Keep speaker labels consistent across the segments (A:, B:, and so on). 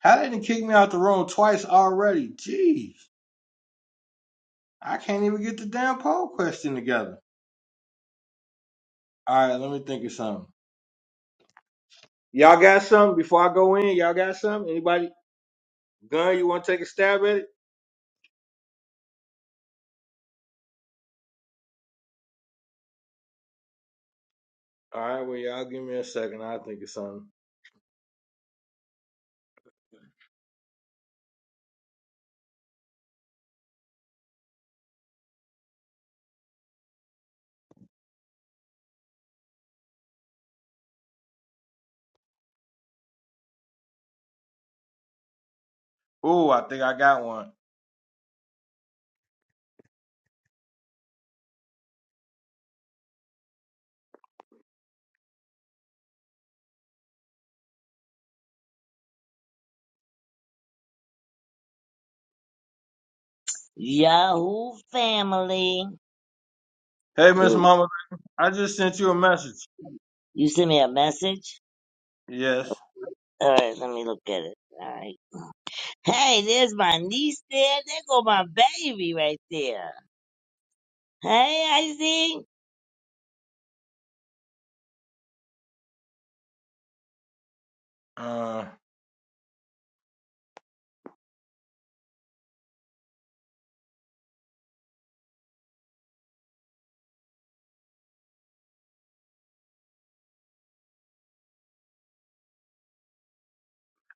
A: How didn't kick me out the room twice already? Jeez, I can't even get the damn poll question together. All right, let me think of something. Y'all got something before I go in? Y'all got something? Anybody? Gun, you want to take a stab at it? All right, well, y'all give me a second. I'll think of something. Ooh, I think I got one.
B: Yahoo family.
A: Hey, Miss
B: Ooh,
A: Mama, I just sent you a message.
B: you sent me a message?
A: Yes.
B: Alright, let me look at it. Alright. Hey, there's my niece there. There go my baby right there. Hey, I see.
A: Uh,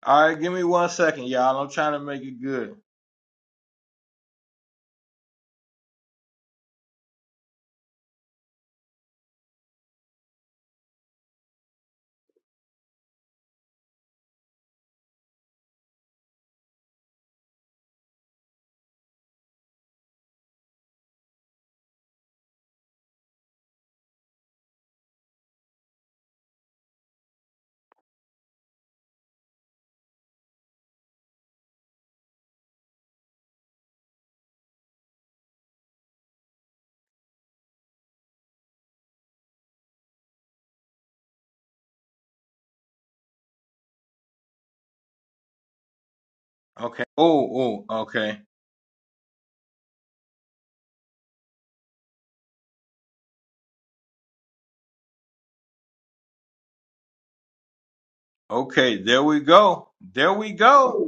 A: all right, give me one second, y'all. I'm trying to make it good. Okay. Oh, oh, okay. Okay, there we go. There we go.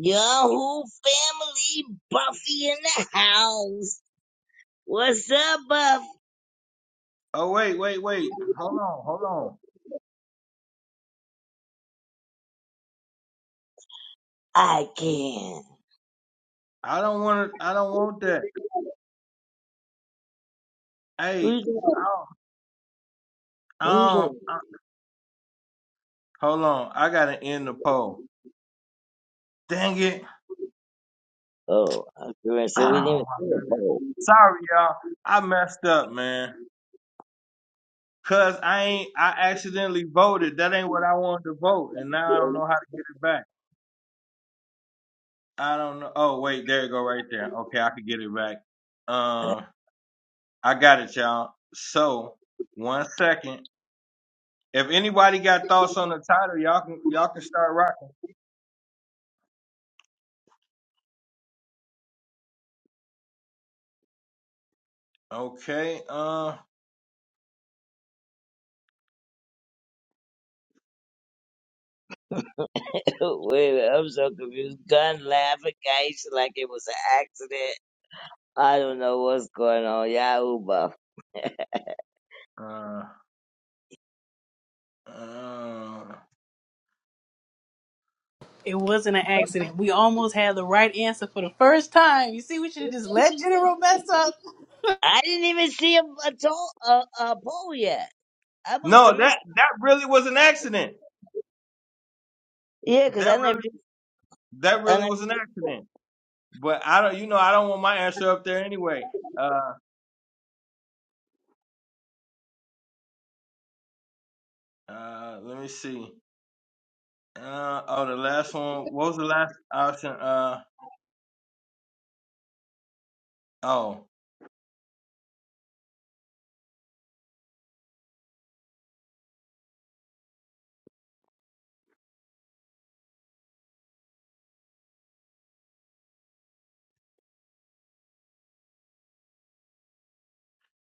B: Yahoo family Buffy in the house. What's up, Buff?
A: Oh wait, wait, wait. Hold on, hold on.
B: I can.
A: I don't want to. I don't want that. Hey,
B: Who's that?
A: oh,
B: Who's that?
A: um, uh, hold on. I gotta end the poll. Dang it!
B: Oh, I was gonna
A: Oh
B: say we didn't.
A: my
B: even
A: goodness.
B: see
A: Sorry, y'all. I messed up, man. Cause I ain't. I accidentally voted. That ain't what I wanted to vote, and now I don't know how to get it back. I don't know. Oh wait, there you go, right there. Okay, I could get it back.
B: Oh.
A: Um, I got it, y'all. So one second. If anybody got thoughts on the title, y'all can y'all can start rocking. Okay. Uh.
B: Wait a minute, I'm so confused. Gun laughing at like it was an accident. I don't know what's going on. Yahoo buff.
A: Uh. uh.
C: It wasn't an accident. We almost had the right answer for the first time. You see, we should have just let General mess up.
B: I didn't even see a a, to- a, a poll yet. I must
A: No,
B: have
A: that
B: missed.
A: that really was an accident.
B: Yeah, 'cause
A: That
B: I never.
A: really that
B: I,
A: really
B: never,
A: was an accident. But I don't, you know, I don't want my answer up there anyway. Uh. Uh. Let me see. Uh. Oh, the last one. What was the last option? Uh. Oh.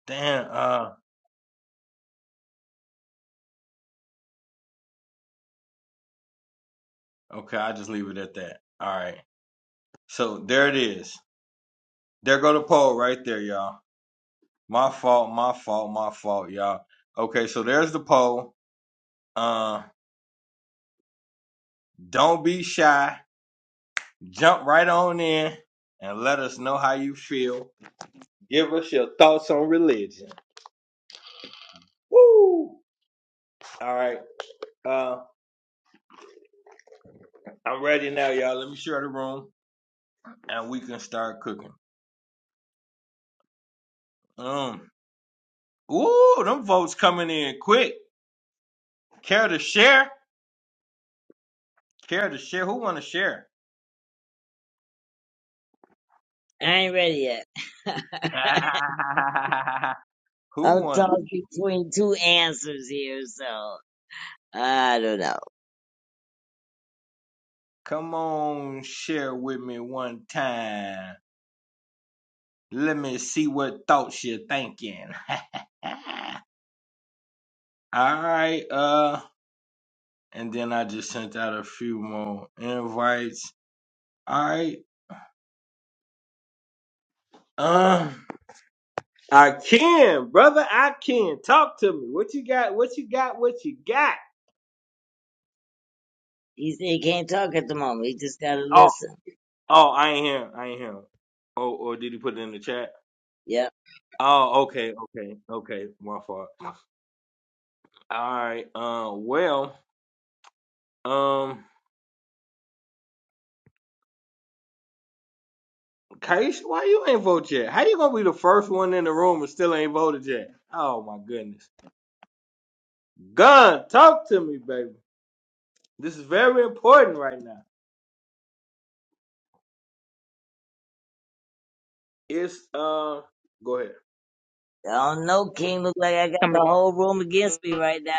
A: Damn. Uh. Okay. I just leave it at that. All right. So there it is. There go the poll right there, y'all. My fault, my fault, my fault, y'all. Okay, so there's the poll. Uh, don't be shy. Jump right on in and let us know how you feel. Give us your thoughts on religion. Woo! All right. Uh, I'm ready now, y'all. Let me share the room and we can start cooking. Um, ooh, them votes coming in quick. Care to share? Care to share? Who want to share?
B: I ain't ready yet.
A: Who
B: I'm
A: want to
B: tossed between two answers here, so I don't know.
A: Come on, share with me one time. Let me see what thoughts you're thinking. All right, uh, and then I just sent out a few more invites. All right, uh, I can, brother, I can. Talk to me. What you got? What you got? What you got?
B: He said he can't talk at the moment. He just gotta
A: Oh,
B: listen.
A: oh, I ain't him. I ain't him. Oh, or did he put it in the chat?
B: Yep.
A: Oh, okay, okay, okay. My fault. All right. Uh, well, um. Kaish, why you ain't vote yet? How you gonna be the first one in the room and still ain't voted yet? Oh my goodness. Gun, talk to me, baby. This is very important right now. It's uh go ahead.
B: I don't know, King. Look like I got
D: come
B: the
D: again.
B: whole room against me right now.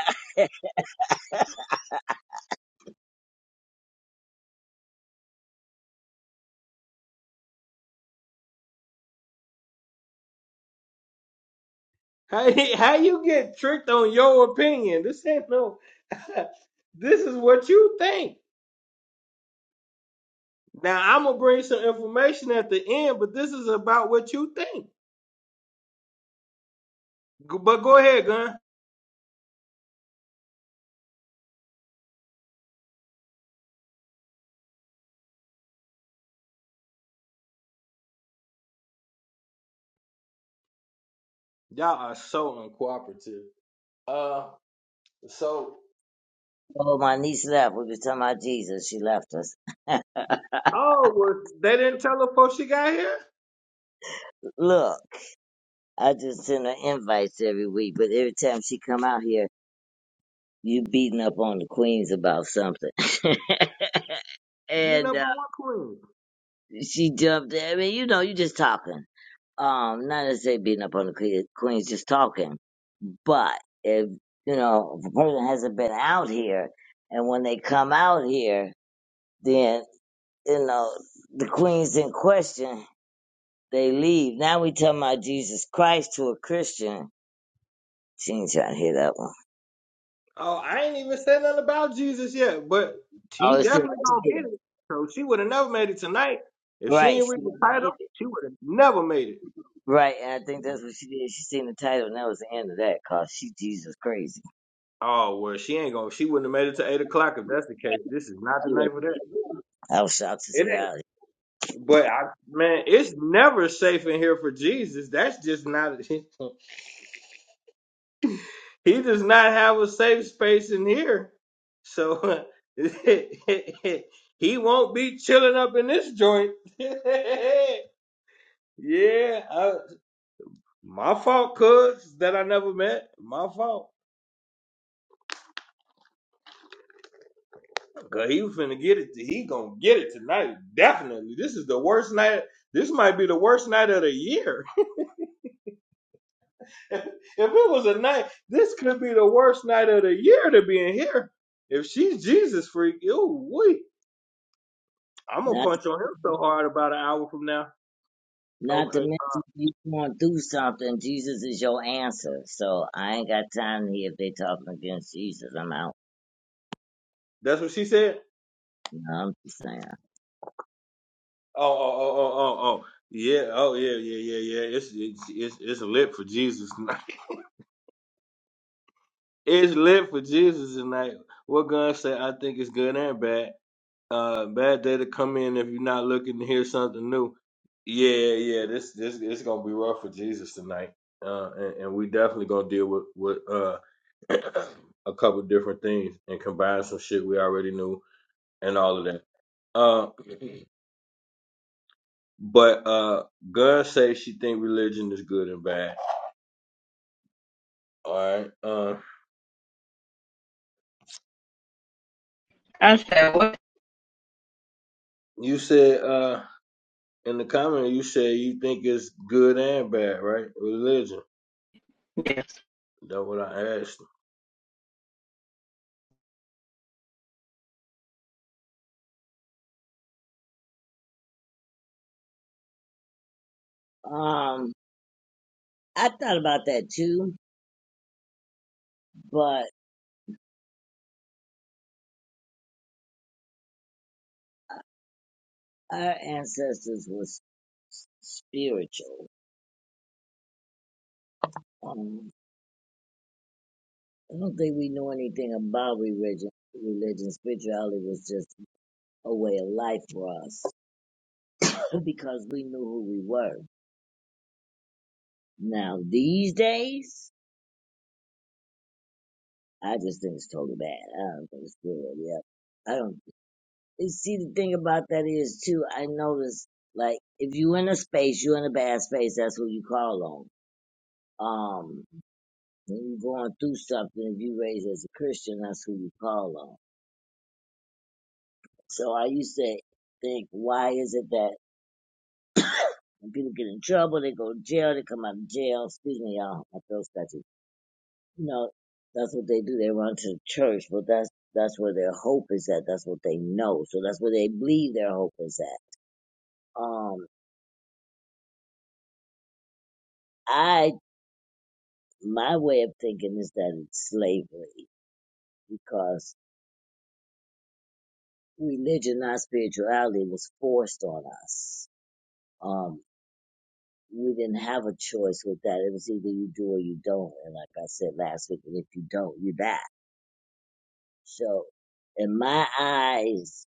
A: How how you get tricked on your opinion? This ain't no this is what you think. Now I'm gonna bring some information at the end, but this is about what you think. Go- But go ahead, Gun. Y'all are so uncooperative. Uh so
B: Oh, my niece left. We were talking about Jesus. She left us.
A: Oh, well, they didn't tell her before she got here?
B: Look, I just send her invites every week, but every time she come out here, you beating up on the queens about something.
A: Beating
B: and
A: up
B: uh,
A: on what queen?
B: she jumped. I mean, you know, you just talking. Um, not to say beating up on the que- queens, just talking. But if you know, if a person hasn't been out here, and when they come out here, then you know the queens in question. They leave. Now we talking about Jesus Christ to a Christian. She ain't trying to hear that one.
A: Oh, I ain't even said nothing about Jesus yet, but she
B: Oh, it's in
A: definitely
B: the
A: gonna
B: title.
A: get it. So she would have never made it tonight. If she
B: Right.
A: ain't
B: She
A: read the
B: wasn't gonna
A: title,
B: hit it.
A: she would have never made it.
B: Right, and I think that's what she did. She seen the title, and that was the end of that. Cause she Jesus crazy.
A: Oh well, she ain't gonna. She wouldn't have made it to eight o'clock if that's the case. This is not the
B: She
A: night
B: wasn't
A: for
B: gonna
A: that.
B: hit it. I was shocked to
A: It
B: see
A: ain't.
B: that.
A: But I, man, it's never safe in here for Jesus. That's just not. he does not have a safe space in here. So he won't be chilling up in this joint. yeah, I, my fault, cuz that I never met. My fault. Cause he was finna get it. He gonna get it tonight. Definitely. This is the worst night. This might be the worst night of the year. if it was a night, this could be the worst night of the year to be in here. If she's Jesus freak, ooh, wait. I'm gonna
B: Not,
A: punch on him so hard about an hour from now.
B: not to
A: Okay,
B: mention you going through something. Jesus is your answer. So I ain't got time to hear if they talking against Jesus. I'm out.
A: that's what she said.
B: You know, I'm just saying.
A: Oh, oh, oh, oh, oh, oh. Yeah, oh, yeah, yeah, yeah, yeah. It's it's it's, it's lit for Jesus tonight. it's lit for Jesus tonight. What gun say? I think it's good and bad. Uh, bad day to come in if you're not looking to hear something new. Yeah, yeah, yeah. This this it's gonna be rough for Jesus tonight. Uh, and, and we definitely gonna deal with with uh a couple different things and combine some shit we already knew and all of that. Uh, but uh, girl say she think religion is good and bad. All right. Uh,
D: I said,
A: you said uh in the comment you said you think it's good and bad, right? Religion.
D: Yes.
A: That's what I asked.
B: Um, I thought about that too, but our ancestors were spiritual. Um, I don't think we know anything about religion. Religion, spirituality was just a way of life for us because we knew who we were. Now these days, I just think it's totally bad. I don't think it's good. Yeah, I don't You see the thing about that is too. I notice like if you in a space, you in a bad space. That's who you call on. Um, when you going through something, if you raised as a Christian, that's who you call on So I used to think, why is it that when people get in trouble, they go to jail, they come out of jail. Excuse me, y'all, my throat's scratchy. You know, that's what they do. They run to the church, but that's that's where their hope is at. That's what they know. So that's where they believe their hope is at. Um, I my way of thinking is that it's slavery because religion, not spirituality, was forced on us. Um, we didn't have a choice with that. It was either you do or you don't. And like I said last week, and if you don't, you die. So, in my eyes,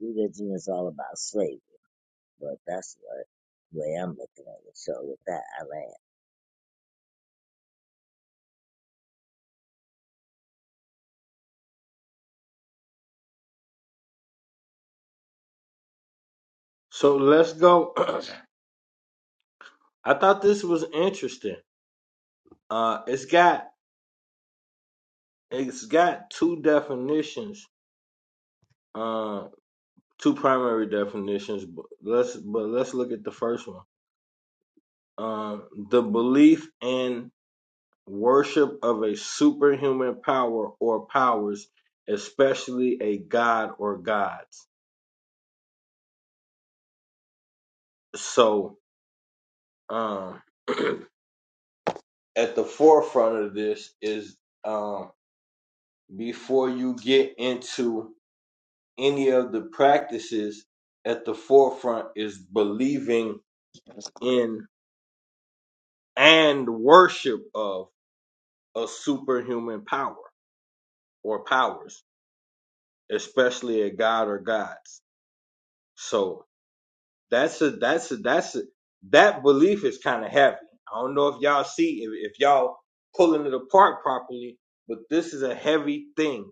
B: religion is all about slavery, but that's what way I'm looking at it. So with that, I land.
A: So let's go. I thought this was interesting. Uh, it's got it's got two definitions. Uh, two primary definitions. But let's but let's look at the first one. Um, the belief in Worship of a superhuman power or powers, especially a god or gods. So, um, at the forefront of this is um, before you get into any of the practices, at the forefront is believing in and worship of a superhuman power or powers, especially a god or gods. So, That's a that's a that's a, that belief is kind of heavy. I don't know if y'all see if, if y'all pulling it apart properly, but this is a heavy thing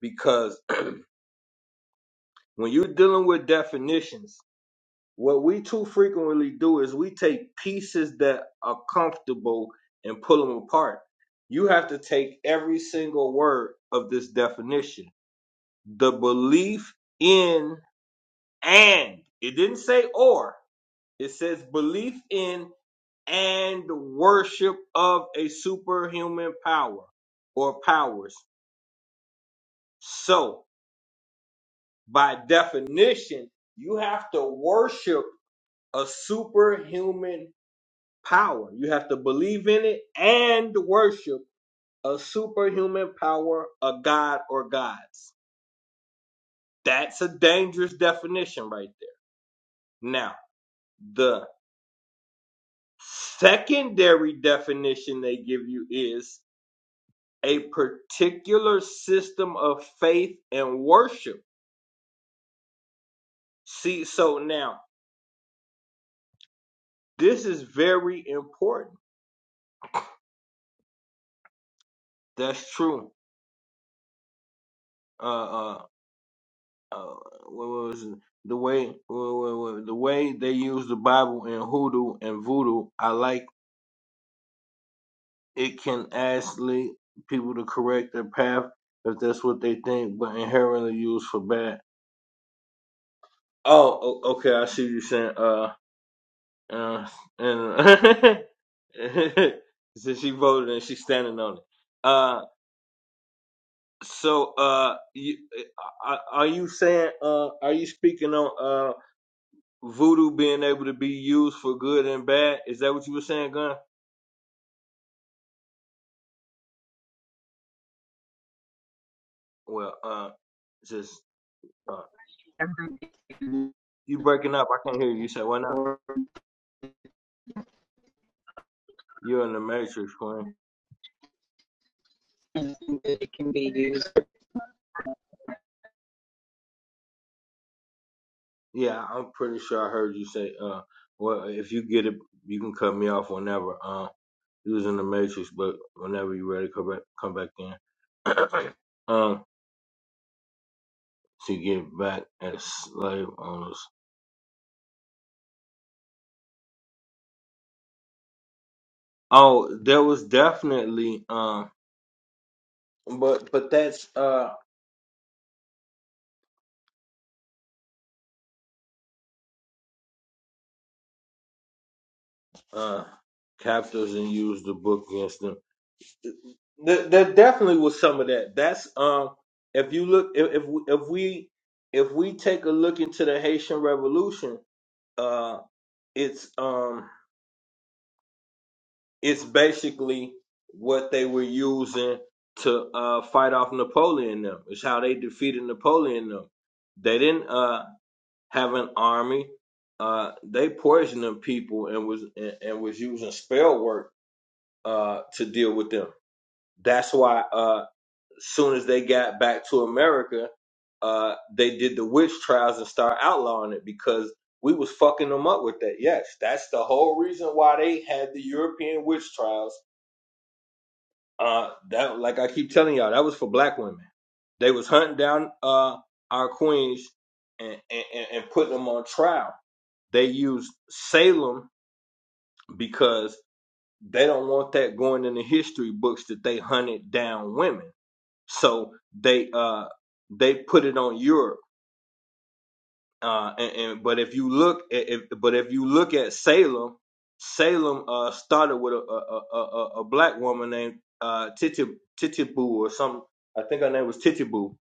A: because when you're dealing with definitions, what we too frequently do is we take pieces that are comfortable and pull them apart. You have to take every single word of this definition. The belief in and it didn't say or. It says belief in and worship of a superhuman power or powers. So, by definition, you have to worship a superhuman power. You have to believe in it and worship a superhuman power, a god or gods. That's a dangerous definition right there. Now, the secondary definition they give you is a particular system of faith and worship. See, so now this is very important. That's true. Uh, uh, uh what was it? the way what- what- what- the way they use the Bible in hoodoo and voodoo? I like it can actually people to correct their path if that's what they think, but inherently used for bad. Oh, o- okay. I see what you're saying. Uh, Uh, and so she voted and she's standing on it. Uh, so uh, you, uh, uh, are you saying uh, are you speaking on uh voodoo being able to be used for good and bad? Is that what you were saying, Gun? Well, uh, just uh,
D: everything
A: you breaking up. I can't hear you. You say what now?
D: Or that
A: You're in the matrix, Quinn.
D: it can be used.
A: Yeah, I'm pretty sure I heard you say uh, well, if you get it, you can cut me off whenever. Um, He was in the matrix, but whenever you ready, come back, come back in. um, to get back as slave owners. Oh, there was definitely um, but but that's uh uh captors and used the book against them. There, there definitely was some of that. That's um, if you look, if if we if we, if we take a look into the Haitian Revolution, uh, it's um. It's basically what they were using to uh, fight off Napoleon. Them. It's how they defeated Napoleon. Them. They didn't uh, have an army. Uh, they poisoned them people and was and, and was using spell work uh, to deal with them. That's why uh, soon as they got back to America, uh, they did the witch trials and start outlawing it because we was fucking them up with that. Yes, that's the whole reason why they had the European witch trials uh, that like I keep telling y'all, that was for black women. They was hunting down uh our queens and and, and and putting them on trial. They used Salem because they don't want that going in the history books that they hunted down women. So they uh they put it on Europe uh, and, and but if you look at if, but if you look at Salem, Salem uh, started with a a, a, a a black woman named uh, Titi Titibu or some I think her name was Titibu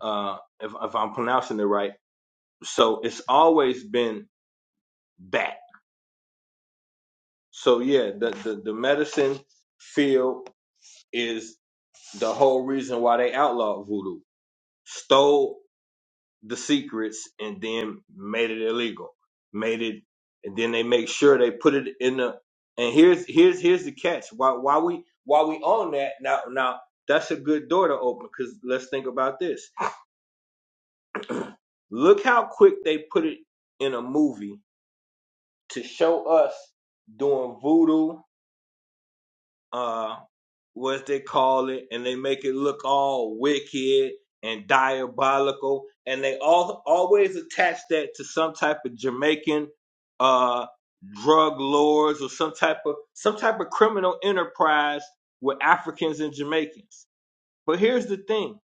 A: uh, if if I'm pronouncing it right. So it's always been that. So yeah, the the, the medicine field is the whole reason why they outlawed voodoo. Stole the secrets and then made it illegal. Made it and then they make sure they put it in the and here's here's here's the catch. Why why we why we own that now now that's a good door to open because let's think about this. Look how quick they put it in a movie to show us doing voodoo uh what they call it and they make it look all wicked and diabolical and they all always attach that to some type of Jamaican uh drug lords or some type of some type of criminal enterprise with Africans and Jamaicans. But here's the thing.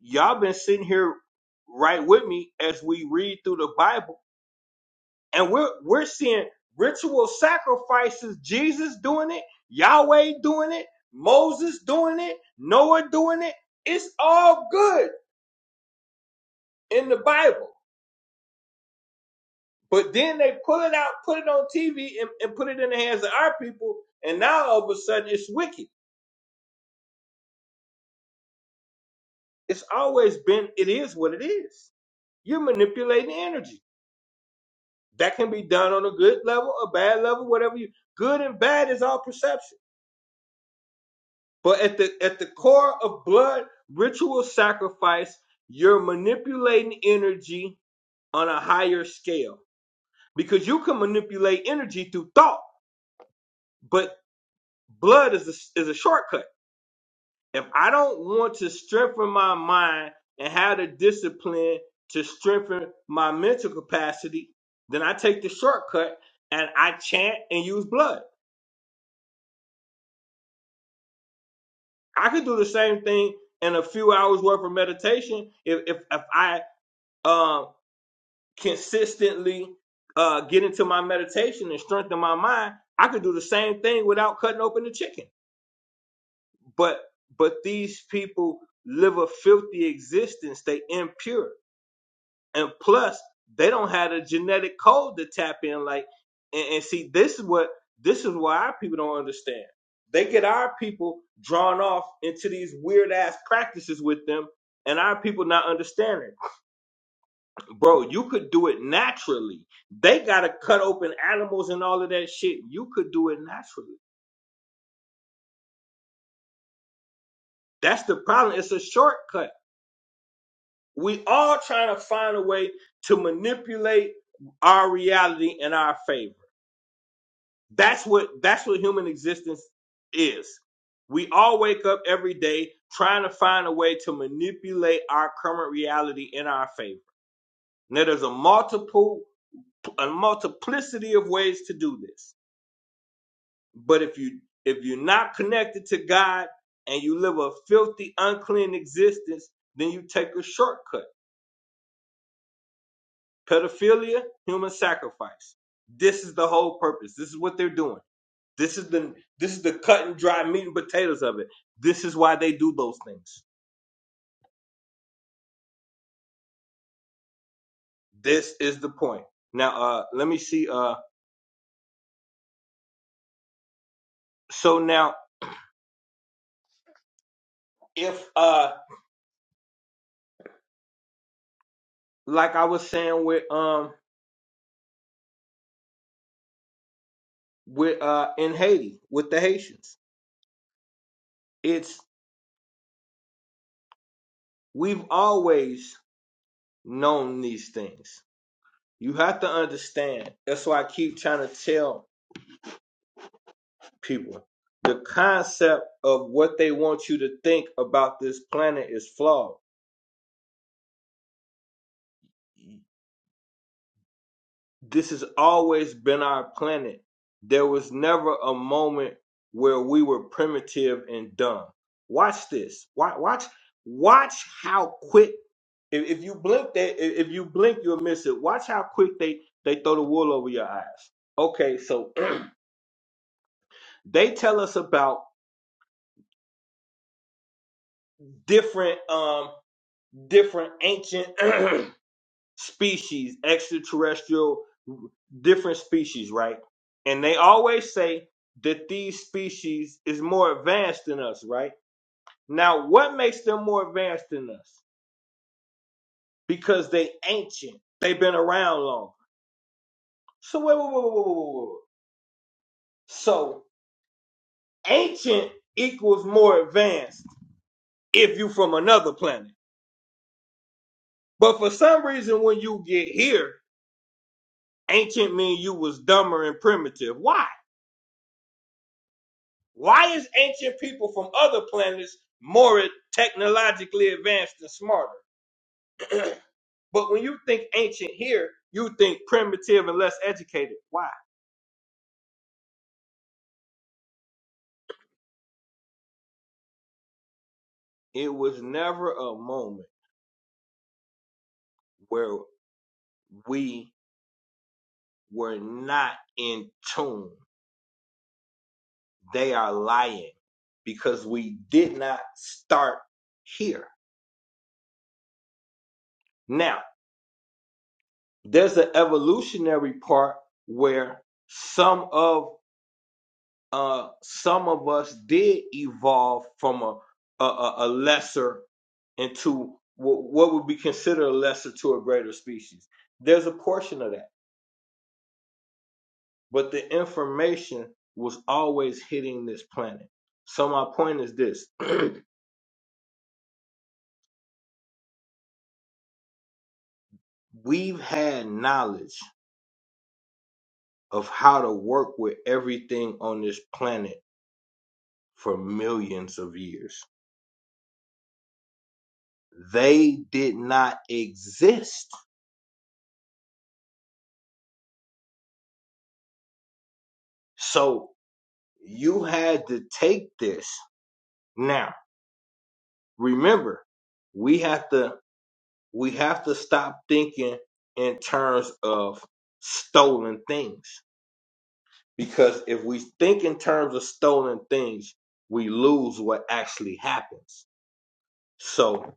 A: Y'all been sitting here right with me as we read through the Bible and we're we're seeing ritual sacrifices jesus doing it yahweh doing it moses doing it noah doing it it's all good in the bible but then they pull it out put it on tv and, and put it in the hands of our people and now all of a sudden it's wicked it's always been it is what it is you're manipulating energy that can be done on a good level a bad level whatever you good and bad is all perception But at the at the core of blood ritual sacrifice, you're manipulating energy on a higher scale because you can manipulate energy through thought, but blood is a, is a shortcut. If I don't want to strengthen my mind and have the discipline to strengthen my mental capacity, then I take the shortcut and I chant and use blood. I could do the same thing in a few hours worth of meditation if if, if I um. consistently uh, get into my meditation and strengthen my mind, I could do the same thing without cutting open the chicken. But but these people live a filthy existence. They impure, and plus they don't have a genetic code to tap in. Like and, and see, this is what this is why our people don't understand. They get our people drawn off into these weird ass practices with them, and our people not understanding. bro, you could do it naturally. They gotta cut open animals and all of that shit. You could do it naturally. That's the problem. It's a shortcut. We all trying to find a way to manipulate our reality in our favor. That's what that's what human existence is. We all wake up every day trying to find a way to manipulate our current reality in our favor. Now there's a multiple a multiplicity of ways to do this But if you if you're not connected to God and you live a filthy, unclean existence, then you take a shortcut. Pedophilia, human sacrifice. This is the whole purpose. This is what they're doing. This is the this is the cut and dry meat and potatoes of it. This is why they do those things. This is the point. Now uh let me see uh so now if uh like I was saying with um with uh in Haiti with the Haitians, it's we've always known these things. You have to understand. That's why I keep trying to tell people the concept of what they want you to think about this planet is flawed. This has always been our planet. There was never a moment where we were primitive and dumb. Watch this. Watch watch watch how quick if, if you blink they if if you blink you'll miss it. Watch how quick they they throw the wool over your eyes. Okay, so They tell us about different um different ancient species, extraterrestrial different species, right? And they always say that these species is more advanced than us, right? Now, what makes them more advanced than us? Because they ancient. They've been around long. So wait, wait, wait, wait, wait, wait, wait. So ancient equals more advanced if you from another planet. But for some reason, when you get here, ancient mean you was dumber and primitive. Why? Why is ancient people from other planets more technologically advanced and smarter? But when you think ancient here, you think primitive and less educated. Why? It was never a moment where we were not in tune. They are lying because we did not start here. Now, there's an evolutionary part where some of uh, some of us did evolve from a a, a lesser into what, what would be considered a lesser to a greater species. There's a portion of that, but the information was always hitting this planet. So my point is this: we've had knowledge of how to work with everything on this planet for millions of years. They did not exist. So you had to take this Now, remember, we have to we have to stop thinking in terms of stolen things because if we think in terms of stolen things, we lose what actually happens. So,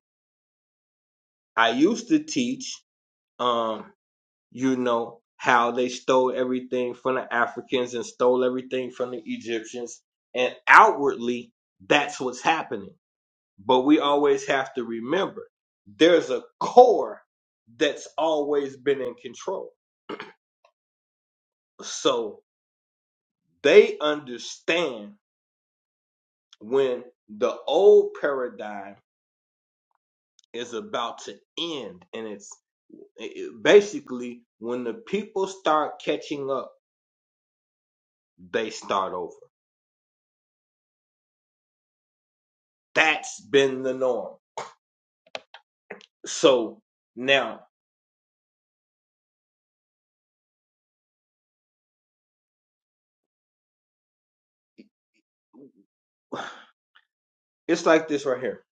A: I used to teach um you know how they stole everything from the Africans and stole everything from the Egyptians and outwardly that's what's happening But we always have to remember there's a core that's always been in control. So they understand when the old paradigm is about to end and it's it- it- basically when the people start catching up, they start over. That's been the norm. So now it's like this right here.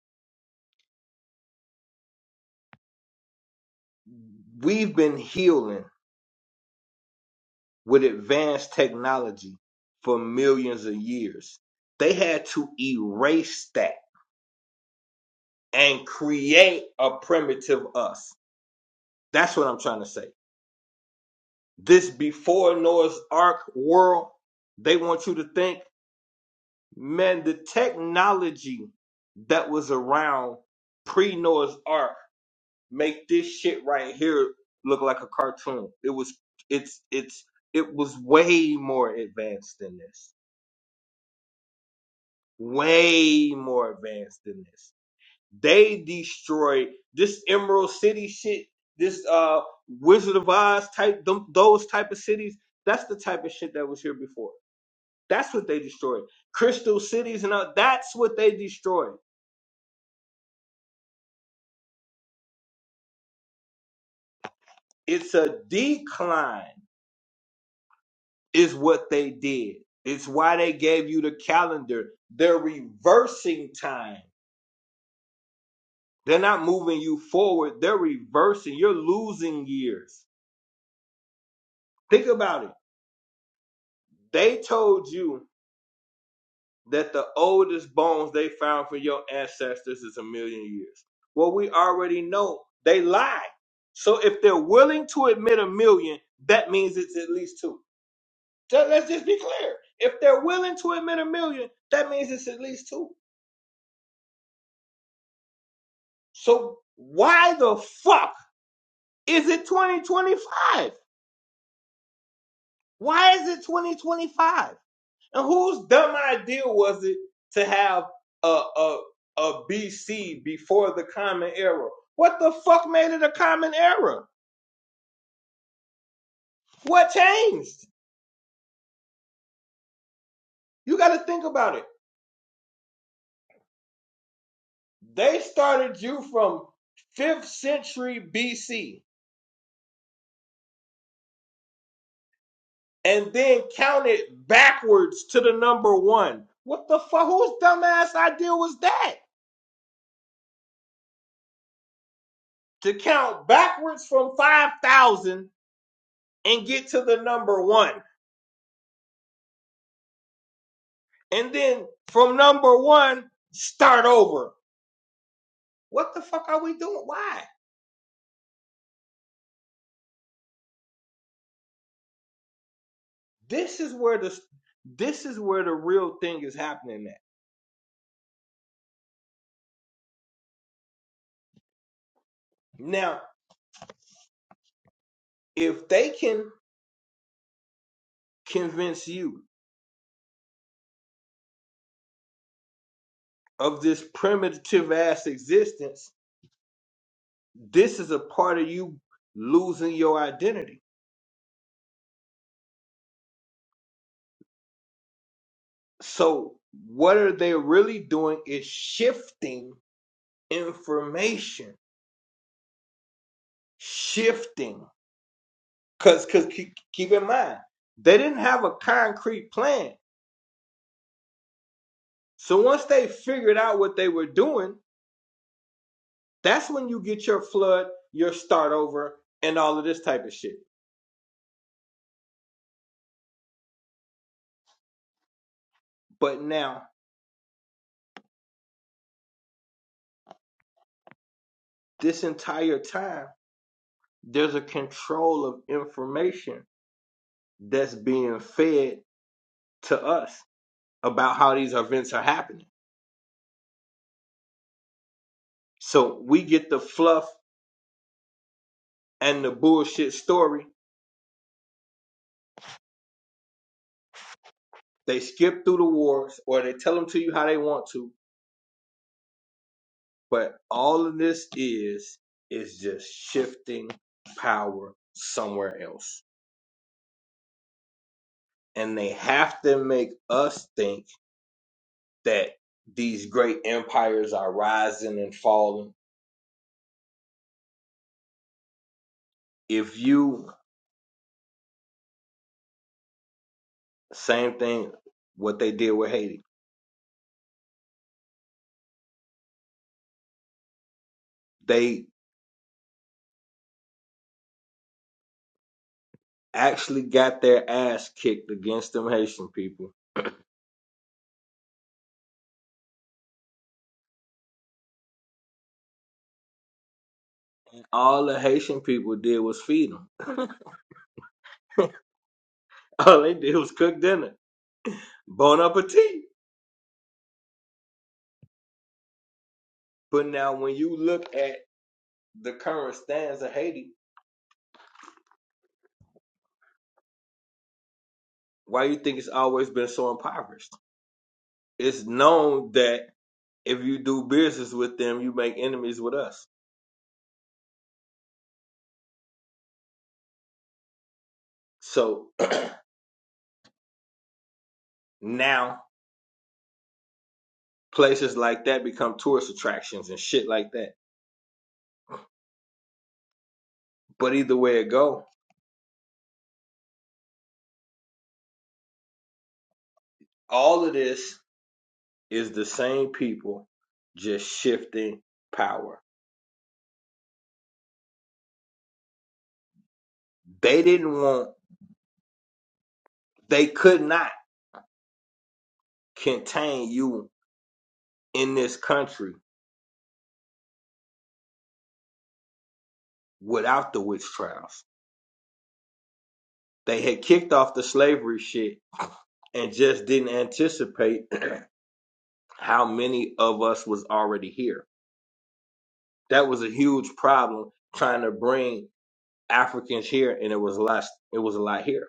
A: We've been healing with advanced technology for millions of years. They had to erase that and create a primitive us. That's what I'm trying to say. This before Noah's Ark world, they want you to think, man, the technology that was around pre Noah's Ark make this shit right here look like a cartoon. It was it's it's it was way more advanced than this way more advanced than this. They destroyed this Emerald City shit, this uh Wizard of Oz type, them, those type of cities. That's the type of shit that was here before. That's what they destroyed. Crystal cities and all, that's what they destroyed. It's a decline, is what they did. It's why they gave you the calendar. They're reversing time. They're not moving you forward. They're reversing. You're losing years. Think about it They told you that the oldest bones they found from your ancestors is a million years. Well, we already know they lie. So if they're willing to admit a million, that means it's at least two. Ju- Let's just be clear. If they're willing to admit a million, that means it's at least two. So why the fuck is it 2025? Why is it 2025? And whose dumb idea was it to have a a a BC before the common era? What the fuck made it a common era? What changed? You got to think about it. They started you from 5th century BC and then counted backwards to the number 1. What the fuck whose dumbass idea was that? To count backwards from 5000 and get to the number 1. and then from number one start over what the fuck are we doing why this is where the this is where the real thing is happening at now if they can convince you of this primitive ass existence this is a part of you losing your identity so what are they really doing is shifting information shifting because because keep in mind they didn't have a concrete plan So once they figured out what they were doing, that's when you get your flood, your start over, and all of this type of shit. But now, this entire time, there's a control of information that's being fed to us about how these events are happening. So we get the fluff and the bullshit story. They skip through the wars or they tell them to you how they want to. But all of this is, is just shifting power somewhere else and they have to make us think that these great empires are rising and falling. If you, same thing, what they did with Haiti, they actually got their ass kicked against them Haitian people. All the Haitian people did was feed them. All they did was cook dinner. Bon appetit. But now, when you look at the current stance of Haiti, why do you think it's always been so impoverished? It's known that if you do business with them, you make enemies with us. So now places like that become tourist attractions and shit like that. But either way it go, all of this is the same people just shifting power. They didn't want, they could not contain you in this country without the witch trials. They had kicked off the slavery shit and just didn't anticipate how many of us was already here that was a huge problem trying to bring Africans here, and it was a lot. It was a lot here.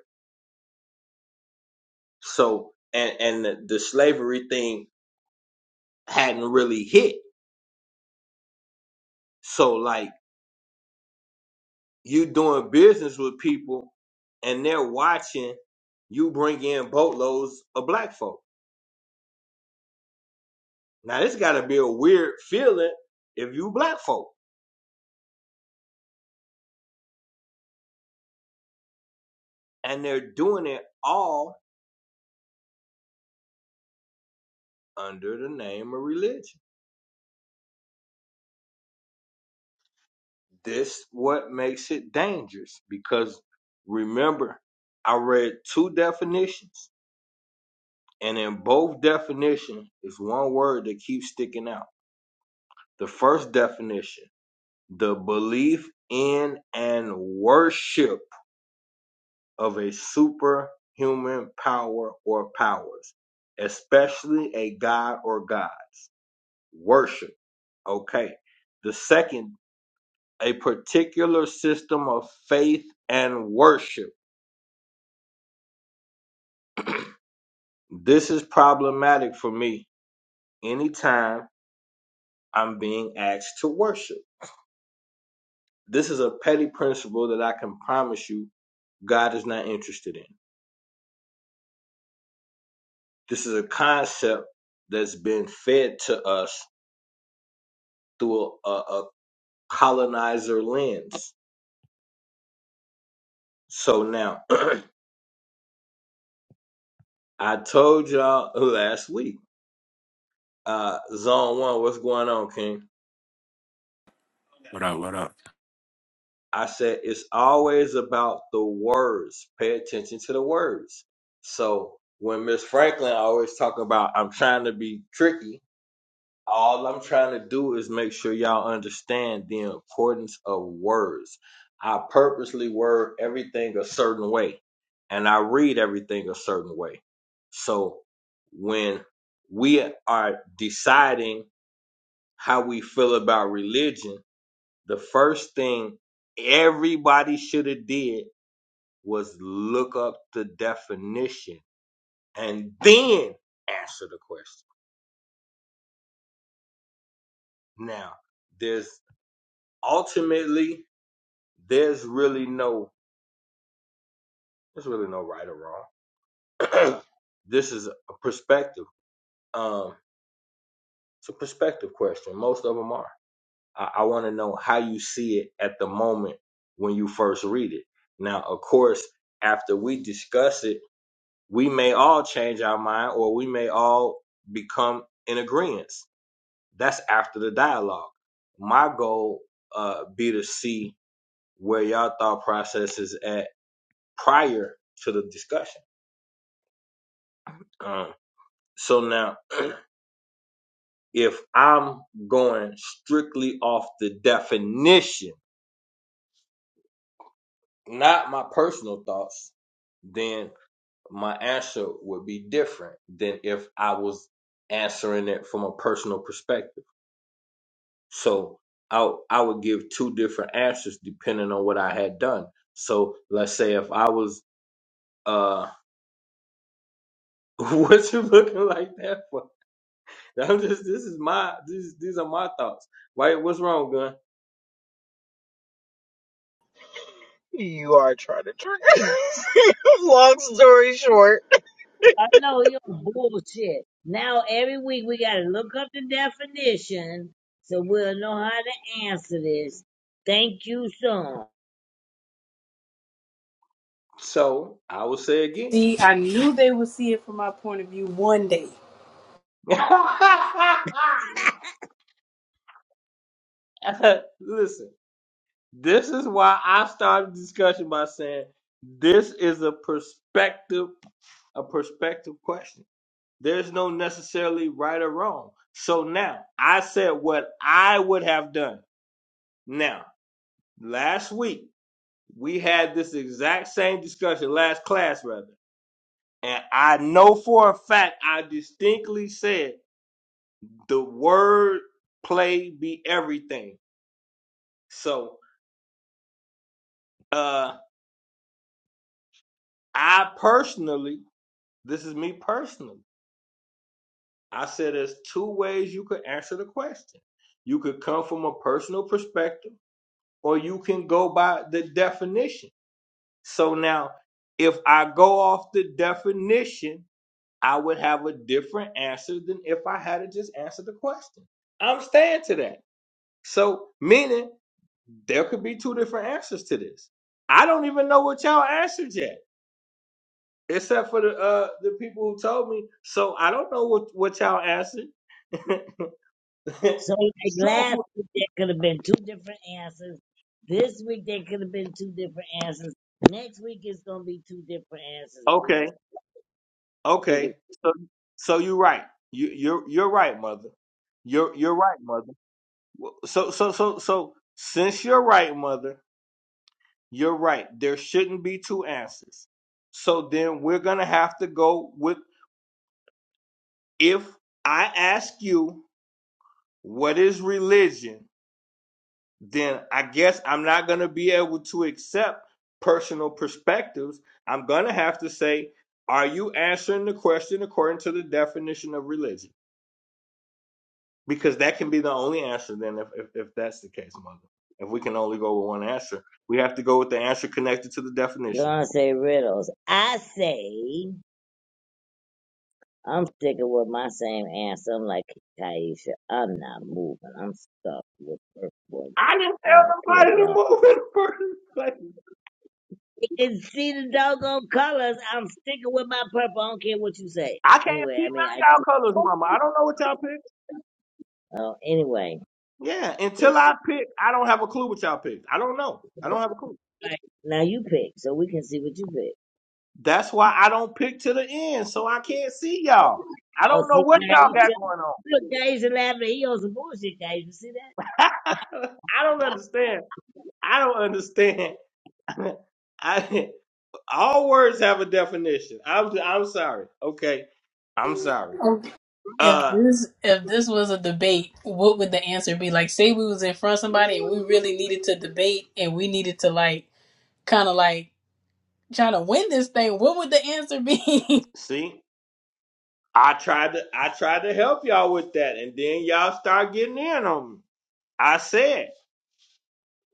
A: So and and the, the slavery thing hadn't really hit. So like you doing business with people, and they're watching you bring in boatloads of black folk. Now this got to be a weird feeling if you black folk, and they're doing it all under the name of religion. This what makes it dangerous because remember, I read two definitions, and in both definitions is one word that keeps sticking out. The first definition, the belief in and worship of a superhuman power or powers, especially a god or gods. Worship. Okay. The second, a particular system of faith and worship This is problematic for me anytime I'm being asked to worship. This is a petty principle that I can promise you God is not interested in. This is a concept that's been fed to us through a, a colonizer lens. So now, I told y'all last week, uh, Zone 1, what's going on, King?
E: What up? What up?
A: I said it's always about the words. Pay attention to the words. So when Miss Franklin always talk about I'm trying to be tricky, all I'm trying to do is make sure y'all understand the importance of words. I purposely word everything a certain way and I read everything a certain way. So when we are deciding how we feel about religion, the first thing everybody should have did was look up the definition and then answer the question. Now, there's ultimately there's really no there's really no right or wrong. this is a perspective. Um, it's a perspective question. Most of them are. I, I want to know how you see it at the moment when you first read it. Now, of course, after we discuss it we may all change our mind or we may all become in agreement. That's after the dialogue. My goal uh, be to see where y'all thought process is at prior to the discussion. Um, so now, if I'm going strictly off the definition, not my personal thoughts, then my answer would be different than if I was answering it from a personal perspective So I I would give two different answers depending on what I had done. So let's say if I was uh what you looking like that for? I'm just this is my these these are my thoughts. Right? What's wrong, gun?
D: You are trying to trigger. Long story short,
B: I know you're bullshit. Now every week we gotta look up the definition so we'll know how to answer this. Thank you, son.
A: So I will say again.
C: See, I knew they would see it from my point of view one day.
A: Listen, this is why I started the discussion by saying this is a perspective a perspective question. There's no necessarily right or wrong. So now I said what I would have done. Now, last week we had this exact same discussion, last class rather. And I know for a fact I distinctly said the word play be everything. So uh I personally, this is me personally, I said there's two ways you could answer the question. You could come from a personal perspective or you can go by the definition. So now, if I go off the definition, I would have a different answer than if I had to just answer the question. I'm staying to that. So, meaning there could be two different answers to this. I don't even know what y'all answered yet, except for the uh, the people who told me. So I don't know what what y'all answered.
B: So like last
A: so
B: week there could have been two different answers. This week there could have been two different answers. Next week it's gonna be two different answers, and we
A: okay,
B: just figured
A: Okay. So so you're right. You you're you're right, mother. You're you're right, mother. Well, So so so so since you're right, mother, you're right. There shouldn't be two answers. So then we're gonna have to go with if I ask you what is religion, then I guess I'm not gonna be able to accept personal perspectives. I'm gonna have to say, are you answering the question according to the definition of religion? Because that can be the only answer then if, if, if that's the case, mother. If we can only go with one answer, we have to go with the answer connected to the definition.
B: gonna say riddles. I say I'm sticking with my same answer. I'm like Taisha, I'm not moving. I'm stuck with first one.
A: I didn't
B: I don't care
A: tell
B: if
A: nobody to
B: y'all
A: move in the first place.
B: can see the doggone colors. I'm sticking with my purple. I don't care what you say.
A: I can't
B: Anyway,
A: see
B: I mean I
A: none of
B: do.
A: y'all colors, mama. I don't know what y'all picked.
B: Oh, anyway.
A: Yeah, until I pick, I don't have a clue what y'all picked. I don't know. I don't have a clue.
B: Right. Now you pick, so we can see what you pick.
A: That's why I don't pick to the end, so I can't see
B: Oh,
A: y'all. I
B: oh
A: don't know
B: see,
A: what
B: now
A: y'all
B: you
A: got
B: tell.
A: going
B: Look, Gage is laughing. He on some bullshit, Guys, You see that?
A: on. I don't understand. I don't understand. I all words have a definition. I'm I'm sorry. Okay. I'm sorry.
C: If
A: Uh
C: this if this was a debate, what would the answer be? Like, say we was in front of somebody and we really needed to debate and we needed to like kind of like try to win this thing. What would the answer be?
A: see, I tried to I tried to help y'all with that and then y'all start getting in on me. I said,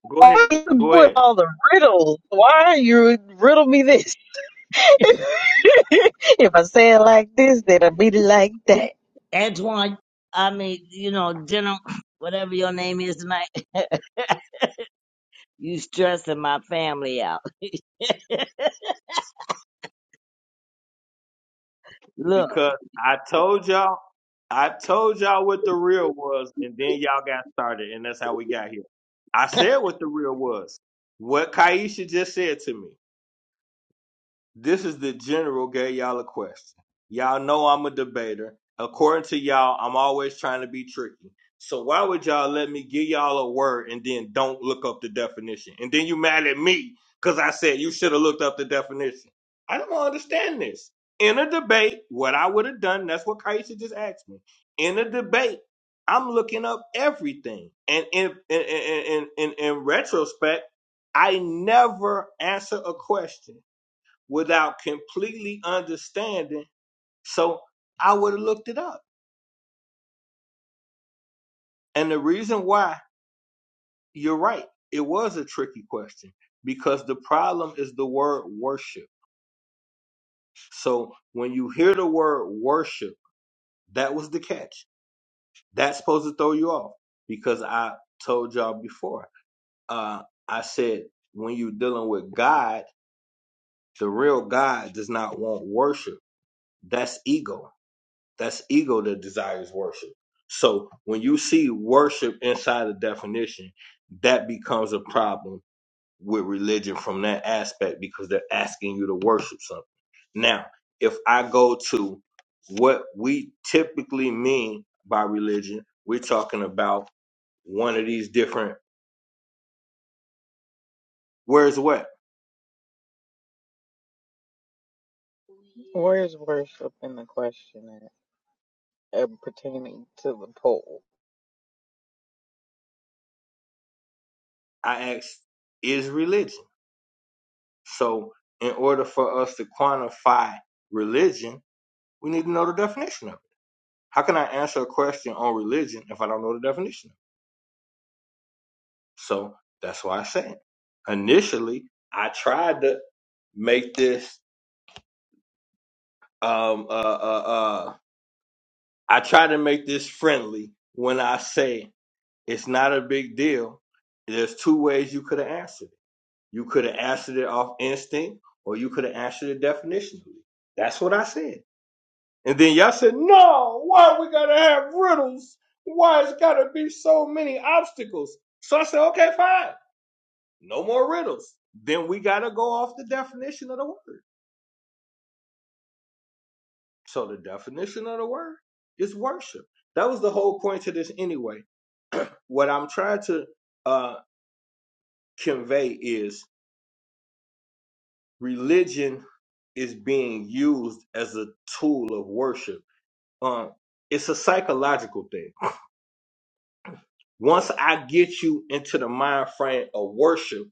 A: go ahead,
D: why are you
A: go
D: doing
A: ahead.
D: all the riddles? Why are you riddle me this? if I say it like this, then I will be like that.
B: Antoine, I mean, you know, General, whatever your name is tonight, you stressing my family out. Look,
A: Because I told y'all I told y'all what the real was and then y'all got started and that's how we got here. I said what the real was. What Kaisha just said to me. This is the general gave y'all a question. Y'all know I'm a debater. According to y'all, I'm always trying to be tricky. So why would y'all let me give y'all a word and then don't look up the definition? And then you mad at me because I said you should have looked up the definition. I don't understand this. In a debate, what I would have done, that's what Kaisha just asked me. In a debate, I'm looking up everything. And in in in in, in, in retrospect, I never answer a question without completely understanding. So I would have looked it up. And the reason why you're right, it was a tricky question because the problem is the word worship. So when you hear the word worship, that was the catch. That's supposed to throw you off because I told y'all before. Uh, I said when you're dealing with God, the real God does not want worship. That's ego That's ego that desires worship. So when you see worship inside the definition, that becomes a problem with religion from that aspect because they're asking you to worship something. Now, if I go to what we typically mean by religion, we're talking about one of these different where's what?
D: Where is worship in the question at, uh, pertaining to the poll?
A: I asked is religion. So in order for us to quantify religion, we need to know the definition of it. How can I answer a question on religion if I don't know the definition? So that's why I said initially I tried to make this um uh uh uh I tried to make this friendly when I say it's not a big deal. There's two ways you could have answered it. You could have answered it off instinct or you could have answered it definitionally. That's what I said. And then y'all said, no, why we gotta have riddles? Why it's gotta be so many obstacles? So I said, okay, fine. no more riddles. Then we got to go off the definition of the word. So the definition of the word is worship. That was the whole point to this anyway. What I'm trying to uh, convey is religion is being used as a tool of worship. Um, it's a psychological thing. Once I get you into the mind frame of worship,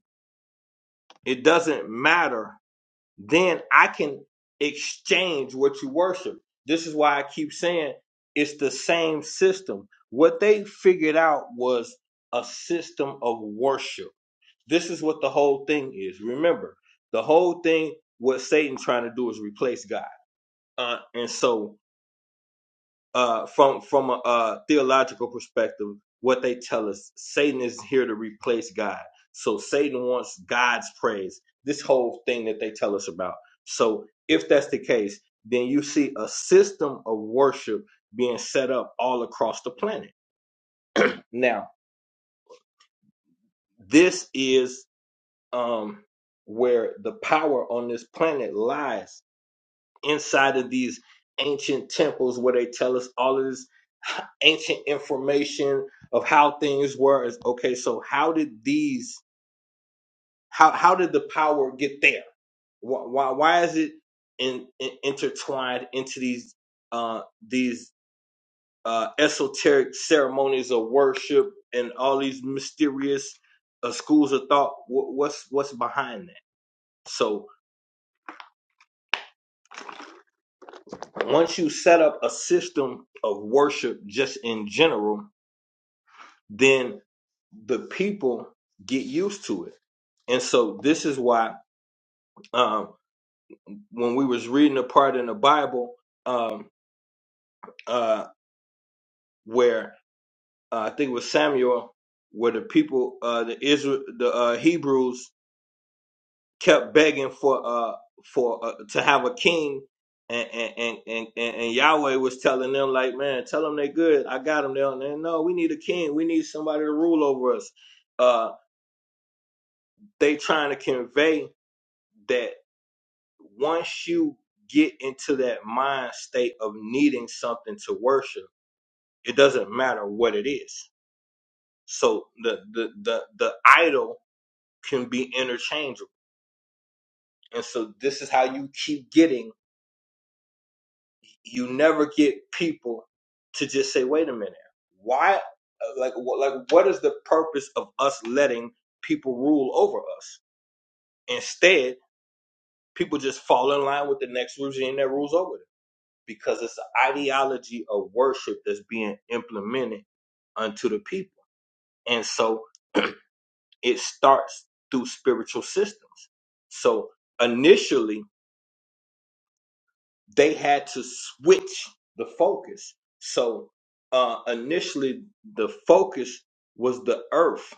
A: it doesn't matter then I can exchange what you worship. This is why I keep saying it's the same system. What they figured out was a system of worship. This is what the whole thing is. Remember, the whole thing, what Satan trying to do is replace God. Uh, and so uh, from from a, uh theological perspective, what they tell us, Satan is here to replace God. So Satan wants God's praise. This whole thing that they tell us about. So if that's the case, then you see a system of worship being set up all across the planet. Now, this is um, where the power on this planet lies inside of these ancient temples where they tell us all of this ancient information of how things were is okay so how did these how how did the power get there why why, why is it in, in, intertwined into these uh these uh esoteric ceremonies of worship and all these mysterious uh, schools of thought Wh- what's what's behind that so once you set up a system of worship just in general then the people get used to it. And so this is why um, when we was reading a part in the Bible um, uh, where uh, I think it was Samuel, where the people, uh, the Israel, the uh, Hebrews kept begging for uh, for uh, to have a king. And, and, and, and, and and Yahweh was telling them like, man, tell them they good. I got them. They don't. they, No, we need a king. We need somebody to rule over us. Uh, they trying to convey that once you get into that mind state of needing something to worship, it doesn't matter what it is. So the the the the idol can be interchangeable. And so this is how you keep getting you never get people to just say, "Wait a minute. Why like what like what is the purpose of us letting people rule over us?" Instead, people just fall in line with the next regime that rules over them because it's an ideology of worship that's being implemented unto the people. And so it starts through spiritual systems. So initially, they had to switch the focus. So uh, initially, the focus was the earth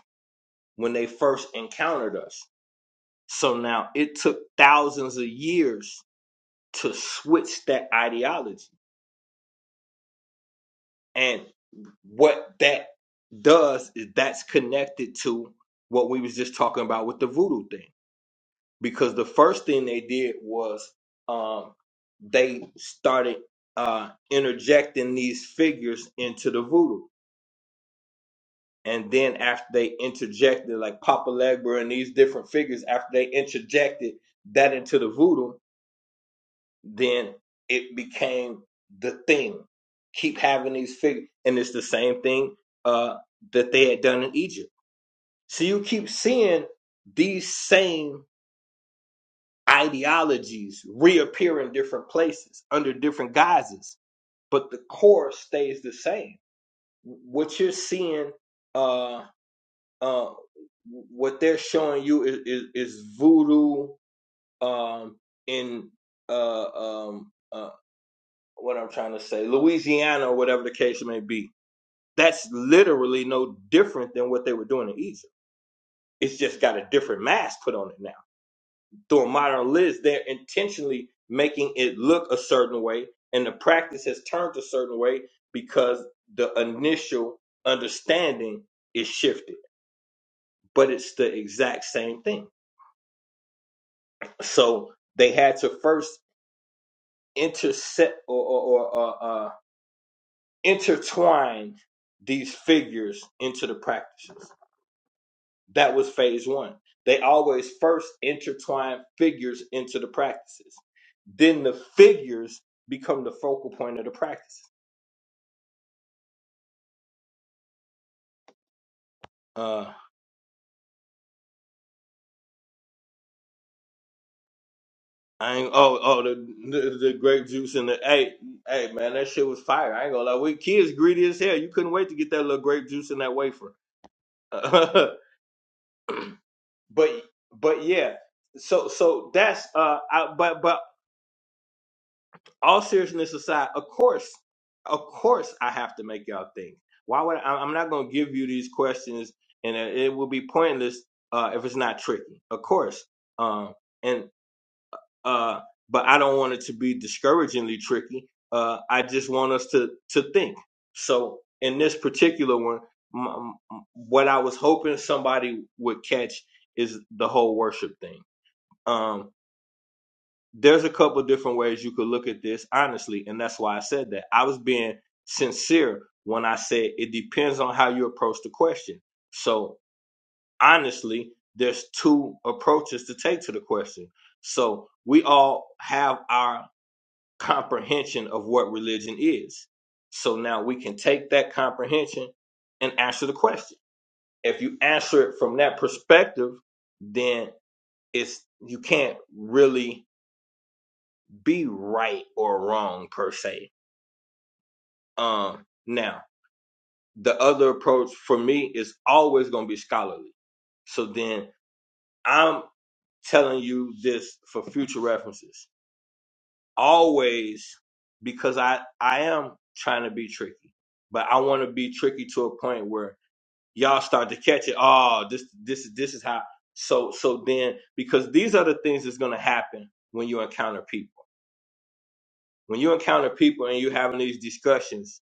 A: when they first encountered us. So now it took thousands of years to switch that ideology. And what that does is that's connected to what we was just talking about with the voodoo thing. Because the first thing they did was um, they started uh, interjecting these figures into the voodoo. And then after they interjected, like Papa Legba and these different figures, after they interjected that into the voodoo, then it became the thing. Keep having these figures, and it's the same thing uh, that they had done in Egypt. So you keep seeing these same ideologies reappear in different places under different guises, but the core stays the same. What you're seeing, uh, uh, what they're showing you is, is, is voodoo um, in uh, um, uh, what I'm trying to say, Louisiana or whatever the case may be. That's literally no different than what they were doing in Egypt. It's just got a different mask put on it now. Through a modern lens, they're intentionally making it look a certain way, and the practice has turned a certain way because the initial understanding is shifted, but it's the exact same thing. So they had to first intercept or, or, or, uh, uh, intertwined these figures into the practices. That was phase one. They always first intertwine figures into the practices. Then the figures become the focal point of the practice. Uh, I ain't, oh, oh, the, the the grape juice and the hey, hey, man, that shit was fire. I ain't gonna lie. We kids greedy as hell. You couldn't wait to get that little grape juice and that wafer. but but yeah, so so that's uh, I, but but all seriousness aside, of course, of course, I have to make y'all think. Why would I, I'm not going to give you these questions, and it it will be pointless uh, if it's not tricky. Of course, um, and uh, but I don't want it to be discouragingly tricky. Uh, I just want us to to think. So in this particular one, m- m- what I was hoping somebody would catch is the whole worship thing. Um, there's a couple of different ways you could look at this honestly and that's why i said that i was being sincere when i said it depends on how you approach the question so honestly there's two approaches to take to the question so we all have our comprehension of what religion is so now we can take that comprehension and answer the question if you answer it from that perspective then it's you can't really be right or wrong per se. Um, now the other approach for me is always going to be scholarly. So then I'm telling you this for future references. Always because I I am trying to be tricky, but I want to be tricky to a point where y'all start to catch it. Oh, this this is this is how. So so then because these are the things that's going to happen when you encounter people when you encounter people and you're having these discussions,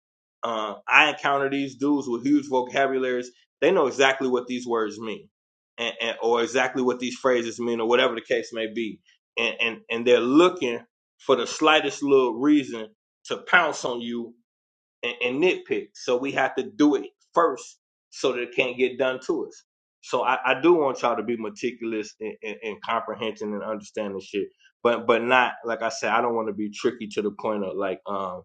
A: uh, I encounter these dudes with huge vocabularies. They know exactly what these words mean, and, and or exactly what these phrases mean, or whatever the case may be, and and and they're looking for the slightest little reason to pounce on you and, and nitpick. So we have to do it first so that it can't get done to us. So I, I do want y'all to be meticulous and, and, and comprehension and understanding shit, but but not like I said. I don't want to be tricky to the point of like um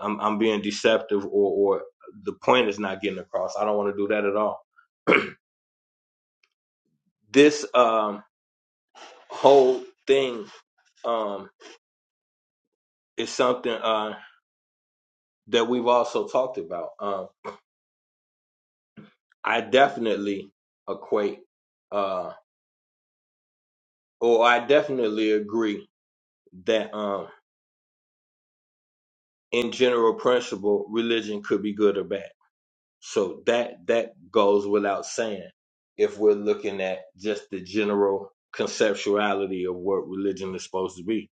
A: I'm I'm being deceptive or or the point is not getting across. I don't want to do that at all. This um whole thing um is something uh that we've also talked about. Um, I definitely equate. uh Oh, I definitely agree that um in general principle religion could be good or bad. So that that goes without saying if we're looking at just the general conceptuality of what religion is supposed to be.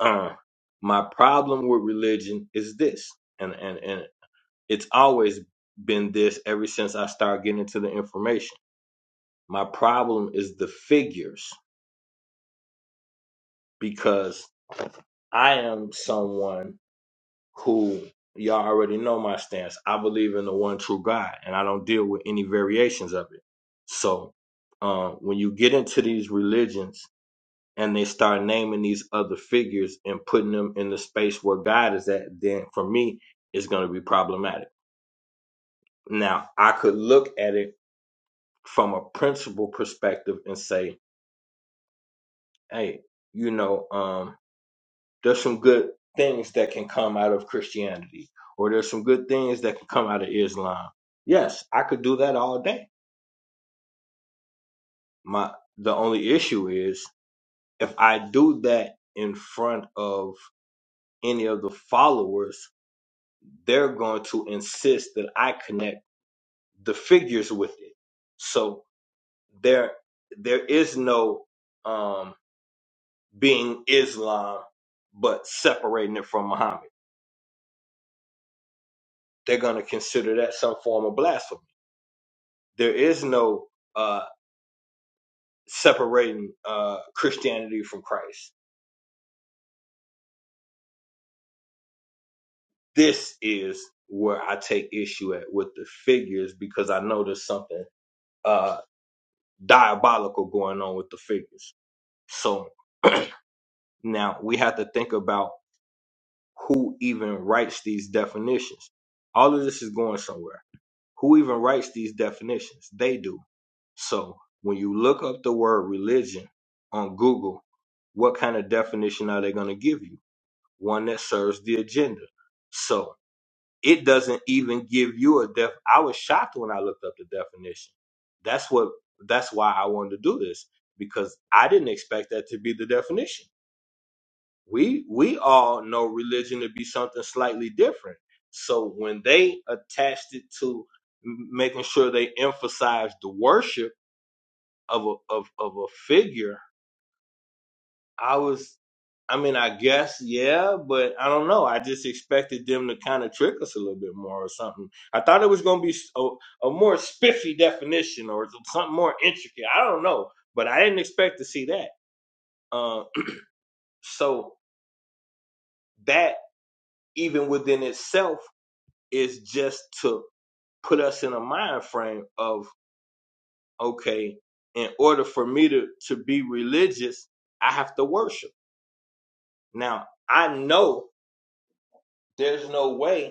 A: Uh, my problem with religion is this and, and and it's always been this ever since I started getting into the information. My problem is the figures because I am someone who y'all already know my stance. I believe in the one true God, and I don't deal with any variations of it. So, uh, when you get into these religions and they start naming these other figures and putting them in the space where God is at, then for me, it's going to be problematic. Now, I could look at it from a principle perspective and say, hey, you know, um, there's some good things that can come out of Christianity, or there's some good things that can come out of Islam. Yes, I could do that all day. My the only issue is if I do that in front of any of the followers, they're going to insist that I connect the figures with it. So there there is no um being Islam but separating it from Muhammad. They're going to consider that some form of blasphemy there is no uh, separating uh, Christianity from Christ. This is where I take issue at with the figures because I know there's something uh, diabolical going on with the figures. So now we have to think about who even writes these definitions. All of this is going somewhere. Who even writes these definitions? They do. So when you look up the word religion on Google, what kind of definition are they going to give you? one that serves the agenda. So it doesn't even give you a def. I was shocked when I looked up the definition. That's what. That's why I wanted to do this because I didn't expect that to be the definition. We we all know religion to be something slightly different. So when they attached it to m- making sure they emphasized the worship of a of, of a figure I was, I mean, I guess, yeah, but I don't know. I just expected them to kind of trick us a little bit more or something. I thought it was going to be a, a more spiffy definition or something more intricate. I don't know, but I didn't expect to see that. Uh, so that even within itself is just to put us in a mind frame of okay, in order for me to to be religious, I have to worship. Now I know there's no way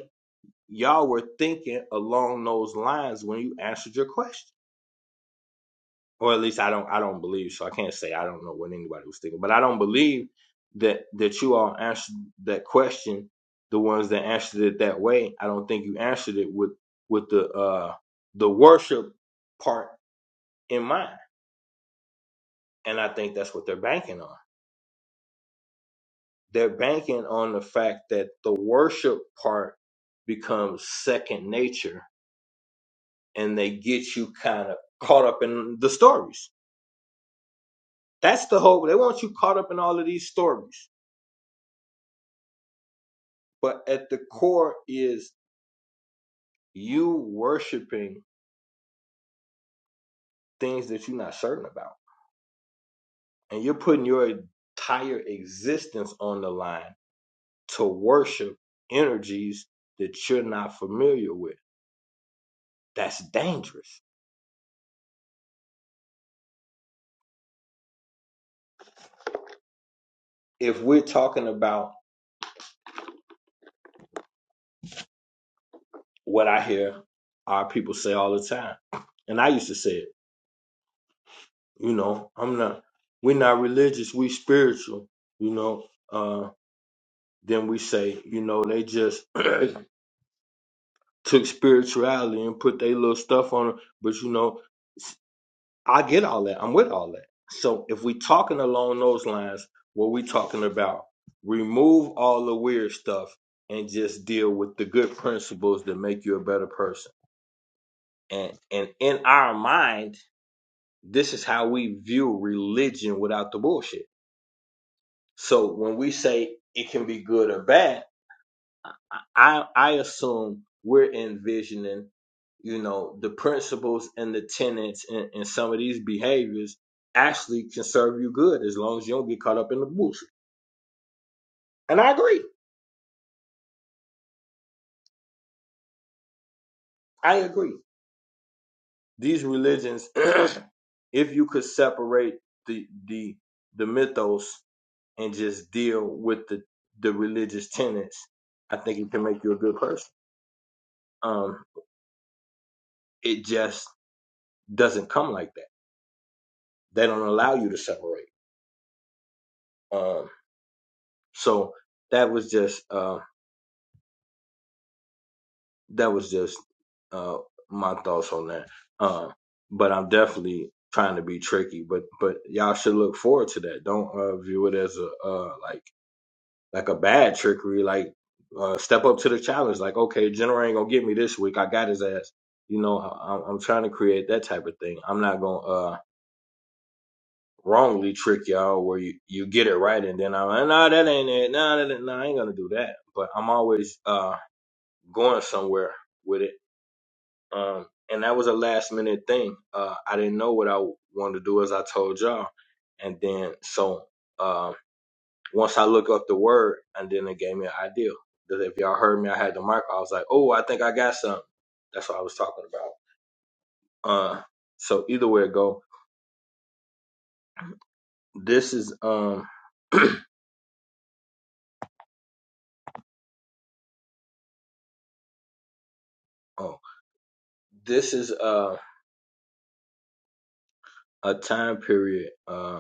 A: y'all were thinking along those lines when you answered your question or at least i don't i don't believe so i can't say i don't know what anybody was thinking but i don't believe that that you all answered that question the ones that answered it that way i don't think you answered it with with the uh the worship part in mind and i think that's what they're banking on they're banking on the fact that the worship part becomes second nature and they get you kind of caught up in the stories That's the whole. They want you caught up in all of these stories, but at the core is you worshiping things that you're not certain about, and you're putting your entire existence on the line to worship energies that you're not familiar with. That's dangerous. If we're talking about what I hear our people say all the time, and I used to say it, you know, I'm not. We're not religious. We spiritual. You know, uh, Then we say, you know, they just took spirituality and put their little stuff on it. But you know, s- I get all that. I'm with all that. So if we talking along those lines, what we talking about? Remove all the weird stuff and just deal with the good principles that make you a better person. And and in our mind, this is how we view religion without the bullshit. So when we say it can be good or bad, I I assume we're envisioning, you know, the principles and the tenets and, and some of these behaviors actually can serve you good as long as you don't get caught up in the bullshit. And I agree. I agree. These religions, if you could separate the the the mythos and just deal with the the religious tenets, I think it can make you a good person. Um, it just doesn't come like that. They don't allow you to separate. Um, So that was just uh, that was just uh, my thoughts on that. Um, but I'm definitely trying to be tricky. But but y'all should look forward to that. Don't uh, view it as a uh, like like a bad trickery. Like uh, step up to the challenge. Like okay, Jenner ain't gonna get me this week. I got his ass. You know, I, I'm I'm trying to create that type of thing. I'm not gonna uh, wrongly trick y'all where you, you get it right and then I'm like, nah, that ain't it. Nah, that ain't, nah, I ain't gonna do that. But I'm always uh, going somewhere with it. Um, and that was a last minute thing. Uh, I didn't know what I wanted to do as I told y'all. And then, so, um, once I look up the word and then it gave me an idea that if y'all heard me, I had the mic. I was like, Oh, I think I got something. That's what I was talking about. Uh, so either way it go, this is, um, oh, this is, uh, a time period, uh,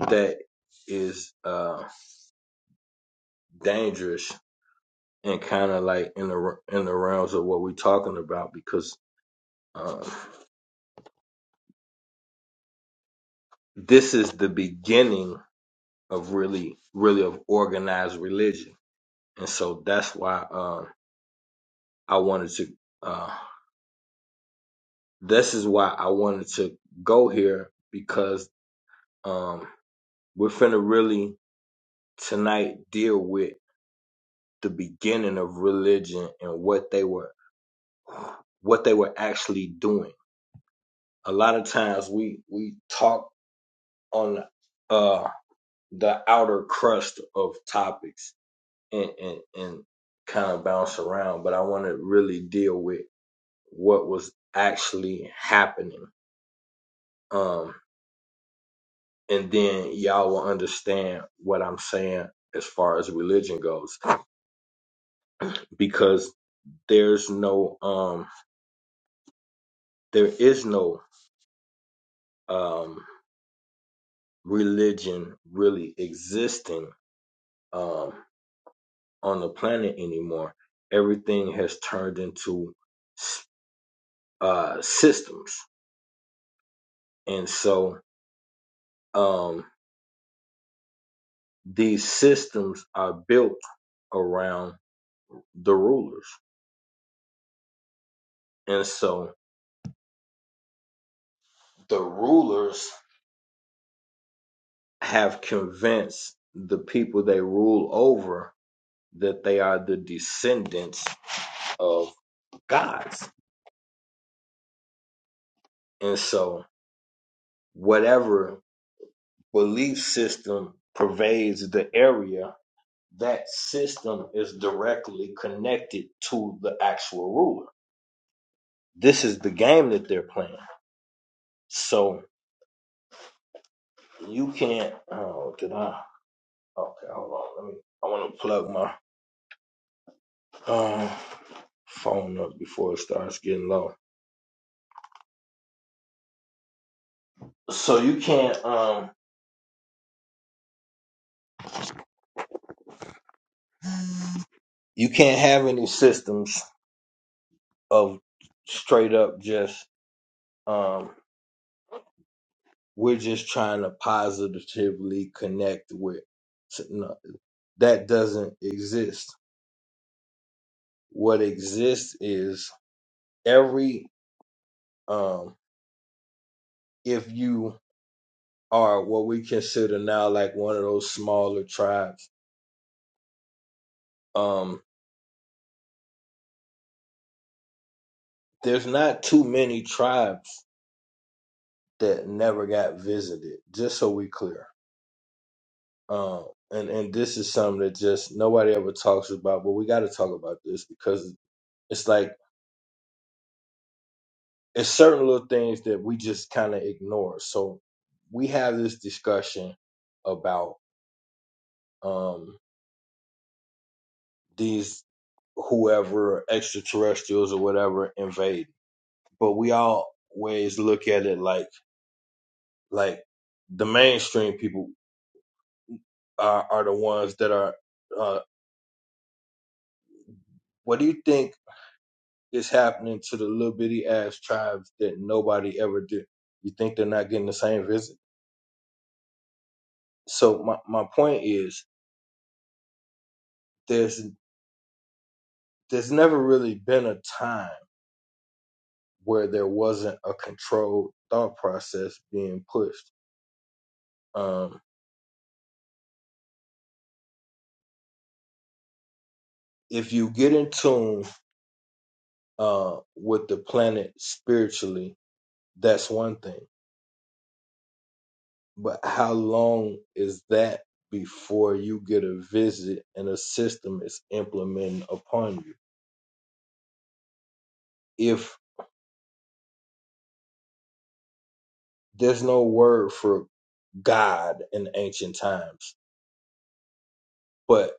A: that is, uh, dangerous and kind of like in the in the realms of what we're talking about because uh, this is the beginning of really really of organized religion and so that's why uh, i wanted to uh, this is why i wanted to go here because um, we're finna really tonight deal with the beginning of religion and what they were what they were actually doing a lot of times we we talk on uh the outer crust of topics and, and, and kind of bounce around, but I want to really deal with what was actually happening. Um, and then y'all will understand what I'm saying as far as religion goes, because there's no, um, there is no, um, religion really existing, um, on the planet anymore. Everything has turned into, uh, systems And so um, these systems are built around the rulers. And so the rulers have convinced the people they rule over that they are the descendants of gods. And so whatever belief system pervades the area, that system is directly connected to the actual ruler. This is the game that they're playing. So You can't. Oh, did I? Okay, hold on. Let me. I want to plug my um phone up before it starts getting low. So you can't. Um, you can't have any systems of straight up just. Um, we're just trying to positively connect with. No, that doesn't exist. What exists is every. Um, if you are what we consider now like one of those smaller tribes Um, there's not too many tribes that never got visited. Just so we clear. Um, and and this is something that just nobody ever talks about, but we got to talk about this because it's like it's certain little things that we just kind of ignore. So we have this discussion about um these whoever extraterrestrials or whatever invade, but we always look at it like like the mainstream people uh, are the ones that are. Uh, what do you think is happening to the little bitty ass tribes that nobody ever did? You think they're not getting the same visit? So my my point is, there's there's never really been a time where there wasn't a controlled thought process being pushed. Um, if you get in tune uh, with the planet spiritually, that's one thing But how long is that before you get a visit and a system is implemented upon you? If there's no word for God in ancient times, but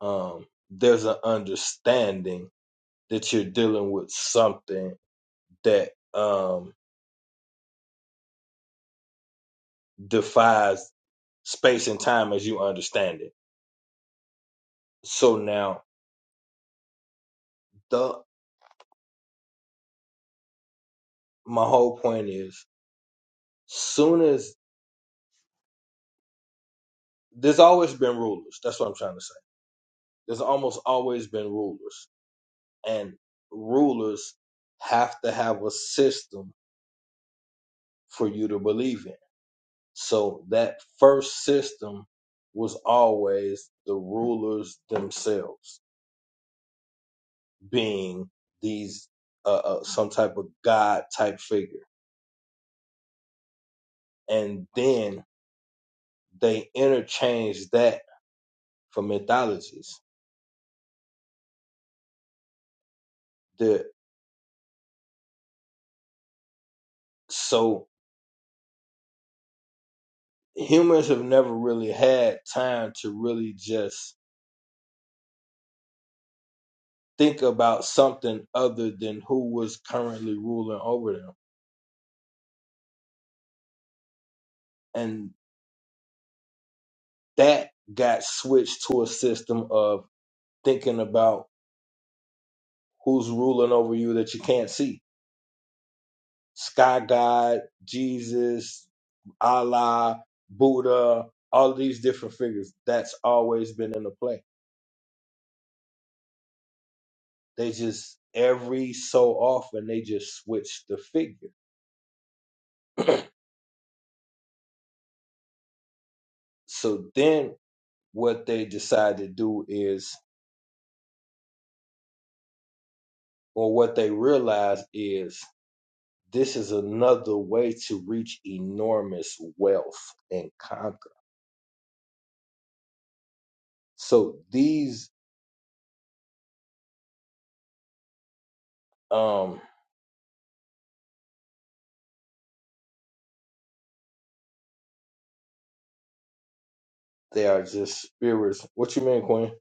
A: um, there's an understanding that you're dealing with something that um, defies space and time as you understand it. So now, the my whole point is, soon as there's always been rulers. That's what I'm trying to say there's almost always been rulers, and rulers have to have a system for you to believe in. So that first system was always the rulers themselves being these uh, uh, some type of god type figure, and then they interchange that for mythologies. The so humans have never really had time to really just think about something other than who was currently ruling over them. And that got switched to a system of thinking about who's ruling over you that you can't see. Sky God, Jesus, Allah, Buddha, all these different figures. That's always been in the play. They just every so often they just switch the figure. So then what they decide to do is or what they realize is this is another way to reach enormous wealth and conquer. So these um they are just spirits. What you mean, Queen?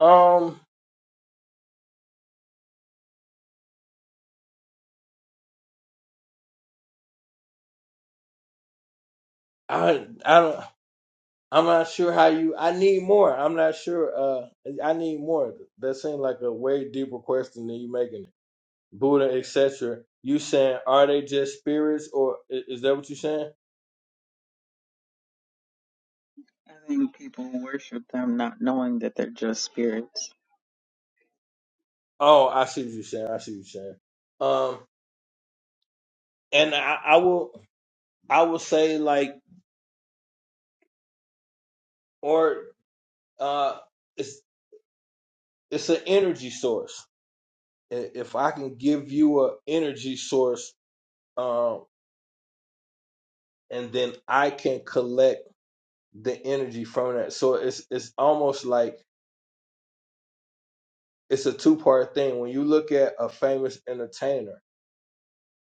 A: Um I I don't I'm not sure how you I need more. I'm not sure uh I need more. That seems like a way deeper question than you making it. Buddha, etc. You saying are they just spirits or i- is that what you saying?
D: I think people worship them not knowing that they're just spirits.
A: Oh, I see what you're saying. I see what you're saying. Um and I, I will I will say like or. Uh, it's it's an energy source. I- If I can give you an energy source, um, and then I can collect the energy from that. So it's it's almost like it's a two part thing. When you look at a famous entertainer,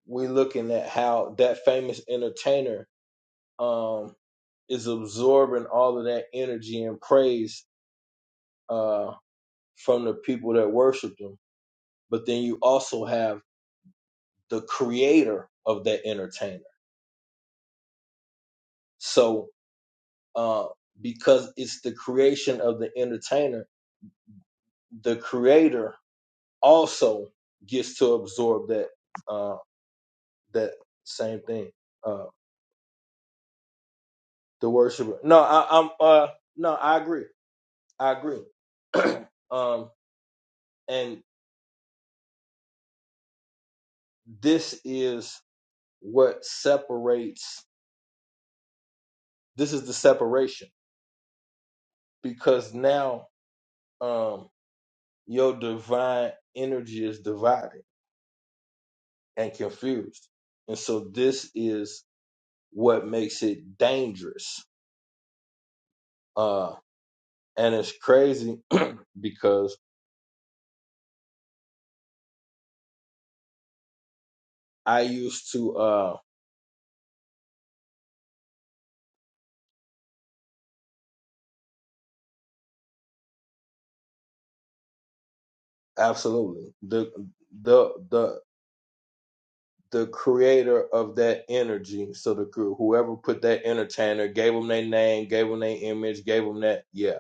A: we're looking at how that famous entertainer um, is absorbing all of that energy and praise uh, from the people that worship them. But then you also have the creator of that entertainer So, uh, because it's the creation of the entertainer, the creator also gets to absorb that uh, that same thing. Uh, the worshiper. No, I, I'm. Uh, no, I agree. I agree. um, and this is what separates. This is the separation because now um, your divine energy is divided and confused, and so this is what makes it dangerous. Uh, and it's crazy because I used to uh, absolutely the the the the creator of that energy. So the crew, whoever put that entertainer, gave them their name, gave them their image, gave them that. Yeah,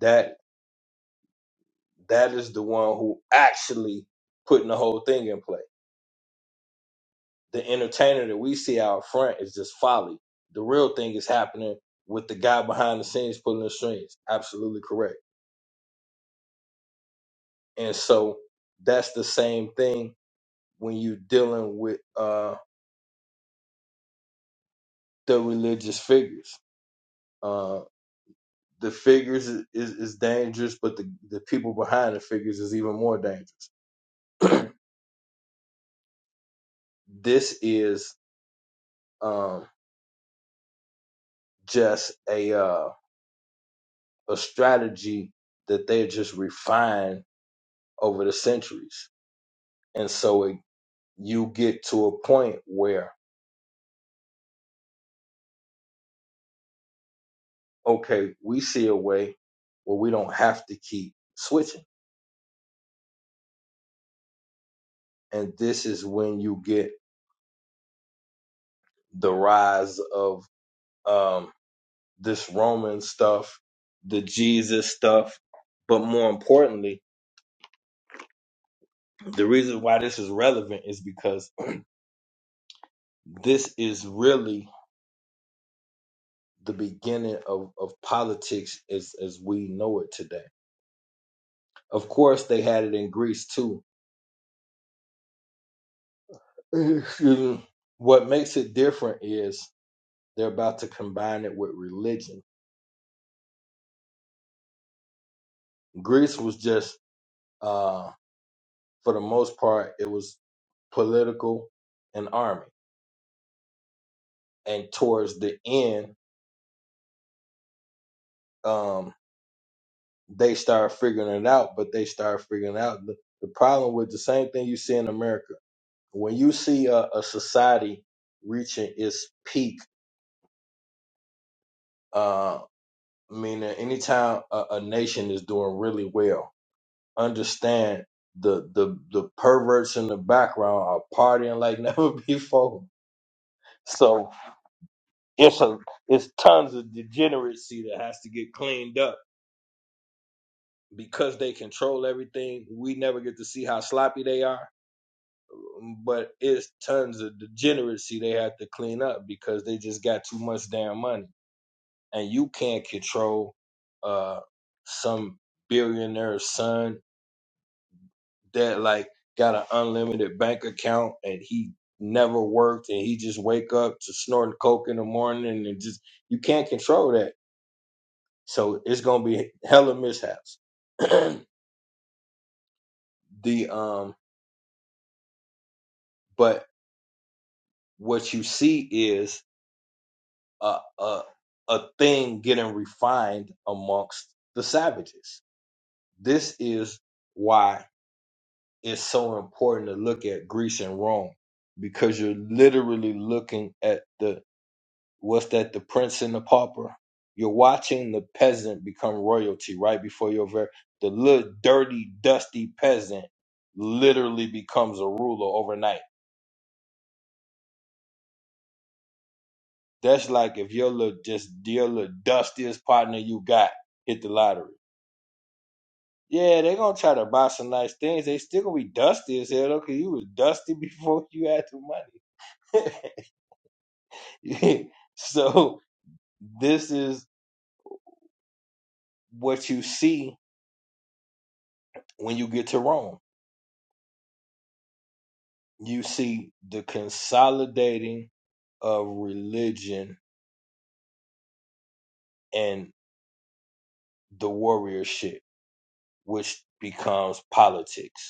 A: that that is the one who actually putting the whole thing in play. The entertainer that we see out front is just folly. The real thing is happening with the guy behind the scenes pulling the strings. Absolutely correct. And so that's the same thing when you're dealing with uh, the religious figures. Uh, the figures is, is, is dangerous, but the, the people behind the figures is even more dangerous. this is um, just a uh, a strategy that they just refined over the centuries, and so it, you get to a point where okay, we see a way where we don't have to keep switching, and this is when you get the rise of um, this Roman stuff, the Jesus stuff. But more importantly, the reason why this is relevant is because this is really the beginning of, of politics as, as we know it today. Of course, they had it in Greece too. Excuse me. what makes it different is they're about to combine it with religion. Greece was just, uh, for the most part, it was political and army and towards the end, um, they start figuring it out. But they start figuring out the, the problem with the same thing you see in America. When you see a, a society reaching its peak, uh, meaning anytime a, a nation is doing really well, understand the the the perverts in the background are partying like never before. So it's a it's tons of degeneracy that has to get cleaned up because they control everything, we never get to see how sloppy they are. um, But it's tons of degeneracy they have to clean up because they just got too much damn money, and you can't control uh some billionaire's son that like got an unlimited bank account and he never worked and he just wake up to snorting coke in the morning and just you can't control that. So it's gonna be hella mishaps. the um, but what you see is a, a a thing getting refined amongst the savages. This is why it's so important to look at Greece and Rome because you're literally looking at the what's that the prince and the pauper. You're watching the peasant become royalty right before your very the little dirty dusty peasant literally becomes a ruler overnight That's like if your little just your little dustiest partner you got hit the lottery. Yeah, they are gonna try to buy some nice things. They still gonna be dusty as hell though, cause you was dusty before you had the money. so this is what you see when you get to Rome. You see the consolidating of religion and the warriorship, which becomes politics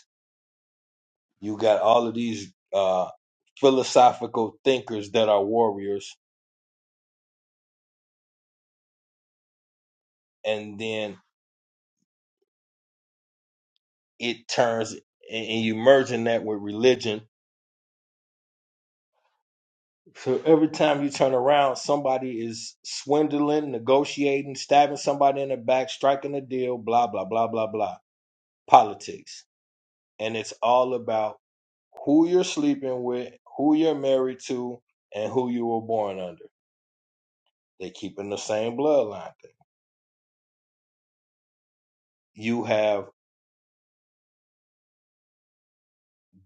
A: You got all of these uh, philosophical thinkers that are warriors, and then it turns and and you merging that with religion. So every time you turn around, somebody is swindling, negotiating, stabbing somebody in the back, striking a deal, blah, blah, blah, blah, blah. Politics. And it's all about who you're sleeping with, who you're married to, and who you were born under. They keep in the same bloodline thing. You have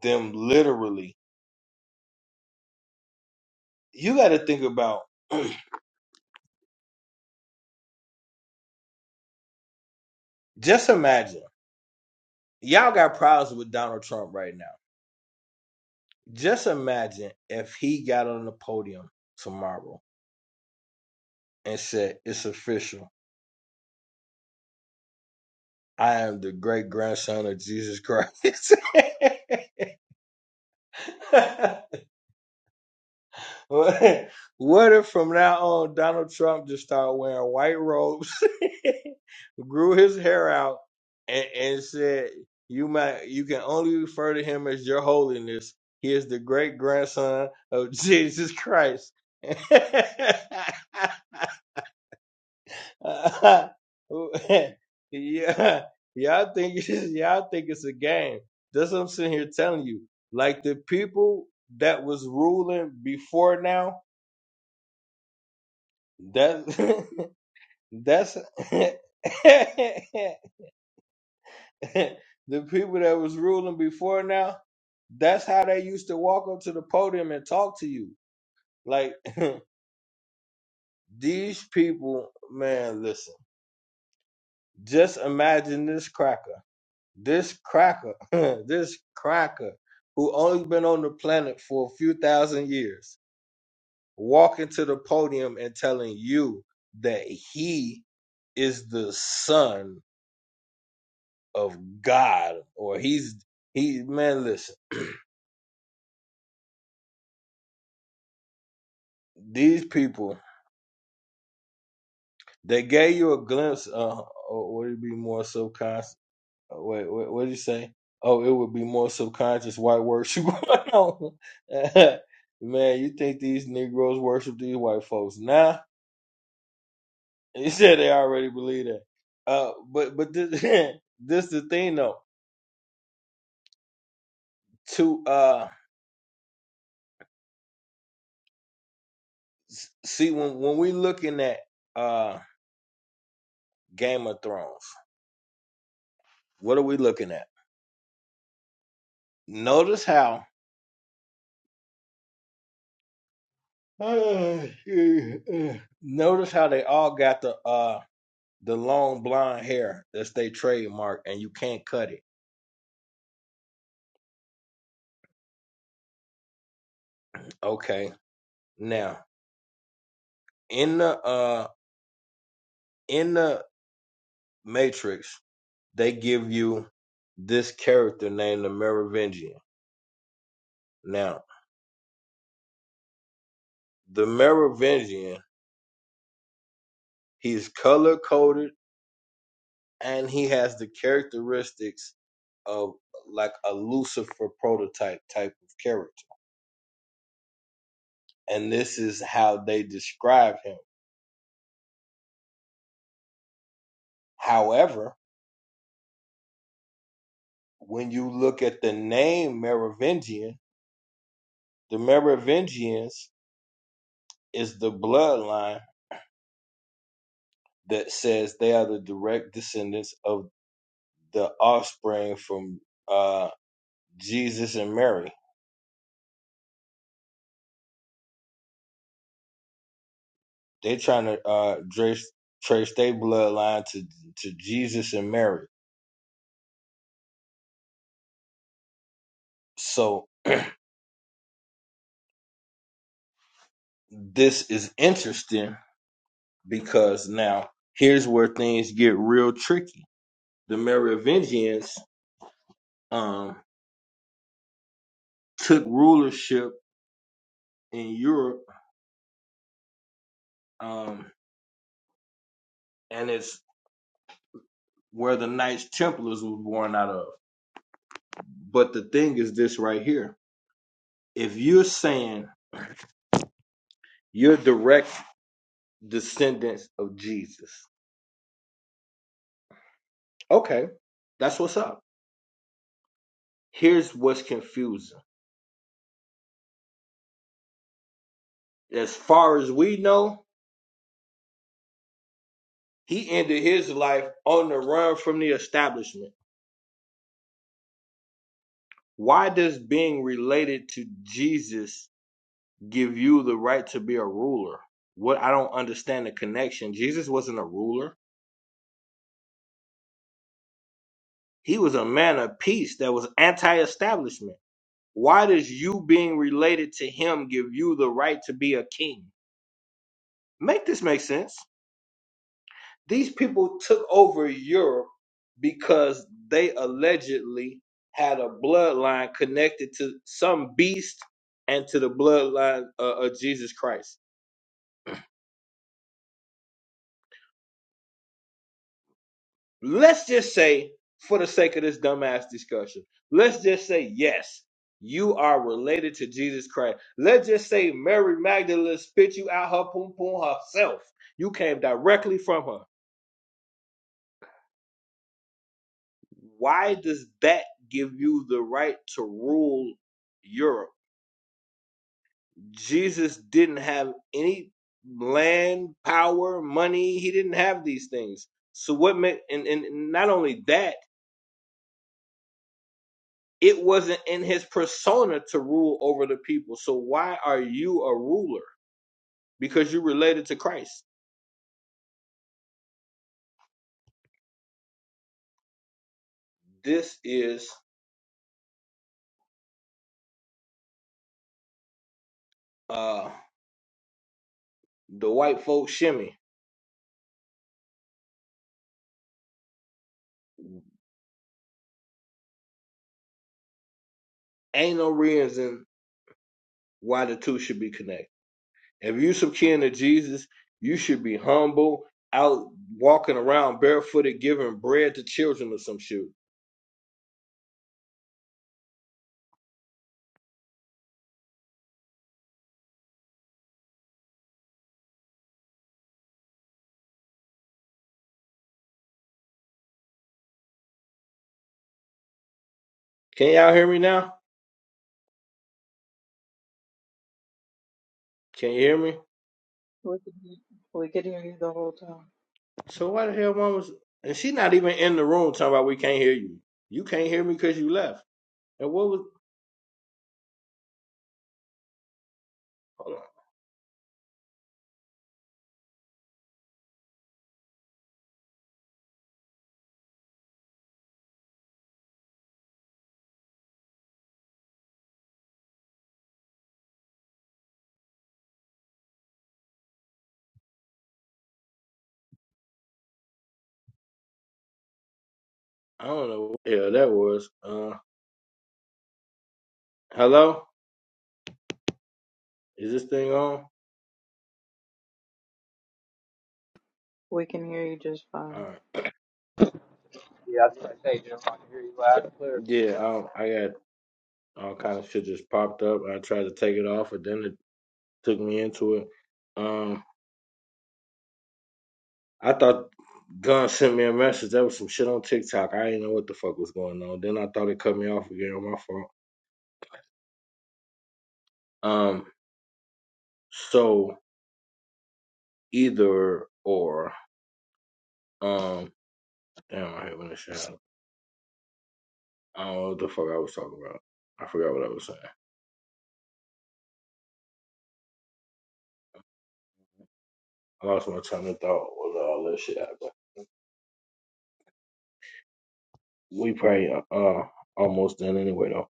A: them literally you got to think about just imagine y'all got problems with Donald Trump right now. Just imagine if he got on the podium tomorrow and said, "It's official. I am the great grandson of Jesus Christ." what if from now on Donald Trump just started wearing white robes, grew his hair out, and, and said, "You might, you can only refer to him as Your Holiness. He is the great grandson of Jesus Christ." yeah, y'all think y'all think it's a game. That's what I'm sitting here telling you. Like the people that was ruling before now That's that's the people that was ruling before now. That's how they used to walk up to the podium and talk to you. Like these people, man. Listen, just imagine this cracker, this cracker, this cracker, who only been on the planet for a few thousand years, walking to the podium and telling you that he is the son of God, or he's he man. Listen, these people they gave you a glimpse. Uh, or would it be more subconscious? uh, Wait, wait, what did you say? Oh, it would be more subconscious white worship going on. man, you think these Negroes worship these white folks now? Nah. He said they already believe that. Uh, but but this this the thing though. To uh, s- see when when we looking at uh Game of Thrones, what are we looking at? Notice how uh, notice how they all got the uh the long blonde hair that's their trademark and you can't cut it. Okay. Now in the uh in the Matrix, they give you this character named the Merovingian. Now, the Merovingian, he's color coded and he has the characteristics of like a Lucifer prototype type of character. and this is how they describe him. However, when you look at the name Merovingian, the Merovingians is the bloodline that says they are the direct descendants of the offspring from uh, Jesus and Mary. They're trying to uh, trace trace their bloodline to to Jesus and Mary. So this is interesting because now here's where things get real tricky. The Merovingians um, took rulership in Europe, um, and it's where the Knights Templars was born out of. But the thing is this right here: if you're saying you're direct descendants of Jesus, okay, that's what's up. Here's what's confusing: as far as we know, he ended his life on the run from the establishment. Why does being related to Jesus give you the right to be a ruler. What I don't understand the connection. Jesus wasn't a ruler. He was a man of peace that was anti-establishment. Why does you being related to him give you the right to be a king? Make this make sense. These people took over Europe because they allegedly had a bloodline connected to some beast and to the bloodline uh, of Jesus Christ Let's just say, for the sake of this dumbass discussion, let's just say yes, you are related to Jesus Christ. Let's just say Mary Magdalene spit you out her poom poom herself. You came directly from her. Why does that give you the right to rule Europe? Jesus didn't have any land, power, money. He didn't have these things. So what made and, and and not only that It wasn't in his persona to rule over the people. So why are you a ruler? Because you're related to Christ. This is uh the white folks shimmy. Ain't no reason why the two should be connected. If you some kin to Jesus, you should be humble, out walking around barefooted, giving bread to children or some shit. Can y'all hear me now? Can you hear me?
D: We can hear we could hear you the whole time.
A: So why the hell mom was and she not even in the room talking about we can't hear you. You can't hear me because you left. And what was Hold on. I don't know. Yeah, that was. Uh, hello. Is this thing on?
D: We can hear you just
A: All
D: fine.
A: right.
F: Yeah, I was gonna say, Jim, I can hear you loud and clear.
A: Yeah. Um, I got all kind of shit just popped up. I tried to take it off, but then it took me into it. Um, I thought Gun sent me a message. That was some shit on TikTok. I didn't know what the fuck was going on. Then I thought it cut me off again. My fault. Um. So either or. Um. Damn, I hate when this shit happens. I don't know what the fuck I was talking about. I forgot what I was saying. I lost my train of thought with all that shit. happened. we pray. uh almost done anyway though.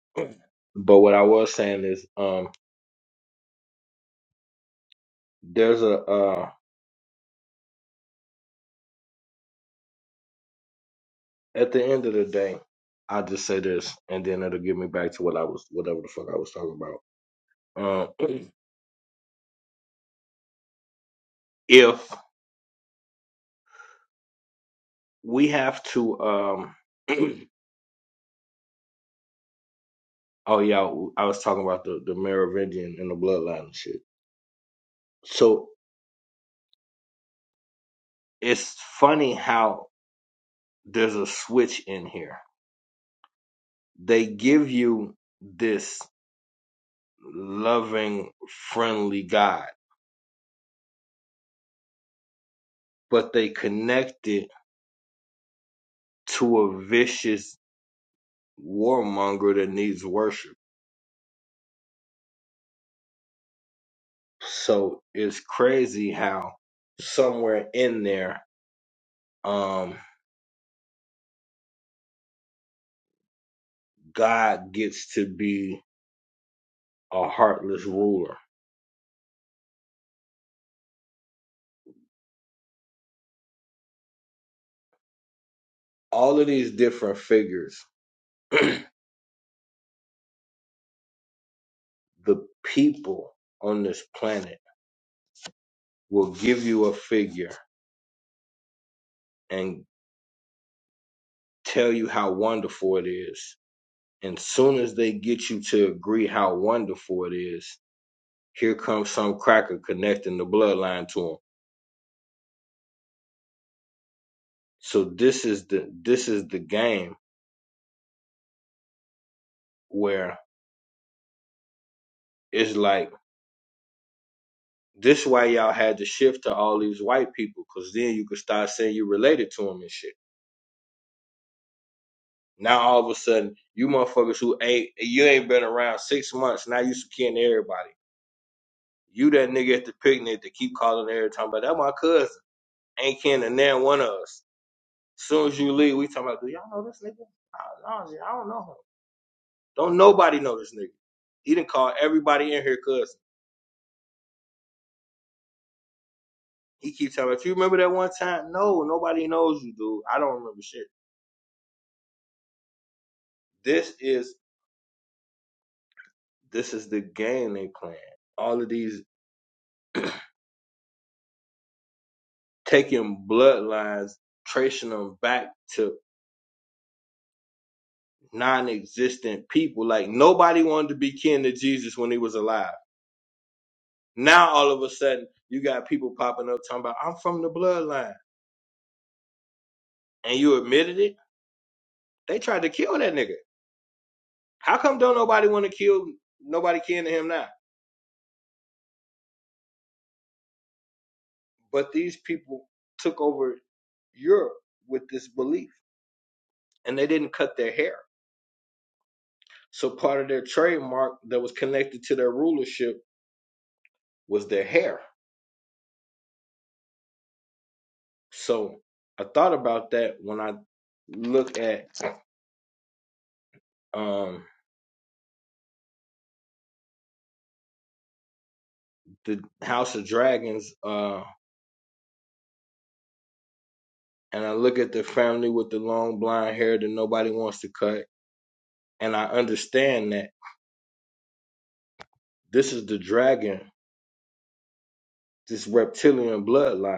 A: But what I was saying is um there's a uh at the end of the day, I just say this and then it'll get me back to what I was whatever the fuck I was talking about. Um if we have to um oh yeah, I was talking about the, the Merovingian and the bloodline and shit. So it's funny how there's a switch in here. They give you this loving, friendly guy but they connect it to a vicious warmonger that needs worship. So it's crazy how somewhere in there, um, God gets to be a heartless ruler. All of these different figures, the people on this planet will give you a figure and tell you how wonderful it is. And soon as they get you to agree how wonderful it is, Here comes some cracker connecting the bloodline to him. So this is the this is the game where it's like this why y'all had to shift to all these white people, cause then you could start saying you related to them and shit. Now all of a sudden, you motherfuckers who ain't you ain't been around six months, now you kin to everybody. You that nigga at the picnic that keep calling every time, but that my cousin ain't kin to none one of us. Soon as you leave, we talking about, do y'all know this nigga? I, I don't know him. Don't nobody know this nigga. He didn't call everybody in here cousin. He keeps telling me, if you remember that one time, no, nobody knows you, dude. I don't remember shit. This is this is the game they playing. All of these taking bloodlines, tracing them back to non-existent people. Like nobody wanted to be kin to Jesus when he was alive. Now all of a sudden, you got people popping up talking about I'm from the bloodline, and you admitted it. They tried to kill that nigga. How come don't nobody want to kill nobody kin to him now? But these people took over Europe with this belief and they didn't cut their hair. So part of their trademark that was connected to their rulership was their hair. So I thought about that when I look at um the House of Dragons uh and I look at the family with the long blonde hair that nobody wants to cut and I understand that this is the dragon, this reptilian bloodline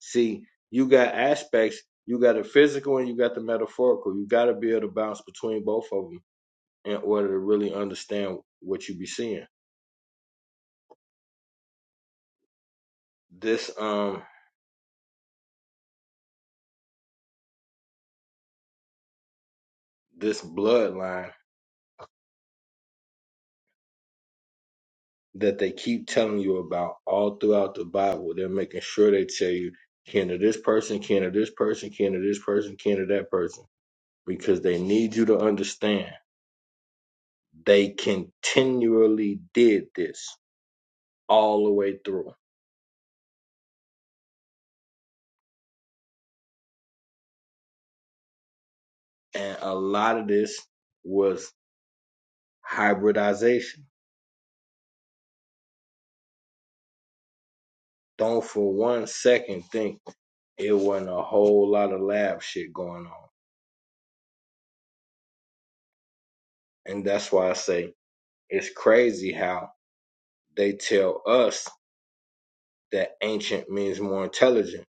A: See, you got aspects, you got the physical and you got the metaphorical. You got to be able to bounce between both of them in order to really understand what you be seeing. This um this bloodline that they keep telling you about all throughout the Bible, they're making sure they tell you kin to this person, kin to this person, kin to this person, kin to that person, because they need you to understand they continually did this all the way through, and a lot of this was hybridization. Don't for one second think it wasn't a whole lot of lab shit going on. And that's why I say it's crazy how they tell us that ancient means more intelligent.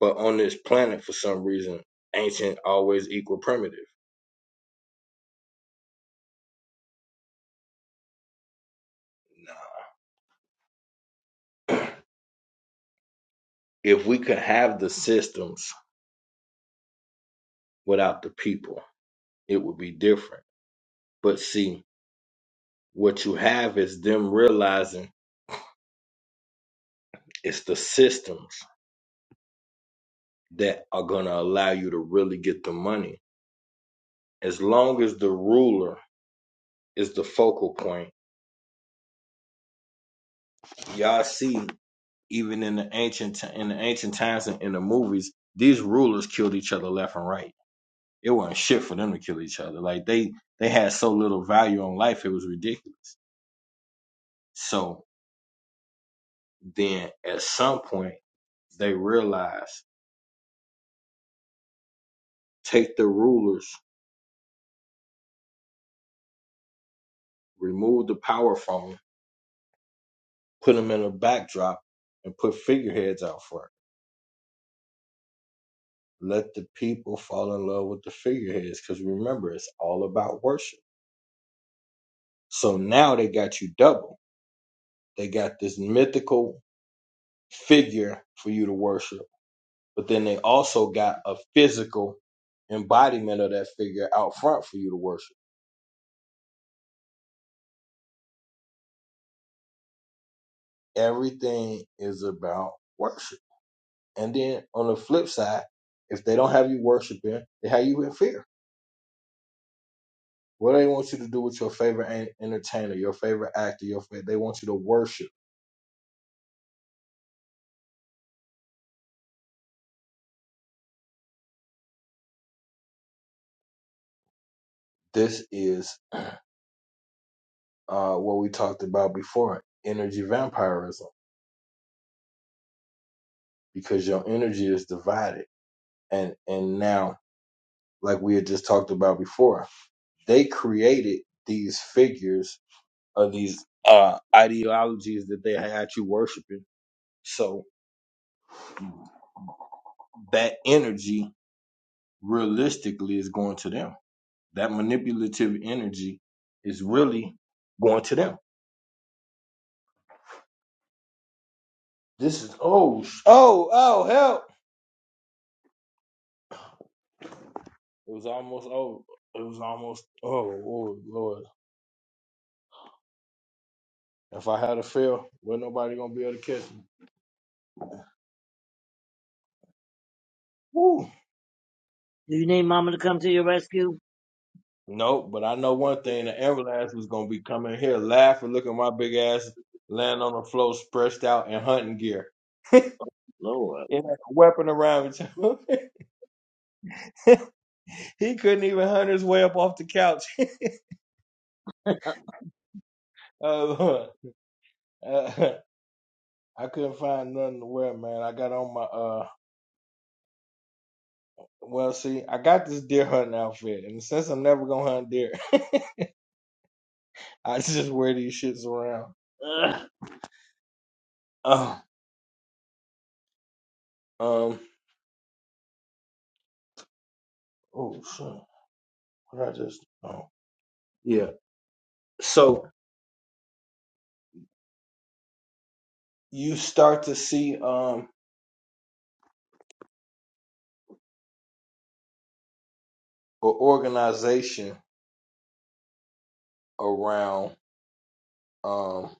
A: But on this planet, for some reason, ancient always equal primitive. Nah. if we could have the systems without the people, it would be different. But see, what you have is them realizing it's the systems that are going to allow you to really get the money. As long as the ruler is the focal point, y'all see, even in the ancient in the ancient times and in the movies, these rulers killed each other left and right. It wasn't shit for them to kill each other. Like they they had so little value on life, it was ridiculous. So then, at some point, they realized: take the rulers, remove the power from them, put them in a backdrop, and put figureheads out front Let the people fall in love with the figureheads because remember, it's all about worship. So now they got you double. They got this mythical figure for you to worship, but then they also got a physical embodiment of that figure out front for you to worship. Everything is about worship. And then on the flip side, if they don't have you worshiping, they have you in fear. What they want you to do with your favorite en- entertainer, your favorite actor, your favorite, they want you to worship. This is uh, what we talked about before, energy vampirism, because your energy is divided. And and now, like we had just talked about before, they created these figures of these uh, ideologies that they had you worshiping. So that energy realistically is going to them. That manipulative energy is really going to them. This is oh oh oh help It was almost over. It was almost oh Lord, Lord. If I had a fail, wasn't nobody gonna be able to catch me. Woo.
B: do you need mama to come to your rescue?
A: Nope, but I know one thing: the ambulance was gonna be coming here, laughing, looking at my big ass laying on the floor, stretched out in hunting gear.
B: Lord.
A: It had a weapon around it. he couldn't even hunt his way up off the couch. uh, uh, I couldn't find nothing to wear, man. I got on my uh. Well, see, I got this deer hunting outfit, and since I'm never gonna hunt deer, I just wear these shits around. Ugh. Oh, um, oh shit. What I just oh yeah. So you start to see um an organization around um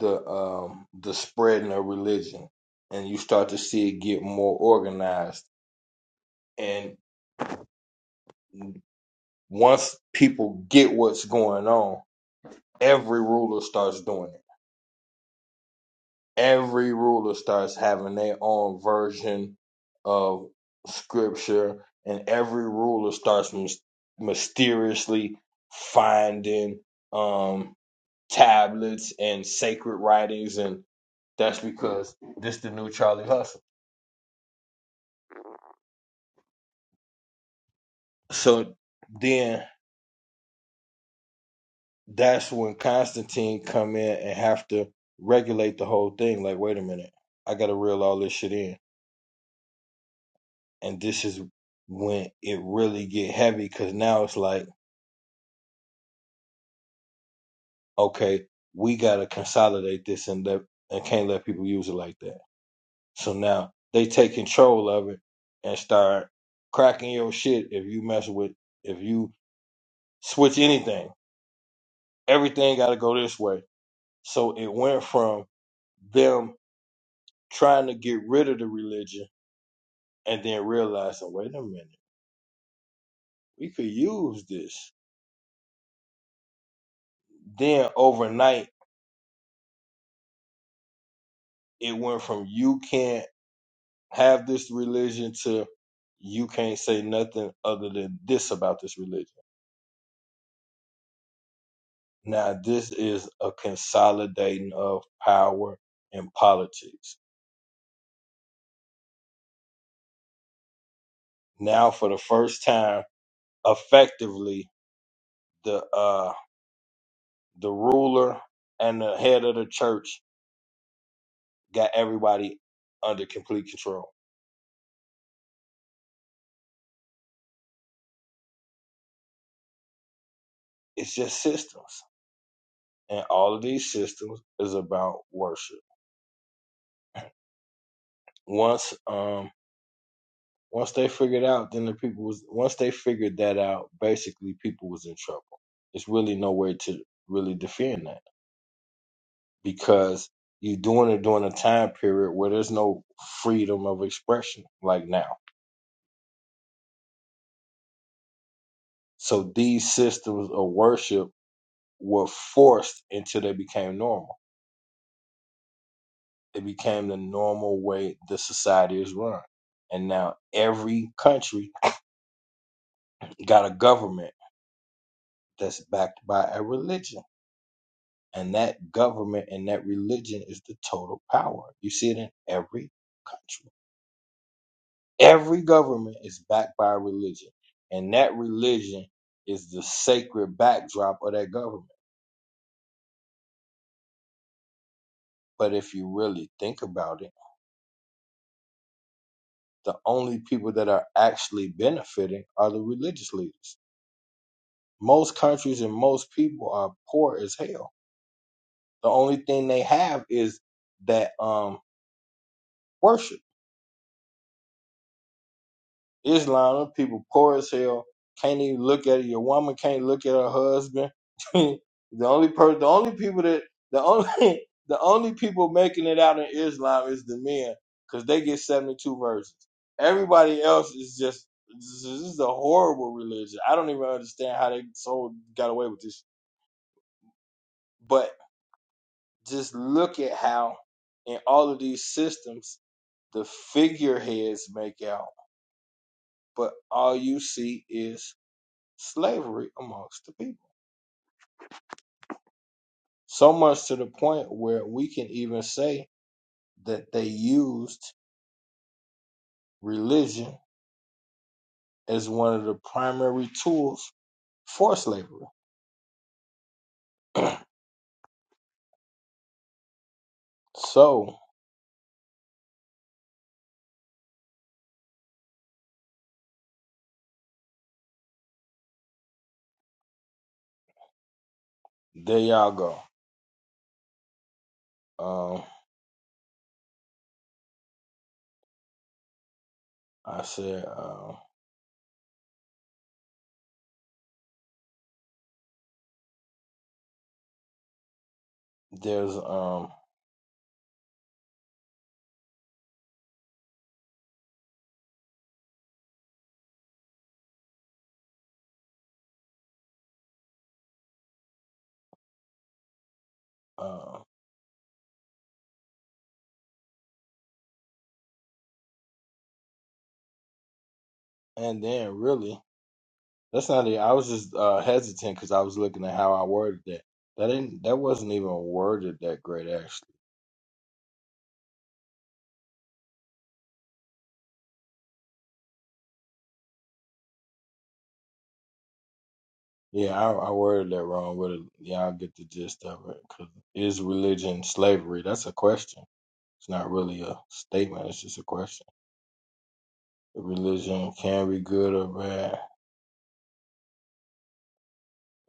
A: the um the spreading of religion and you start to see it get more organized and once people get what's going on, every ruler starts doing it every ruler starts having their own version of scripture, and every ruler starts mys- mysteriously finding um, tablets and sacred writings, and that's because this the new Charlie Hustle. So then that's when Constantine come in and have to regulate the whole thing. Like, wait a minute, I got to reel all this shit in, and this is when it really get heavy because now it's like okay, we gotta consolidate this and let and can't let people use it like that. So now they take control of it and start cracking your shit if you mess with if you switch anything. Everything gotta go this way. So it went from them trying to get rid of the religion and then realizing, wait a minute, we could use this. Then overnight it went from you can't have this religion to you can't say nothing other than this about this religion. Now this is a consolidating of power in politics. Now for the first time, effectively the uh the ruler and the head of the church got everybody under complete control. It's just systems. And all of these systems is about worship. Once um. Once they figured out, then the people was once they figured that out, basically people was in trouble. It's really no way to really defend that because you're doing it during a time period where there's no freedom of expression like now. So these systems of worship were forced until they became normal. It became the normal way the society is run. And now every country got a government that's backed by a religion And that government and that religion is the total power. You see it in every country. Every government is backed by a religion. And that religion is the sacred backdrop of that government. But if you really think about it, the only people that are actually benefiting are the religious leaders. Most countries and most people are poor as hell. The only thing they have is that um worship Islam, them people poor as hell. Can't even look at it. Your woman can't look at her husband. the only per the only people that the only the only people making it out in Islam is the men, because they get seventy two verses. Everybody else is just this is a horrible religion. I don't even understand how they so got away with this. But just look at how in all of these systems the figureheads make out, but all you see is slavery amongst the people. So much to the point where we can even say that they used religion as one of the primary tools for slavery. So there y'all go. Um, I said uh, there's um uh, and then really that's not it. I was just uh, hesitant because I was looking at how I worded that. That didn't that wasn't even worded that great actually. Yeah, I, I worded that wrong, but y'all get the gist of it. 'Cause is religion slavery? That's a question. It's not really a statement. It's just a question. Religion can be good or bad.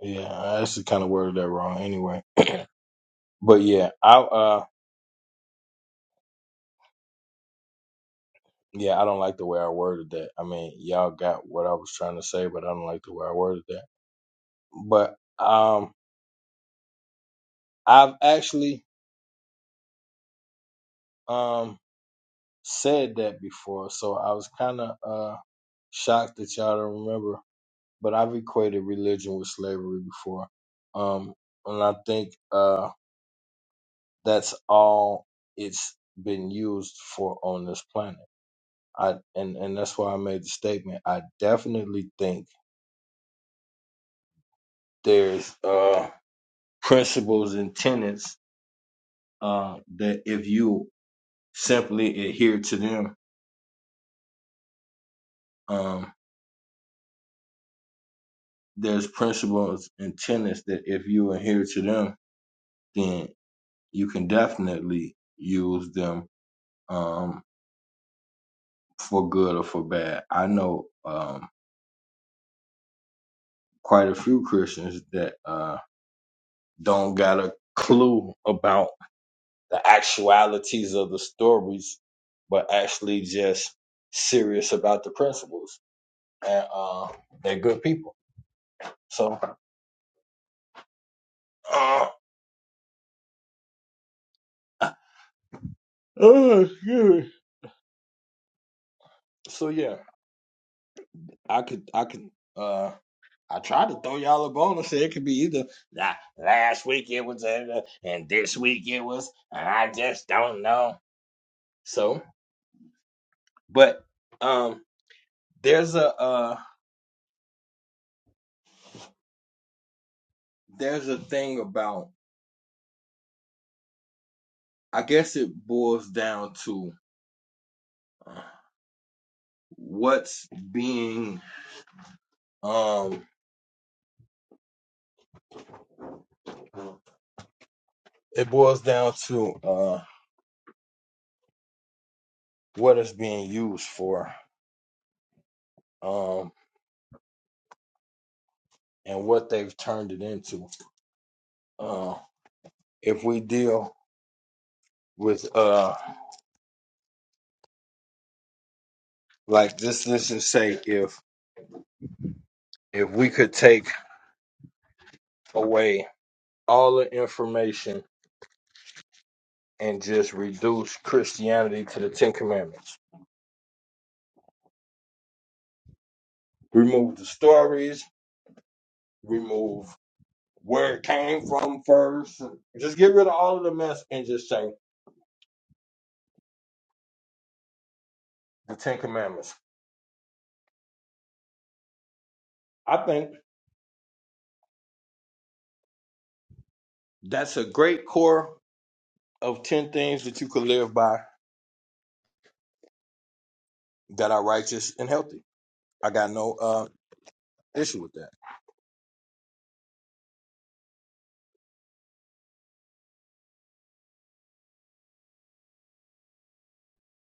A: Yeah, I actually kind of worded that wrong. Anyway, but yeah, I uh, yeah, I don't like the way I worded that. I mean, y'all got what I was trying to say, but I don't like the way I worded that. But um, I've actually um said that before, so I was kind of uh shocked that y'all don't remember but I've equated religion with slavery before. Um, and I think uh, that's all it's been used for on this planet. I and and that's why I made the statement. I definitely think there's uh, principles and tenets uh, that if you simply adhere to them, um, there's principles and tenets that if you adhere to them, then you can definitely use them Um, for good or for bad. I know um, quite a few Christians that uh, don't got a clue about the actualities of the stories, but actually just serious about the principles, and uh, they're good people. So, uh, oh, excuse me. so yeah, I could, I could, uh. I tried to throw y'all a bone and say it could be either "Nah, last week it was, uh, and this week it was, and I just don't know. So But um, there's a uh, there's a thing about. I guess it boils down to uh, what's being um. It boils down to uh, what it's being used for, um, and what they've turned it into. Uh, if we deal with uh, like this, let's just say if if we could take away all the information and just reduce Christianity to the Ten Commandments remove the stories, remove where it came from first. Just get rid of all of the mess and just say the Ten Commandments. I think that's a great core of ten things that you can live by that are righteous and healthy. I got no uh, issue with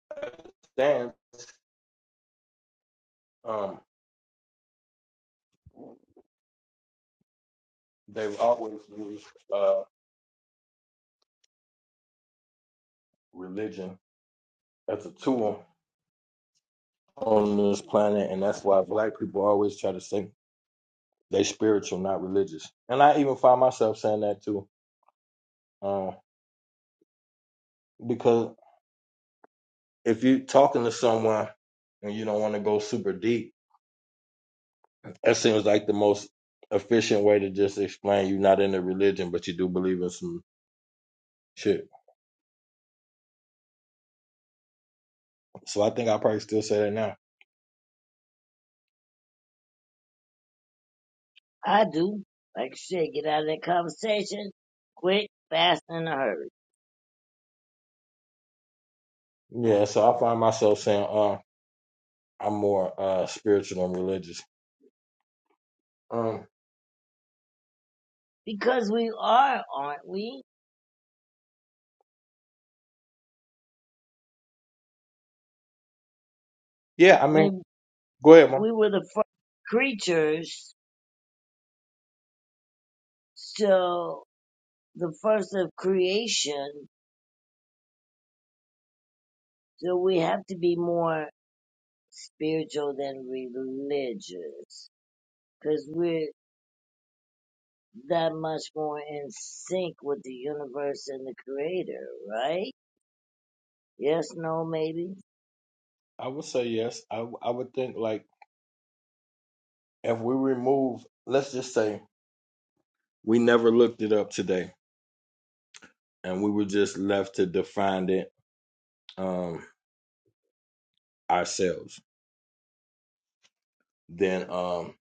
A: that. Then um, they've always used uh, religion as a tool on this planet, and that's why black people always try to say they spiritual, not religious. And I even find myself saying that too. Um, because if you're talking to someone and you don't want to go super deep, that seems like the most efficient way to just explain you're not into religion, but you do believe in some shit. So I think I probably still say that now.
B: I do. Like shit, get out of that conversation quick, fast, and in a hurry.
A: Yeah, so I find myself saying, uh, I'm more uh spiritual than religious. Um,
B: Because we are, aren't we?
A: yeah, I
B: I
A: mean,
B: mean,
A: go ahead, man.
B: we were the first creatures. So the first of creation, so we have to be more spiritual than religious because we're that much more in sync with the universe and the creator, right? Yes, no, maybe.
A: I would say yes. I I would think like if we remove, let's just say we never looked it up today, and we were just left to define it um ourselves then um,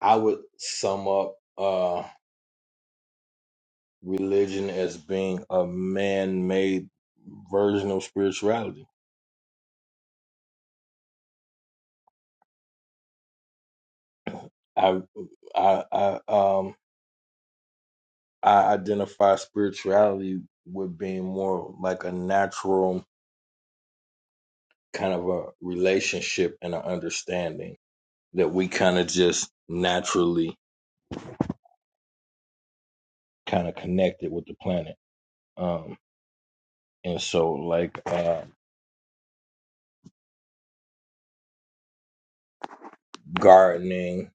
A: I would sum up uh, religion as being a man-made version of spirituality. I I, I um I identify spirituality with being more like a natural kind of a relationship and an understanding that we kind of just naturally kind of connected with the planet. Um, and so like uh, gardening.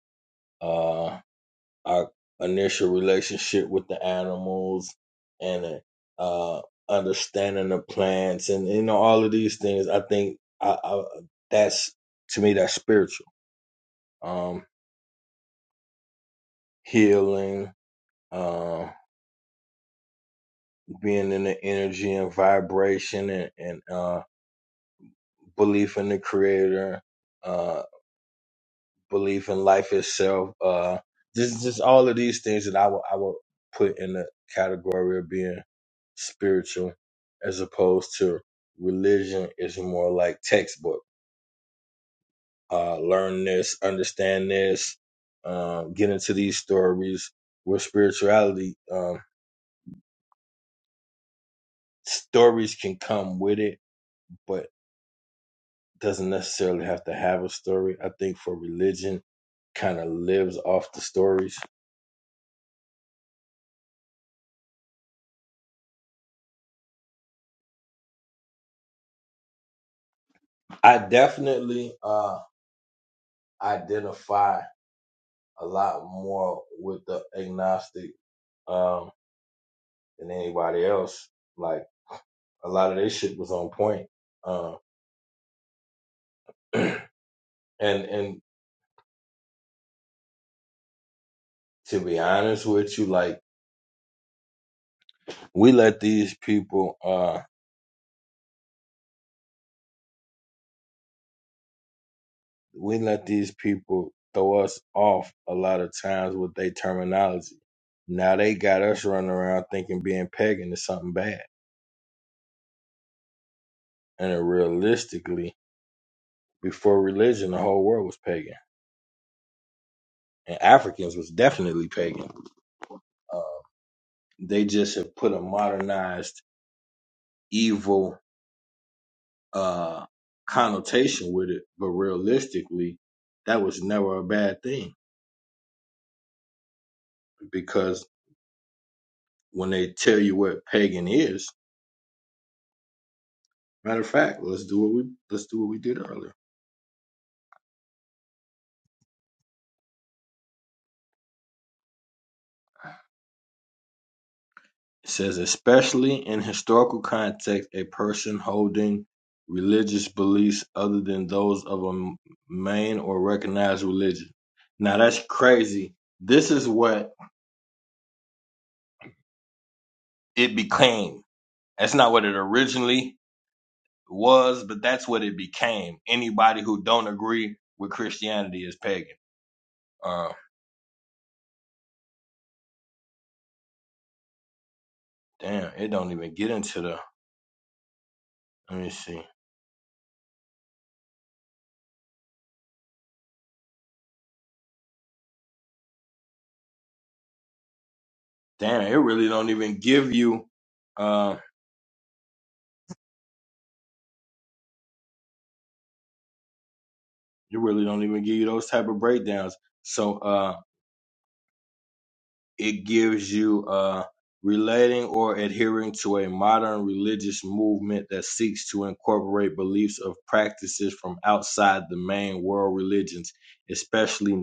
A: uh, our initial relationship with the animals and uh, understanding the plants and you know all of these things. I think I, I, that's to me that's spiritual um, healing, uh, being in the energy and vibration and, and uh, belief in the Creator. uh, belief in life itself. Uh, just just all of these things that I will I will put in the category of being spiritual, as opposed to religion is more like textbook. Uh, learn this, understand this, um, get into these stories. Where spirituality um, stories can come with it, but doesn't necessarily have to have a story. I think for religion, kind of lives off the stories. I definitely uh, identify a lot more with the agnostic um, than anybody else. Like a lot of their shit was on point. Um, and and to be honest with you, like we let these people, uh, we let these people throw us off a lot of times with their terminology. Now they got us running around thinking being pagan is something bad, and realistically, before religion, the whole world was pagan, and Africans was definitely pagan Uh, they just have put a modernized evil uh, connotation with it, but realistically, that was never a bad thing because when they tell you what pagan is, matter of fact, let's do what we let's do what we did earlier. It says, especially in historical context, a person holding religious beliefs other than those of a m- main or recognized religion. Now that's crazy. This is what it became. That's not what it originally was, but that's what it became. Anybody who don't agree with Christianity is pagan. Uh, damn, it don't even get into the. Let me see. Damn, it really don't even give you. Uh, it really don't even give you those type of breakdowns. So, uh, it gives you uh, relating or adhering to a modern religious movement that seeks to incorporate beliefs of practices from outside the main world religions, especially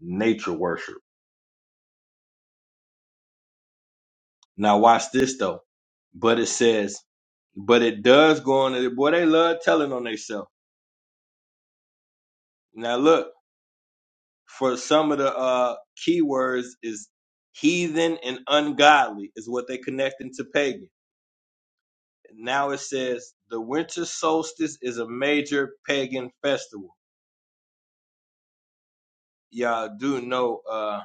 A: nature worship. Now, watch this though. But it says, but it does go on. to- Boy, they love telling on themselves. Now, look for some of the uh, keywords is heathen and ungodly is what they connecting to pagan. Now it says the winter solstice is a major pagan festival. Y'all do know uh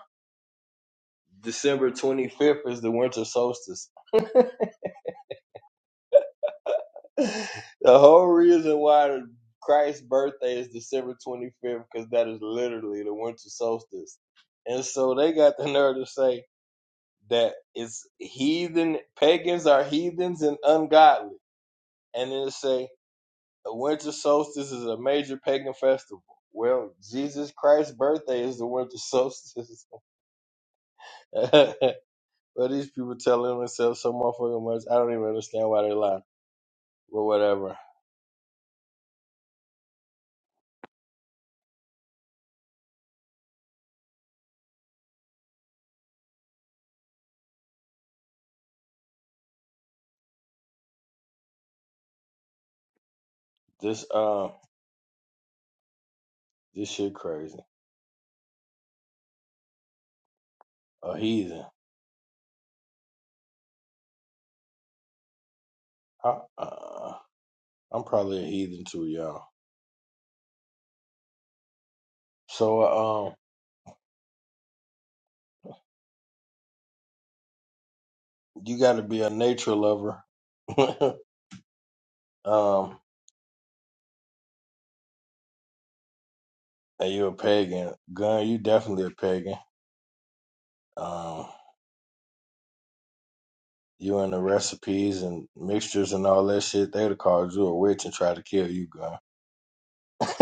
A: December 25th is the winter solstice. the whole reason why Christ's birthday is December 25th because that is literally the winter solstice. And so they got the nerve to say that it's heathen, pagans are heathens and ungodly. And then they say The winter solstice is a major pagan festival. Well, Jesus Christ's birthday is the winter solstice. but these people telling themselves so motherfucking much. I don't even understand why they lie. But whatever. This um, this shit crazy. A heathen. I, uh, I'm probably a heathen too, y'all. So uh, um, you got to be a nature lover. um, and you a pagan. Gun, you definitely a pagan. Um. You and the recipes and mixtures and all that shit, they'd have called you a witch and tried to kill you, gun.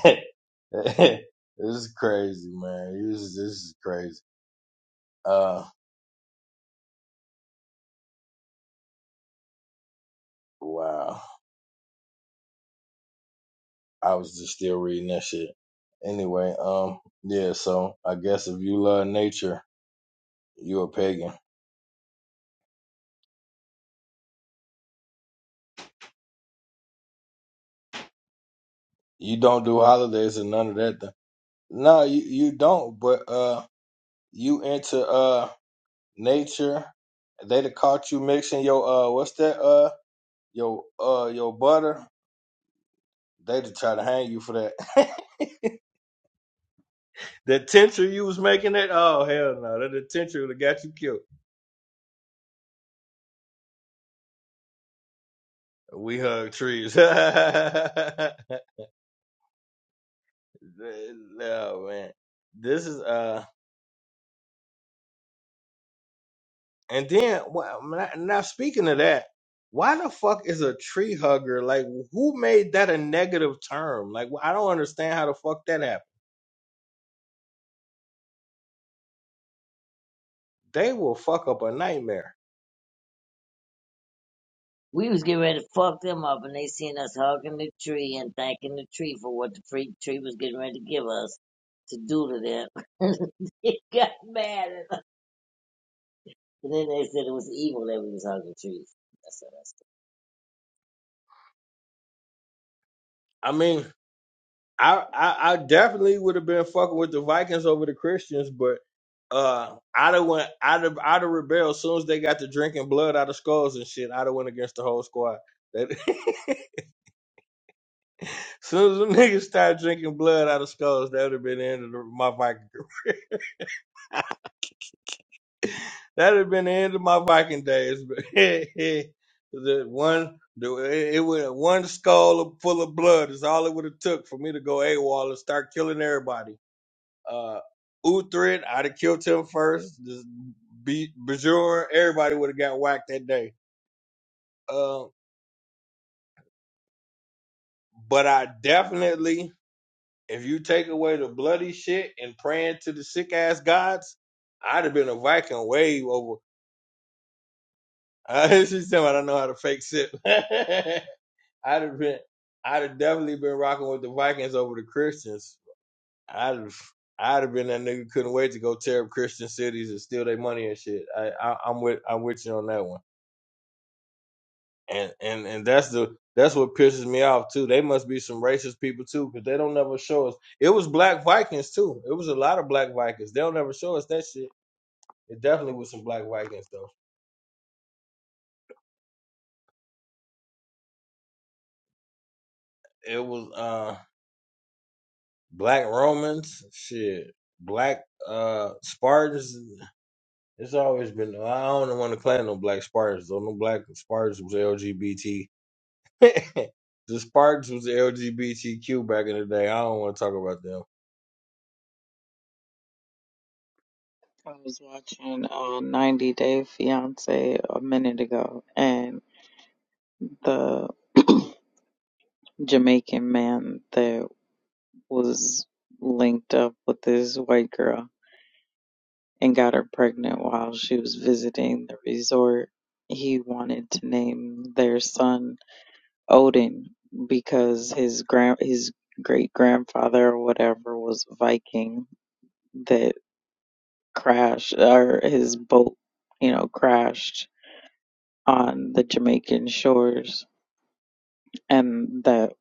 A: this is crazy, man. This is, this is crazy. Uh, wow. I was just still reading that shit. Anyway, um, yeah. So I guess if you love nature, you a pagan. You don't do holidays and none of that. Th- no, you you don't. But uh, you into uh nature. They'd have caught you mixing your uh, what's that uh? Yo, uh, yo, butter. They just try to hang you for that. the tincture you was making it. Oh hell no, that the tincture that got you killed. We hug trees. no man, this is uh. And then, well, now now speaking of that, why the fuck is a tree hugger like? Who made that a negative term? Like, I don't understand how the fuck that happened. They will fuck up a nightmare.
B: We was getting ready to fuck them up and they seen us hugging the tree and thanking the tree for what the free tree was getting ready to give us to do to them. they got mad at us. And then they said it was evil that we was hugging trees. That's what I said.
A: I mean, I, I I definitely would have been fucking with the Vikings over the Christians, but uh, I'd have went, I'd have, I'd have rebelled as soon as they got to drinking blood out of skulls and shit. I'd have went against the whole squad. That, as soon as them niggas started drinking blood out of skulls, that would have been the end of the, my Viking. career. that would have been the end of my Viking days. But hey, hey, the one, the, it, it would one skull full of blood is all it would have took for me to go AWOL and start killing everybody. Uh, Uthred, I'd have killed him first. Just beat Bajoran. Everybody would have got whacked that day. Uh, but I definitely, if you take away the bloody shit and praying to the sick ass gods, I'd have been a Viking wave over. I, she's telling me I don't know how to fake sip. I'd have been, I'd have definitely been rocking with the Vikings over the Christians. I'd have, I'd have been that nigga couldn't wait to go tear up Christian cities and steal their money and shit. I, I, I'm with, I'm with you on that one. and and and that's the that's what pisses me off too. They must be some racist people too, because they don't never show us. It was black Vikings too. It was a lot of black Vikings. They'll never show us that shit. It definitely was some black Vikings though. It was uh black Romans, shit, black uh Spartans. It's always been. I don't want to claim no black Spartans though. No black Spartans was LGBT. the Spartans was LGBTQ back in the day. I don't want to talk about them.
D: I was watching uh 90 Day Fiance a minute ago and the Jamaican man that was linked up with this white girl and got her pregnant while she was visiting the resort. He wanted to name their son Odin because his grand his great grandfather or whatever was a Viking that crashed or his boat, you know, crashed on the Jamaican shores and that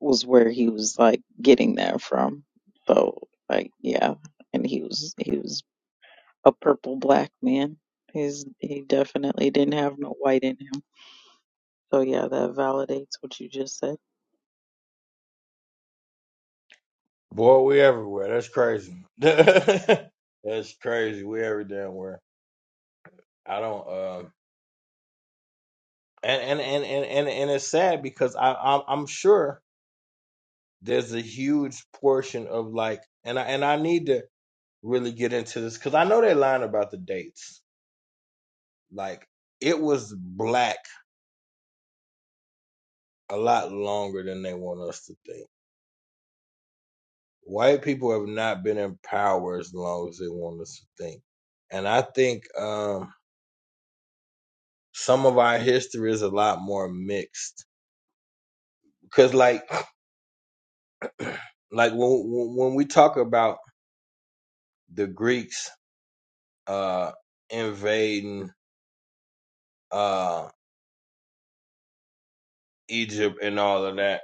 D: was where he was like getting that from. So like yeah. And he was he was a purple black man. He's he definitely didn't have no white in him. So yeah, that validates what you just said.
A: Boy, we everywhere. That's crazy. That's crazy. We every damn where. I don't. Uh, and, and and and and and it's sad because I I'm, I'm sure there's a huge portion of like, and I and I need to really get into this because I know they're lying about the dates. Like it was black a lot longer than they want us to think. White people have not been in power as long as they want us to think, and I think. um some of our history is a lot more mixed because like like when when we talk about the Greeks uh invading uh Egypt and all of that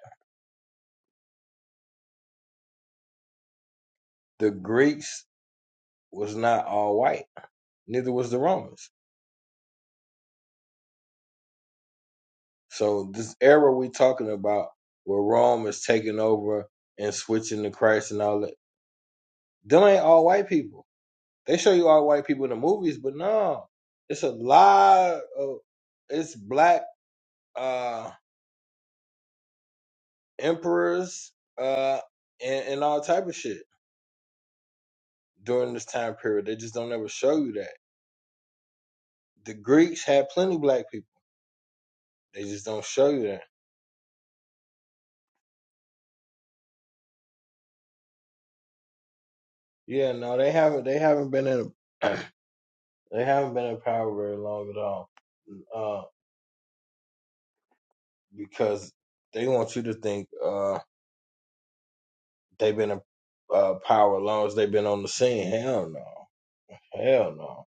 A: the Greeks was not all white neither was the Romans so this era we talking about where Rome is taking over and switching to Christ and all that them ain't all white people they show you all white people in the movies but no it's a lot of it's black Uh, emperors uh and, and all type of shit during this time period. They just don't ever show you that. The Greeks had plenty black people. They just don't show you that. Yeah, no, they haven't they haven't been in A, they haven't been in power very long at all. Uh because they want you to think uh they've been in uh power as long as they've been on the scene. Hell no. Hell no.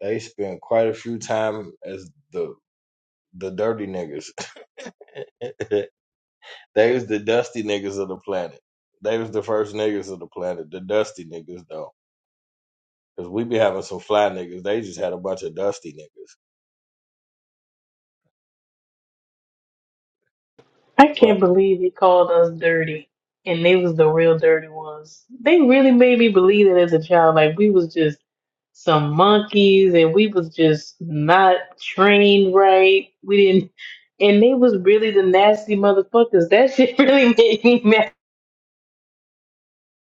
A: They spent quite a few time as the the dirty niggas. They was the dusty niggas of the planet. They was the first niggas of the planet, the dusty niggas though. Cause we be having some fly niggas. They just had a bunch of dusty niggas.
C: I
A: But
C: can't believe they called us dirty, and they was the real dirty ones. They really made me believe that as a child, like we was just some monkeys, and we was just not trained right. We didn't, and they was really the nasty motherfuckers. That shit really made me mad.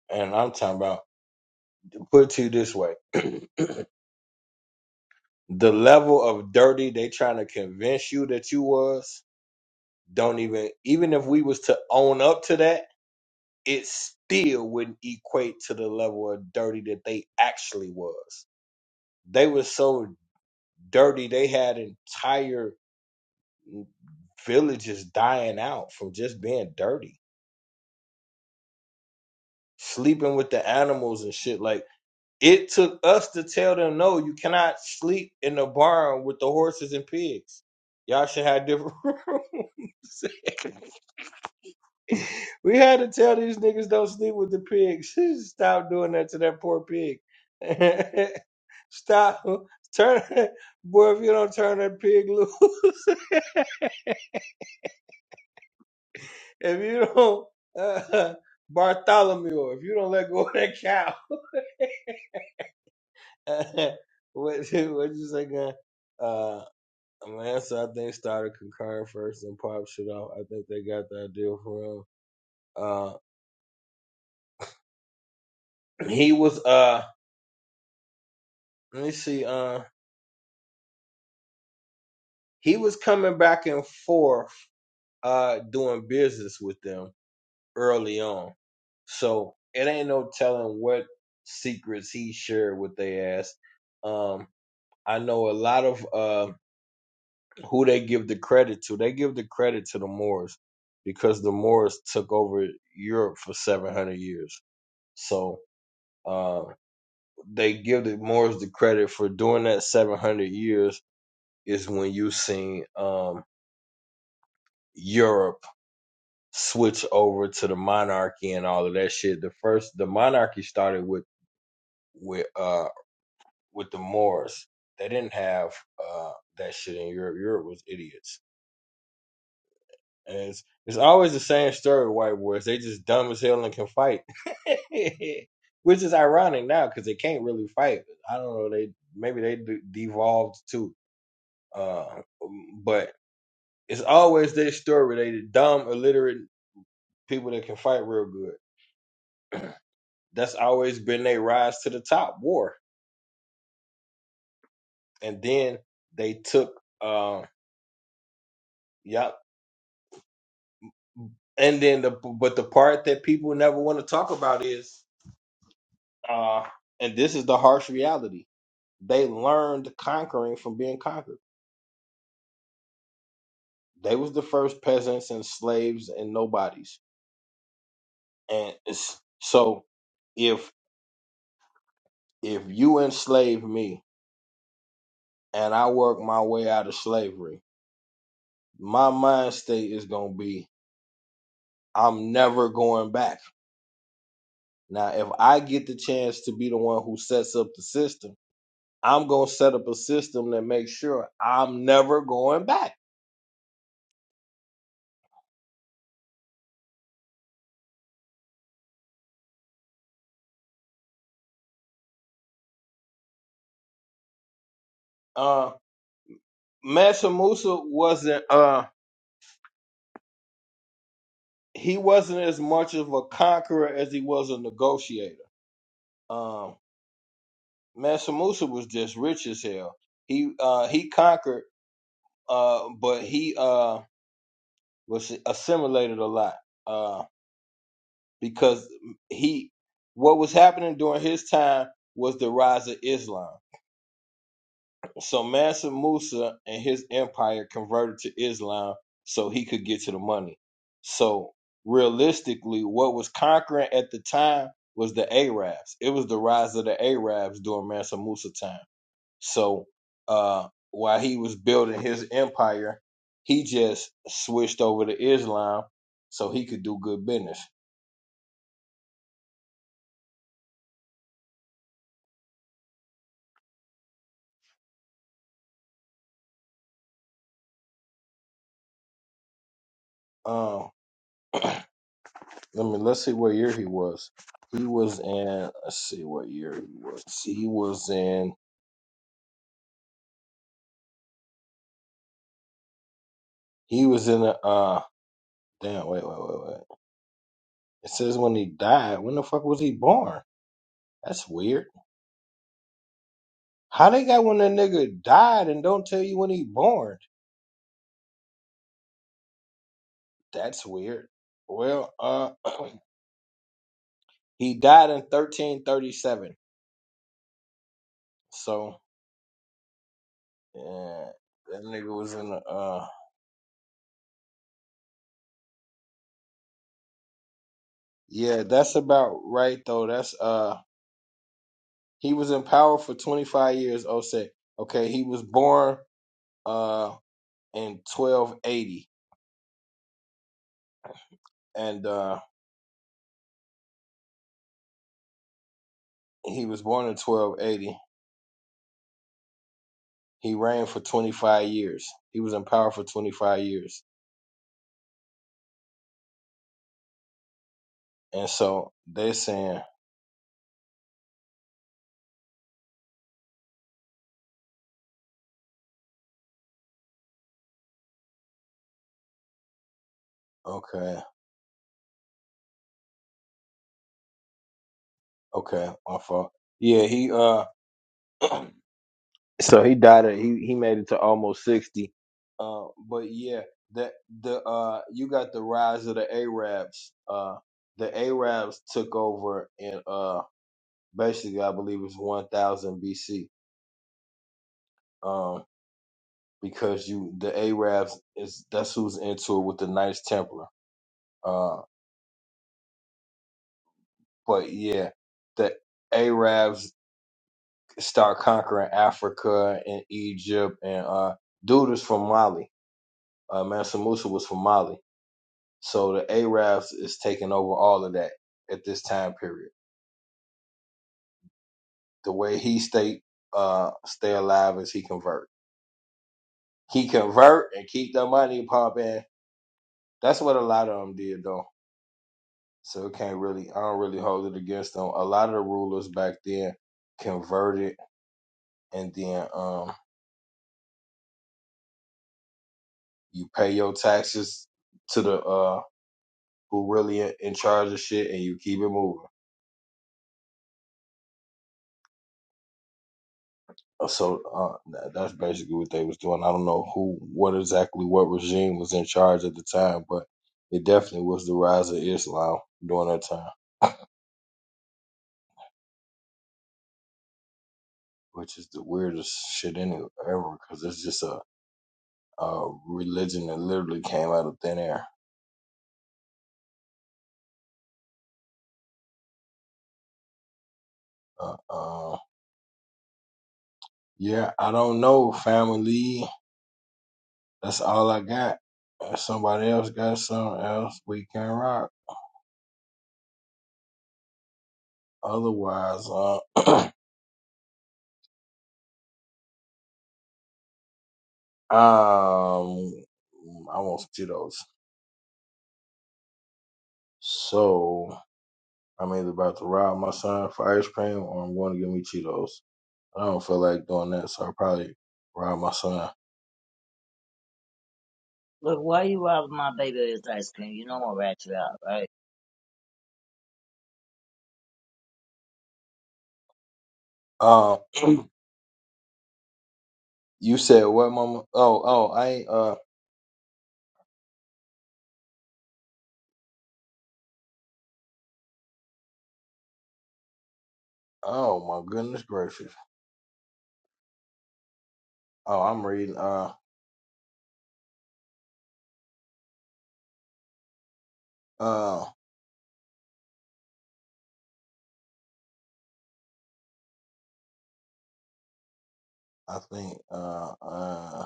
A: and I'm talking about put to you this way. the level of dirty they trying to convince you that you was, don't even even if we was to own up to that, it still wouldn't equate to the level of dirty that they actually was. They was so dirty they had entire village is dying out from just being dirty, sleeping with the animals and shit. Like it took us to tell them, no, you cannot sleep in the barn with the horses and pigs. Y'all should have different rooms. we had to tell these niggas don't sleep with the pigs. Stop doing that to that poor pig. Stop. Turn boy if you don't turn that pig loose. if you don't uh, Bartholomew, if you don't let go of that cow. what what you say, guy? Uh, Mansa, I think started concurrent first and pop shit off. I think they got the idea for him. Uh, he was uh, let me see. Uh, he was coming back and forth, uh, doing business with them early on. So it ain't no telling what secrets he shared with they ass. Um, I know a lot of uh who they give the credit to. They give the credit to the Moors because the Moors took over Europe for 700 years. So uh, they give the Moors the credit for doing that 700 years is when you seen um, Europe switch over to the monarchy and all of that shit. The first the monarchy started with with uh with the Moors. They didn't have uh that shit in Europe. Europe was idiots And it's it's always the same story with white boys. They just dumb as hell and can fight, which is ironic now because they can't really fight. I don't know. They maybe they de- devolved too. Uh, um, but it's always their story. They the dumb, illiterate people that can fight real good. That's always been their rise to the top. War, and then they took. Uh, yep. And then the but the part that people never want to talk about is, uh, and this is the harsh reality They learned conquering from being conquered. They was the first peasants and slaves and nobodies. And it's, so if if you enslave me and I work my way out of slavery, my mind state is gonna be I'm never going back. Now, if I get the chance to be the one who sets up the system, I'm gonna set up a system that makes sure I'm never going back. Uh, Mansa Musa wasn't. Uh, he wasn't as much of a conqueror as he was a negotiator. Um, Mansa Musa was just rich as hell. He uh, he conquered, uh, but he uh, was assimilated a lot uh, because he what was happening during his time was the rise of Islam So Mansa Musa and his empire converted to Islam so he could get to the money. So realistically, what was conquering at the time was the Arabs. It was the rise of the Arabs during Mansa Musa time. So uh, while he was building his empire, he just switched over to Islam so he could do good business. Um, let me let's see what year he was. He was in let's see what year he was. He was in He was in a uh damn wait wait wait wait. It says when he died. When the fuck was he born? That's weird. How they got when a nigga died and don't tell you when he born? That's weird. Well, uh, he died in thirteen thirty seven. So yeah, that nigga was in the uh yeah. That's about right though. That's uh he was in power for twenty five years. Oh, say okay. He was born uh in twelve eighty and uh He was born in 1280. He reigned for 25 years. He was in power for 25 years. And so they're saying, okay, okay, my fault. Yeah, he uh so he died at, he he made it to almost 60. Uh but yeah, that the uh you got the rise of the Arabs. Uh the Arabs took over in uh basically I believe it's 1000 BC. Um because you the Arabs is that's who's into it with the Knights Templar Uh, but yeah, the Arabs start conquering Africa and Egypt, and uh, dude is from Mali. Uh, Mansa Musa was from Mali, so the Arabs is taking over all of that at this time period. The way he stay uh stay alive is he convert. He convert and keep the money pumping. That's what a lot of them did though. So it can't really, I don't really hold it against them. A lot of the rulers back then converted and then um You pay your taxes to the uh who really in, in charge of shit, and you keep it moving. Uh, So uh, tha- that's basically what they was doing. I don't know who, what exactly, what regime was in charge at the time, but it definitely was the rise of Islam during that time, which is the weirdest shit any ever, because it's just a, a religion that literally came out of thin air. Uh, uh, yeah, I don't know, family. That's all I got. If somebody else got something else, we can rock. Otherwise, uh, um, I want some Cheetos. So I'm either about to rob my son for ice cream or I'm going to get me Cheetos. I don't feel like doing that, so I'll probably rob my son.
B: Look, why you robbing my baby of his ice cream? You know I'm gonna rat you out, right?
A: Uh, you said what, Mama? Oh, oh, I ain't. Uh, oh my goodness gracious. Oh, I'm reading. Uh, uh, I think. Uh, uh.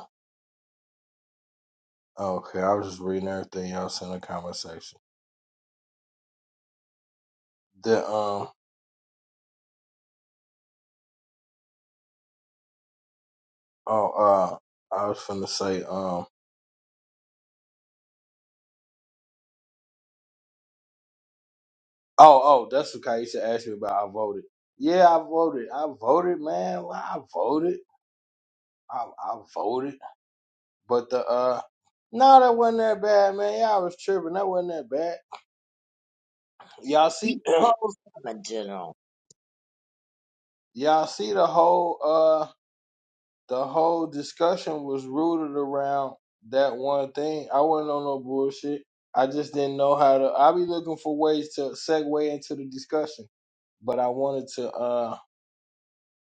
A: Okay, I was just reading everything y'all sent in the comment section. The um. Oh, uh, I was finna say. um. Oh, oh, that's what Kaisha asked me about. I voted. Yeah, I voted. I voted, man. Well, I voted. I, I voted. But the uh no, that wasn't that bad, man. Y'all was tripping. That wasn't that bad. Y'all see
B: He posed I'm a general.
A: y'all see the whole uh the whole discussion was rooted around that one thing. I wasn't on no bullshit. I just didn't know how to I be looking for ways to segue into the discussion. But I wanted to uh.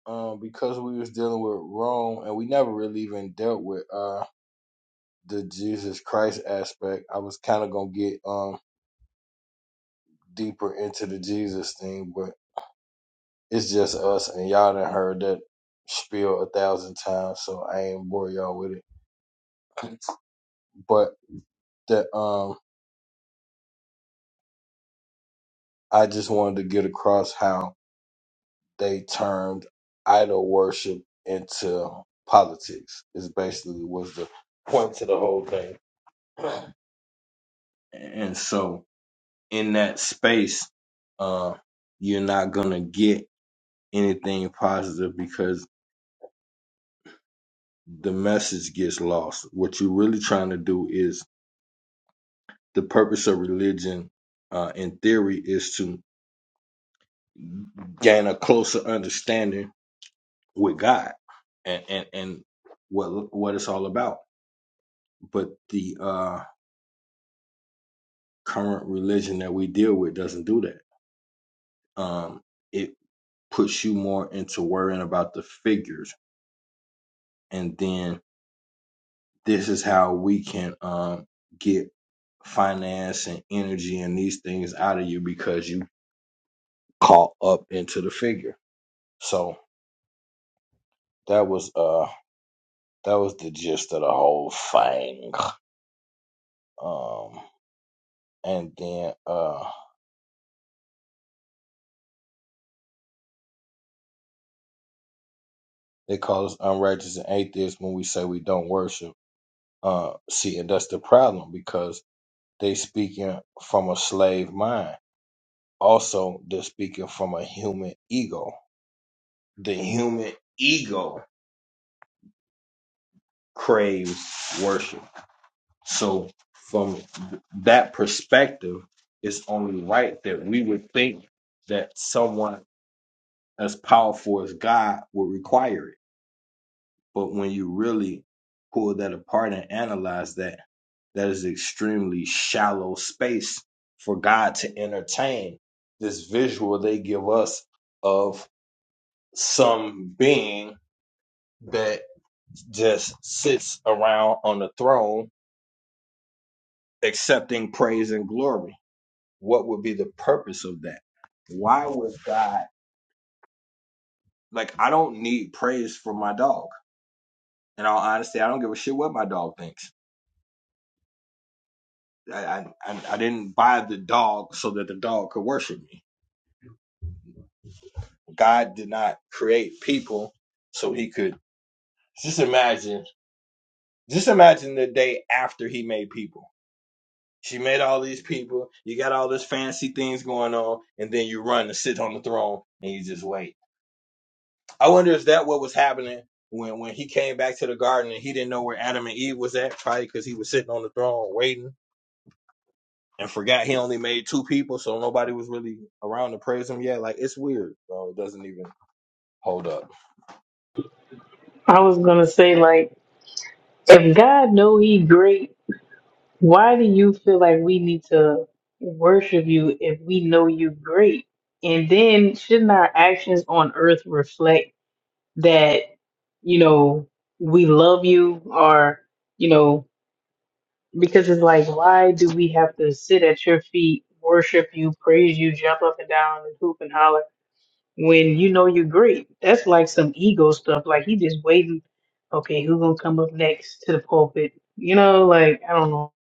A: um, because we was dealing with Rome and we never really even dealt with uh the Jesus Christ aspect, I was kind of gonna get um deeper into the Jesus thing, but it's just us and y'all done heard that spiel a thousand times, so I ain't bore y'all with it. But that um, I just wanted to get across how they turned idol worship into politics is basically was the point to the whole thing, and so. in that space, uh, you're not gonna get anything positive because the message gets lost. What you're really trying to do is the purpose of religion, uh, in theory, is to gain a closer understanding with God and and, and what what it's all about. But the uh, current religion that we deal with doesn't do that. Um, it puts you more into worrying about the figures and then this is how we can um, get finance and energy and these things out of you because you caught up into the figure. So that was uh that was the gist of the whole thing. Um and then uh they call us unrighteous and atheists when we say we don't worship. Uh see and that's the problem because they speaking from a slave mind. Also they're speaking from a human ego. The human ego craves worship. So, from that perspective, it's only right that we would think that someone as powerful as God would require it. But when you really pull that apart and analyze that, that is extremely shallow space for God to entertain this visual they give us of some being that just sits around on the throne accepting praise and glory. What would be the purpose of that? Why would God like I don't need praise for my dog. In all honesty, I don't give a shit what my dog thinks. I I, I I didn't buy the dog so that the dog could worship me. God did not create people so he could just imagine just imagine the day after he made people. She made all these people, you got all this fancy things going on, and then you run to sit on the throne and you just wait I wonder is that what was happening when when he came back to the garden and he didn't know where Adam and Eve was at, probably because he was sitting on the throne waiting and forgot he only made two people, so nobody was really around to praise him yet. Like it's weird, so it doesn't even hold up.
C: I was gonna say like, if God know He great, why do you feel like we need to worship You if we know You great? And then shouldn't our actions on earth reflect? that you know we love you or you know because it's like why do we have to sit at your feet worship you praise you jump up and down and hoop and holler when you know you're great that's like some ego stuff like he just waiting okay who gonna come up next to the pulpit you know like i don't know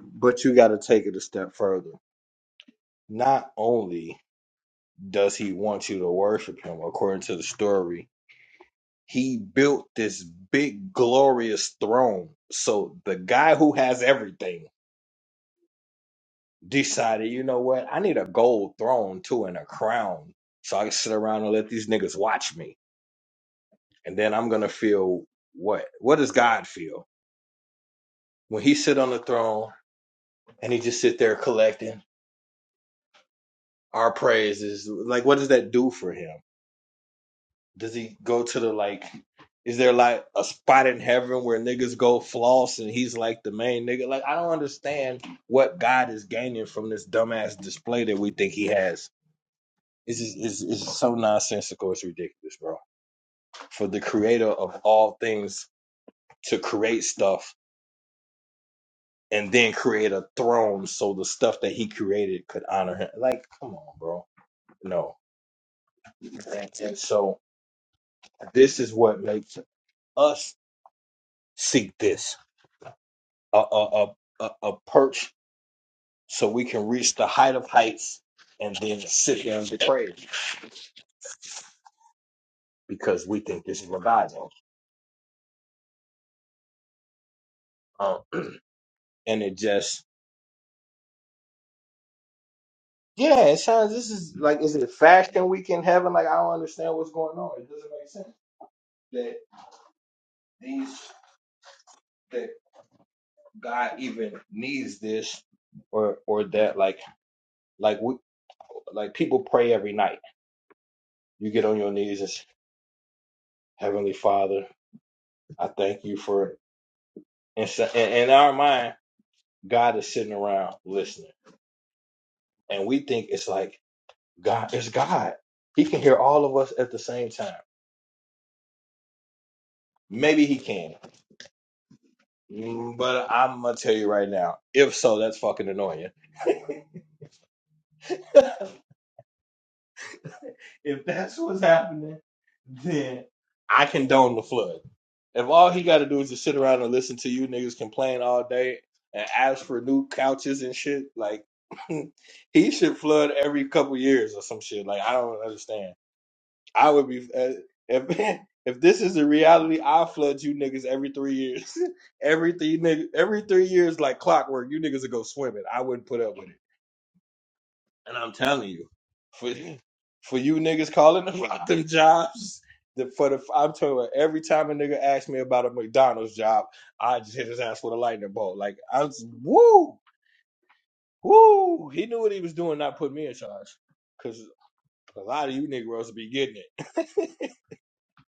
A: But you got to take it a step further. Not only does he want you to worship him, according to the story, he built this big glorious throne. So the guy who has everything decided, you know what? I need a gold throne too and a crown so I can sit around and let these niggas watch me. And then I'm gonna feel what? What does God feel when He sit on the throne and He just sit there collecting our praises? Like, what does that do for Him? Does He go to the like? Is there like a spot in heaven where niggas go floss and he's like the main nigga? Like, I don't understand what God is gaining from this dumbass display that we think he has It's just, it's, it's so nonsensical. It's ridiculous, bro. For the creator of all things to create stuff and then create a throne so the stuff that he created could honor him. Like, come on, bro. No. And, and so this is what makes us seek this a, a, a, a, a perch so we can reach the height of heights and then sit there and be because we think this is what God wants. Um, and it just Yeah, it sounds. This is like, is it fashion week in heaven? Like, I don't understand what's going on. It doesn't make sense that these that God even needs this, or or that like like we like people pray every night. You get on your knees and say, Heavenly Father, I thank you for. And so, in, in our mind, God is sitting around listening, and we think it's like God. It's God. He can hear all of us at the same time. Maybe he can. Mm, But I'm gonna tell you right now. If so, that's fucking annoying. If that's what's happening, then I condone the flood. If all he got to do is just sit around and listen to you niggas complain all day and ask for new couches and shit, like he should flood every couple years or some shit. Like I don't understand. I would be uh, if if this is the reality, I flood you niggas every three years. every three niggas, every three years, like clockwork, you niggas would go swimming. I wouldn't put up with it. And I'm telling you, for for you niggas calling about them jobs, the, for the I'm telling you, every time a nigga asks me about a McDonald's job, I just hit his ass with a lightning bolt. Like I was woo woo. He knew what he was doing, not put me in charge, because a lot of you niggas be getting it.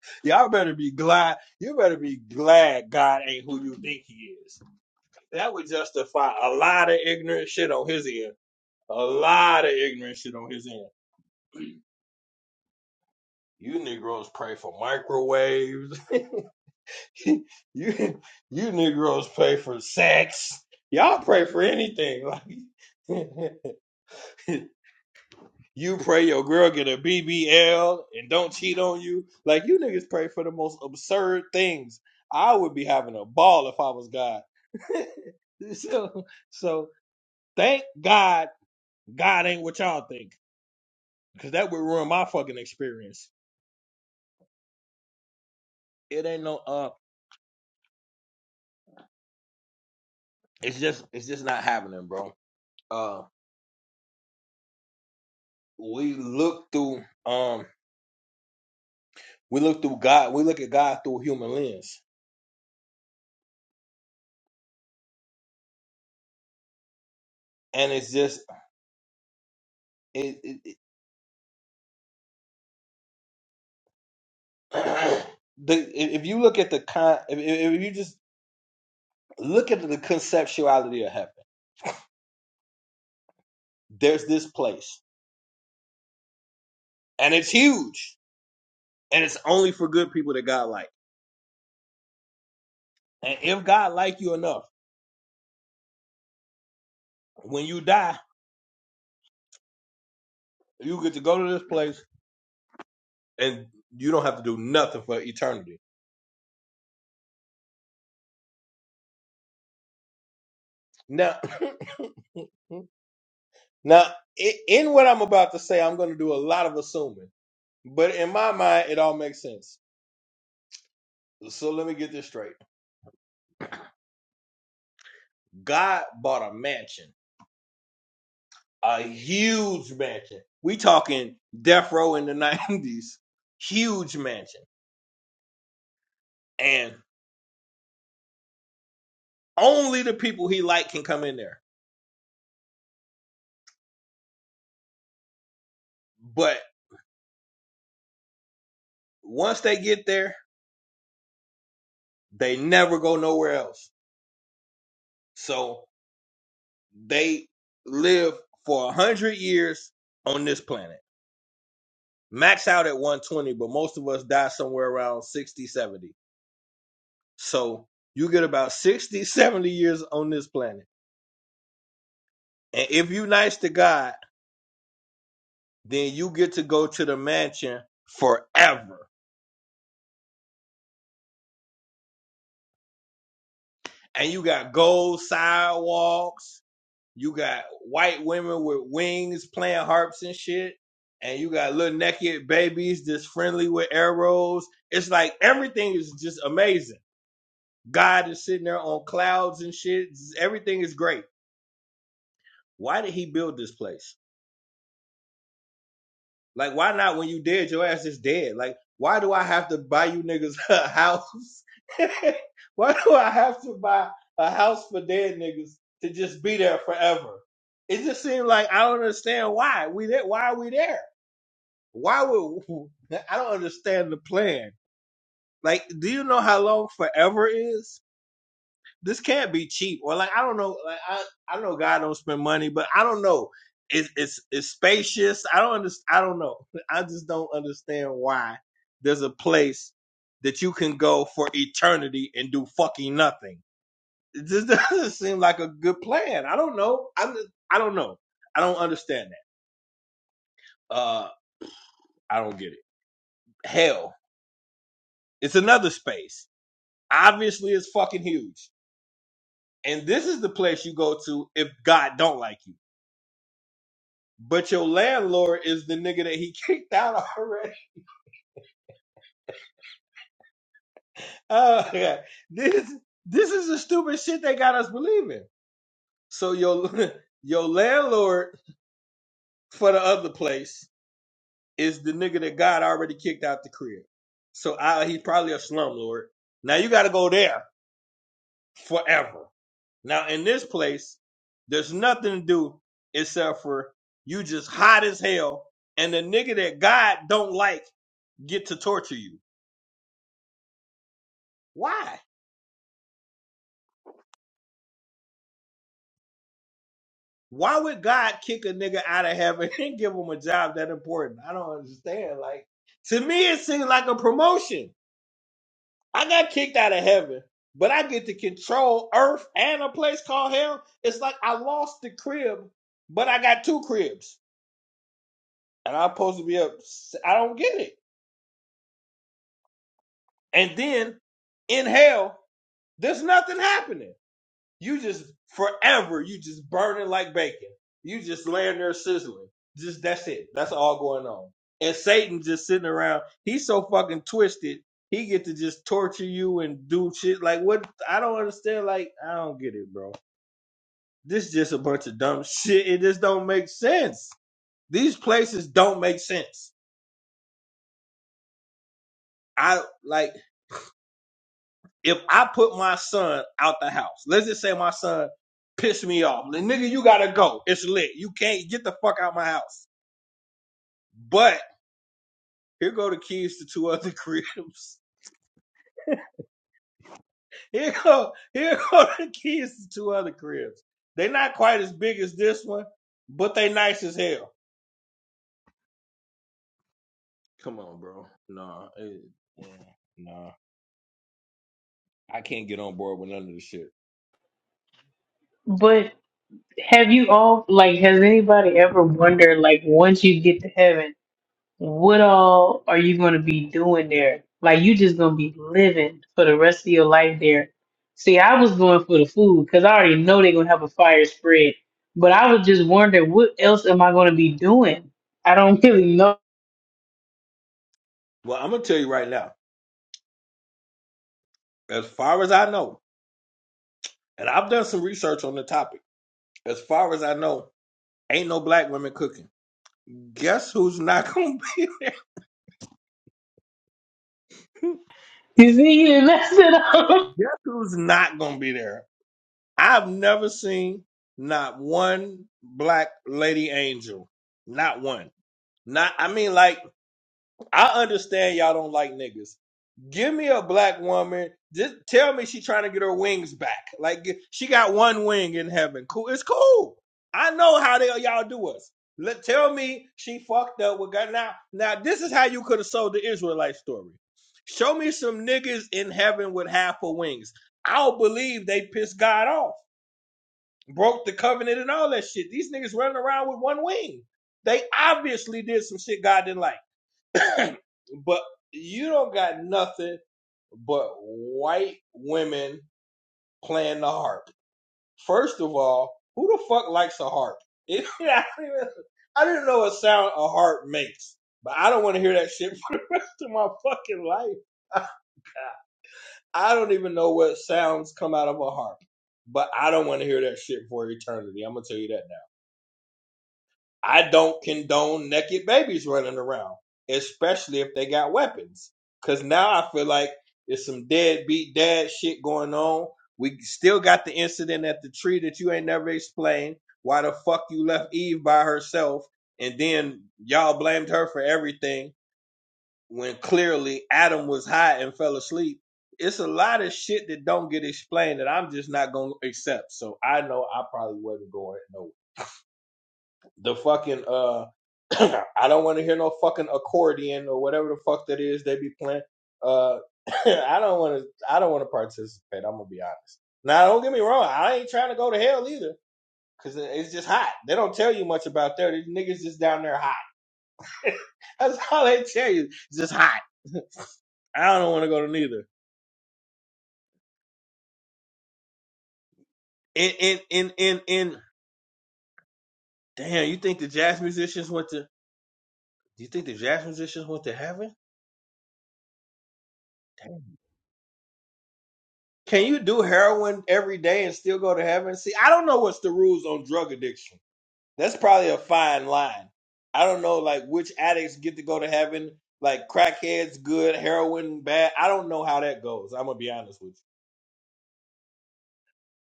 A: Y'all better be glad. You better be glad God ain't who you think He is. That would justify a lot of ignorant shit on his end. A lot of ignorant shit on his end. You Negroes pray for microwaves. you you Negroes pray for sex. Y'all pray for anything. Like you pray your girl get a BBL and don't cheat on you. Like you niggas pray for the most absurd things. I would be having a ball if I was God. so so thank God God ain't what y'all think. Cause that would ruin my fucking experience. It ain't no uh it's just it's just not happening, bro. Uh. we look through um we look through God we look at God through a human lens and it's just it, it, it the if if you look at the con if, if if you just look at the conceptuality of heaven there's this place and it's huge and it's only for good people that God like and if God like you enough when you die you get to go to this place and you don't have to do nothing for eternity now now i- in what I'm about to say I'm going to do a lot of assuming But in my mind, it all makes sense. So let me get this straight. God bought a mansion, a huge mansion. We talking death row in the nineties, huge mansion, and only the people he like can come in there. But once they get there, they never go nowhere else. So they live for a hundred years on this planet. Max out at 120, but most of us die somewhere around 60, 70. So you get about 60, 70 years on this planet. And if you nice to God, then you get to go to the mansion forever. And you got gold sidewalks. You got white women with wings playing harps and shit. And you got little naked babies that's friendly with arrows. It's like everything is just amazing. God is sitting there on clouds and shit. Everything is great. Why did he build this place? Like, why not? When you dead, your ass is dead. Like, why do I have to buy you niggas a house? why do I have to buy a house for dead niggas to just be there forever? It just seems like I don't understand why we there. Why are we there? Why would I don't understand the plan? Like, do you know how long forever is? this can't be cheap or like I don't know like I I know God don't spend money but I don't know it's it's it's spacious I don't understand I don't know I just don't understand why there's a place that you can go for eternity and do fucking nothing it just doesn't seem like a good plan I don't know I'm just- I don't know I don't understand that uh I don't get it hell it's another space obviously it's fucking huge and this is the place you go to if God don't like you but your landlord is the nigga that he kicked out already. Oh, yeah. this this is the stupid shit they got us believing. So your your landlord for the other place is the nigga that God already kicked out the crib. So I, he's probably a slumlord. Now you got to go there forever. Now in this place, there's nothing to do except for you just hot as hell, and the nigga that God don't like get to torture you. Why? Why would God kick a nigga out of heaven and give him a job that important? I don't understand. Like to me, it seems like a promotion. I got kicked out of heaven, but I get to control earth and a place called hell. It's like I lost the crib, but I got two cribs, and I'm supposed to be up. I don't get it. And then in hell, there's nothing happening. You just forever, you just burning like bacon. You just laying there sizzling. Just that's it. That's all going on. And Satan just sitting around. He's so fucking twisted. He get to just torture you and do shit like what I don't understand. Like I don't get it, bro. This is just a bunch of dumb shit. It just don't make sense. These places don't make sense. I like. if I put my son out the house, let's just say my son pissed me off. Like, nigga, you gotta go. It's lit. You can't get the fuck out my house. But here go the keys to two other cribs. Here go here go the keys to two other cribs. They are not quite as big as this one, but they nice as hell. Come on, bro. Nah, it, yeah, nah. I can't get on board with none of this shit.
C: but have you all like has anybody ever wondered like once you get to heaven what all are you going to be doing there? Like, you just going to be living for the rest of your life there. See, I was going for the food because I already know they're going to have a fire spread. But I was just wondering, what else am I going to be doing? I don't really know.
A: Well, I'm gonna tell you right now. As far as I know, and I've done some research on the topic. As far as I know, Ain't no black women cooking. Guess who's not gonna be there?
C: You see, you didn't mess it up.
A: Guess who's not gonna be there? I've never seen not one black lady angel. Not one. Not I mean like I understand y'all don't like niggas. Give me a black woman. Just tell me she's trying to get her wings back. Like she got one wing in heaven. Cool. It's cool. I know how they y'all do us. Let tell me she fucked up with God. Now, now this is how you could have sold the Israelite story. Show me some niggas in heaven with half of wings. I'll believe they pissed God off, broke the covenant and all that shit. These niggas running around with one wing. They obviously did some shit God didn't like. but you don't got nothing but white women playing the harp. First of all, who the fuck likes a harp? I don't even I didn't know what sound a harp makes, but I don't want to hear that shit for the rest of my fucking life. I don't even know what sounds come out of a harp, but I don't want to hear that shit for eternity. I'm gonna tell you that now. I don't condone naked babies running around, especially if they got weapons. Cause now I feel like there's some deadbeat dad shit going on. We still got the incident at the tree that you ain't never explained. Why the fuck you left Eve by herself? And then y'all blamed her for everything when clearly Adam was high and fell asleep. It's a lot of shit that don't get explained that I'm just not gonna accept. So I know I probably wasn't going nowhere the fucking uh I don't want to hear no fucking accordion or whatever the fuck that is they be playing. Uh I don't want to I don't want to participate. I'm gonna be honest. Now don't get me wrong, I ain't trying to go to hell either. Cause it's just hot. They don't tell you much about there. These niggas just down there hot. That's all they tell you. It's just hot. I don't want to go to neither. In in in in in damn, you think the jazz musicians went to do you think the jazz musicians went to heaven? Can you do heroin every day and still go to heaven? See, I don't know what's the rules on drug addiction. That's probably a fine line. I don't know like which addicts get to go to heaven, like crackheads good, heroin bad. I don't know how that goes. I'm gonna be honest with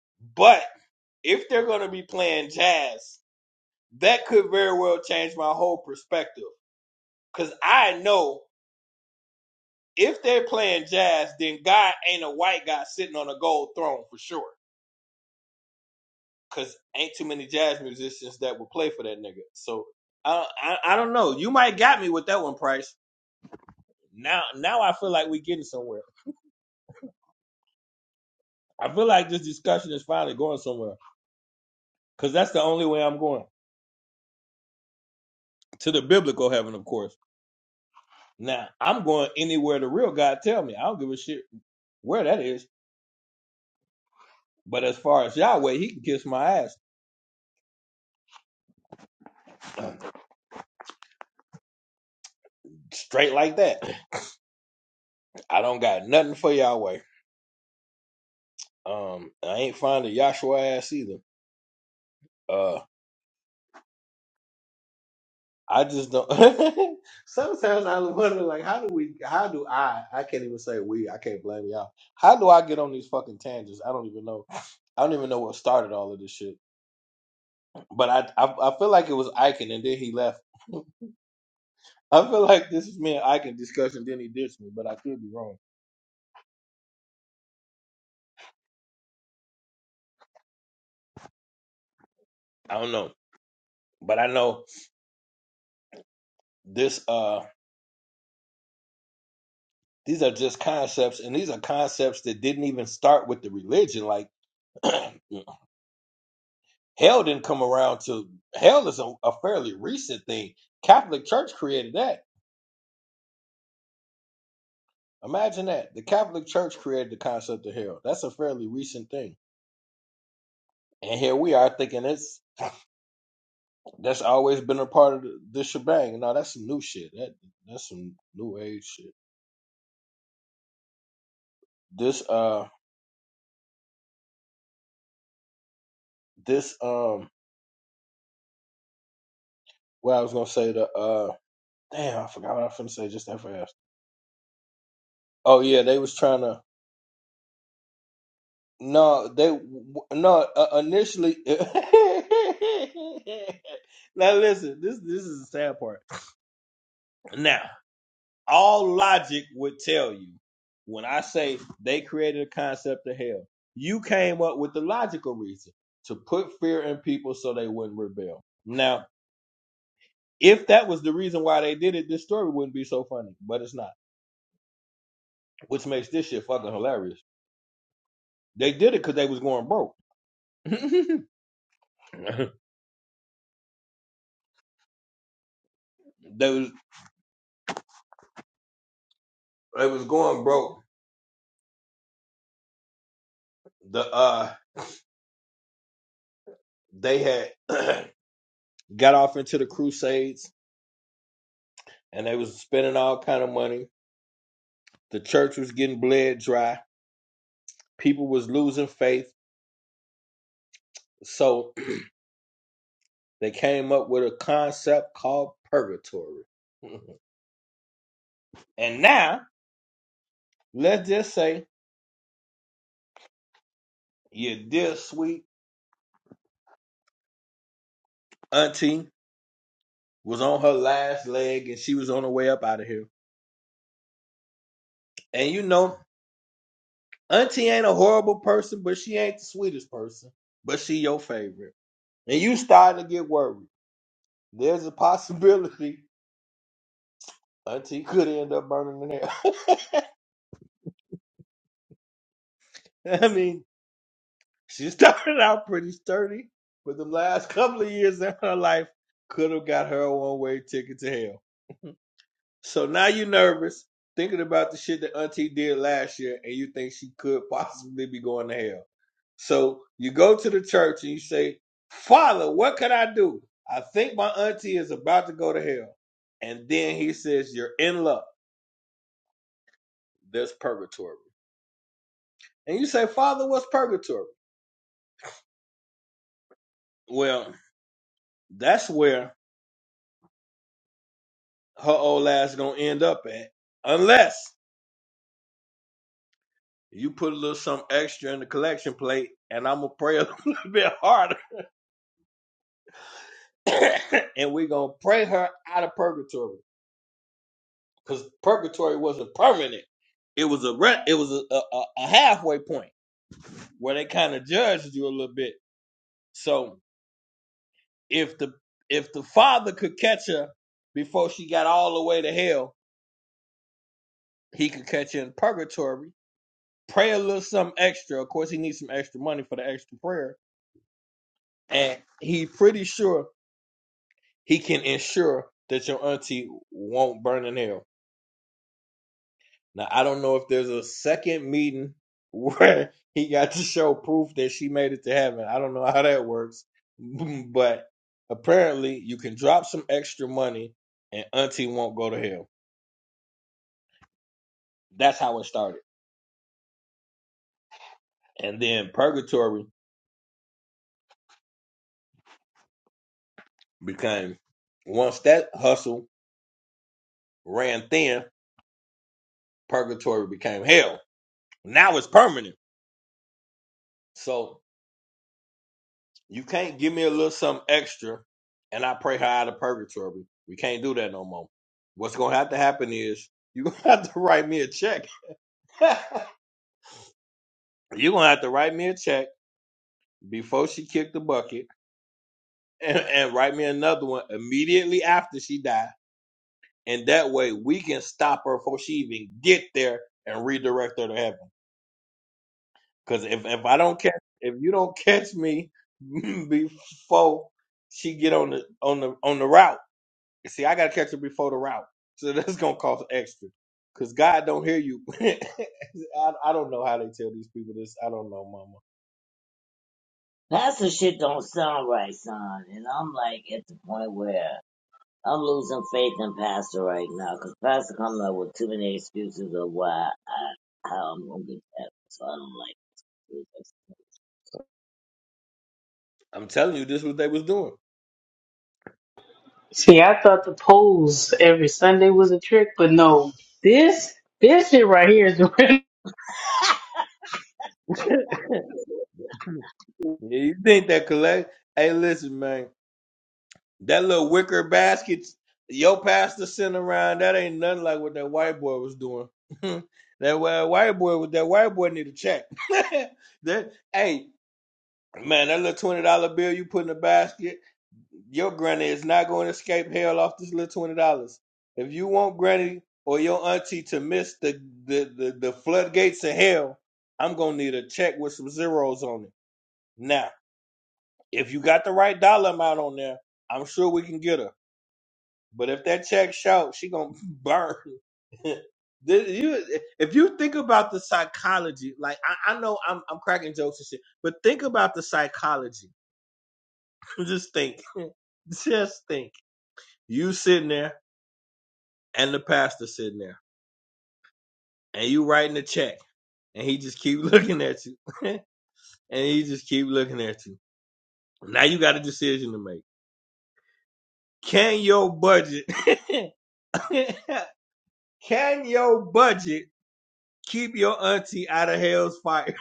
A: you. But if they're gonna be playing jazz, that could very well change my whole perspective. Cause I know if they're playing jazz, then God ain't a white guy sitting on a gold throne for sure. because ain't too many jazz musicians that will play for that nigga. So I, I I don't know. You might got me with that one, Price. Now now I feel like we getting somewhere. I feel like this discussion is finally going somewhere because that's the only way I'm going to the biblical heaven, of course. Now I'm going anywhere the real God tell me. I don't give a shit where that is. But as far as Yahweh, he can kiss my ass straight like that. I don't got nothing for Yahweh. Um, I ain't finding Yahshua ass either. Uh. I just don't. Sometimes I wonder, like, how do we? How do I? I can't even say we. I can't blame y'all. How do I get on these fucking tangents? I don't even know. I don't even know what started all of this shit. But I, I, I feel like it was Iken, and then he left. I feel like this is me and Iken discussion. Then he ditched me, but I could be wrong. I don't know. But I know this. Uh, these are just concepts, and these are concepts that didn't even start with the religion. Like, Hell didn't come around to hell is a, a fairly recent thing. Catholic Church created that. Imagine that. The Catholic Church created the concept of hell. That's a fairly recent thing. And here we are thinking it's that's always been a part of the, the shebang. No, that's some new shit. That that's some new age shit. This uh this um well I was gonna say the uh damn I forgot what I was gonna say just that fast. Oh yeah, they was trying to No, they no uh, initially. now listen, this this is the sad part. Now, all logic would tell you when I say they created a concept of hell, you came up with the logical reason to put fear in people so they wouldn't rebel. Now, if that was the reason why they did it, this story wouldn't be so funny, but it's not, which makes this shit fucking hilarious. They did it because they was going broke. they was they was going broke the uh they had got off into the crusades and they was spending all kind of money the church was getting bled dry people was losing faith so they came up with a concept called purgatory and now let's just say your dear sweet auntie was on her last leg and she was on her way up out of here and you know auntie ain't a horrible person but she ain't the sweetest person but she your favorite and you starting to get worried There's a possibility Auntie could end up burning in hell. I mean, she started out pretty sturdy, but the last couple of years in her life could have got her a one way ticket to hell. So now you're nervous, thinking about the shit that Auntie did last year, and you think she could possibly be going to hell. So you go to the church and you say, Father, what can I do? I think my auntie is about to go to hell. And then he says, You're in luck. There's purgatory. And you say, Father, what's purgatory? Well, that's where her old ass gonna end up at. Unless you put a little something extra in the collection plate and I'm gonna pray a little bit harder. and we gonna pray her out of purgatory. Because purgatory wasn't permanent. It was a re- it was a, a a halfway point where they kind of judged you a little bit. So if the if the father could catch her before she got all the way to hell, he could catch her in purgatory pray a little something extra. Of course, he needs some extra money for the extra prayer, and he pretty sure he can ensure that your auntie won't burn in hell. Now, I don't know if there's a second meeting where he got to show proof that she made it to heaven. I don't know how that works, but apparently, you can drop some extra money, and auntie won't go to hell. That's how it started, and then purgatory became once that hustle ran thin Purgatory became hell. Now it's permanent. So you can't give me a little something extra and I pray her out of purgatory. We can't do that no more. What's gonna have to happen is you're gonna have to write me a check. you're gonna have to write me a check before she kicked the bucket and, and write me another one immediately after she died. And that way we can stop her before she even get there and redirect her to heaven. Cause if if I don't catch if you don't catch me before she get on the on the on the route, see I gotta catch her before the route, so that's gonna cost extra. Cause God don't hear you. I I don't know how they tell these people this. I don't know, Mama.
B: That's the shit don't sound right, son. And I'm like at the point where I'm losing faith in Pastor right now, 'cause Pastor coming up with too many excuses of why I how I'm gonna get that. So I don't like excuses.
A: I'm telling you, this is what they was doing.
C: See, I thought the polls every Sunday was a trick, but no, this this shit right here is real.
A: Yeah, you think that collect? Hey, listen, man. That little wicker basket your pastor sent around, that ain't nothing like what that white boy was doing. that wa- white boy with that white boy need a check. that hey man, that little twenty dollar bill you put in the basket, your granny is not going to escape hell off this little twenty dollars. If you want granny or your auntie to miss the the, the, the floodgates of hell, I'm gonna need a check with some zeros on it. Now, if you got the right dollar amount on there, I'm sure we can get her. But if that check out, she gonna burn. This- you- if you think about the psychology, like I, I know I'm, I'm cracking jokes and shit, but think about the psychology. Just think, just think. You sitting there and the pastor sitting there, and you writing the check, and he just keep looking at you, and he just keep looking at you. Now you got a decision to make. Can your budget? can your budget keep your auntie out of hell's fire?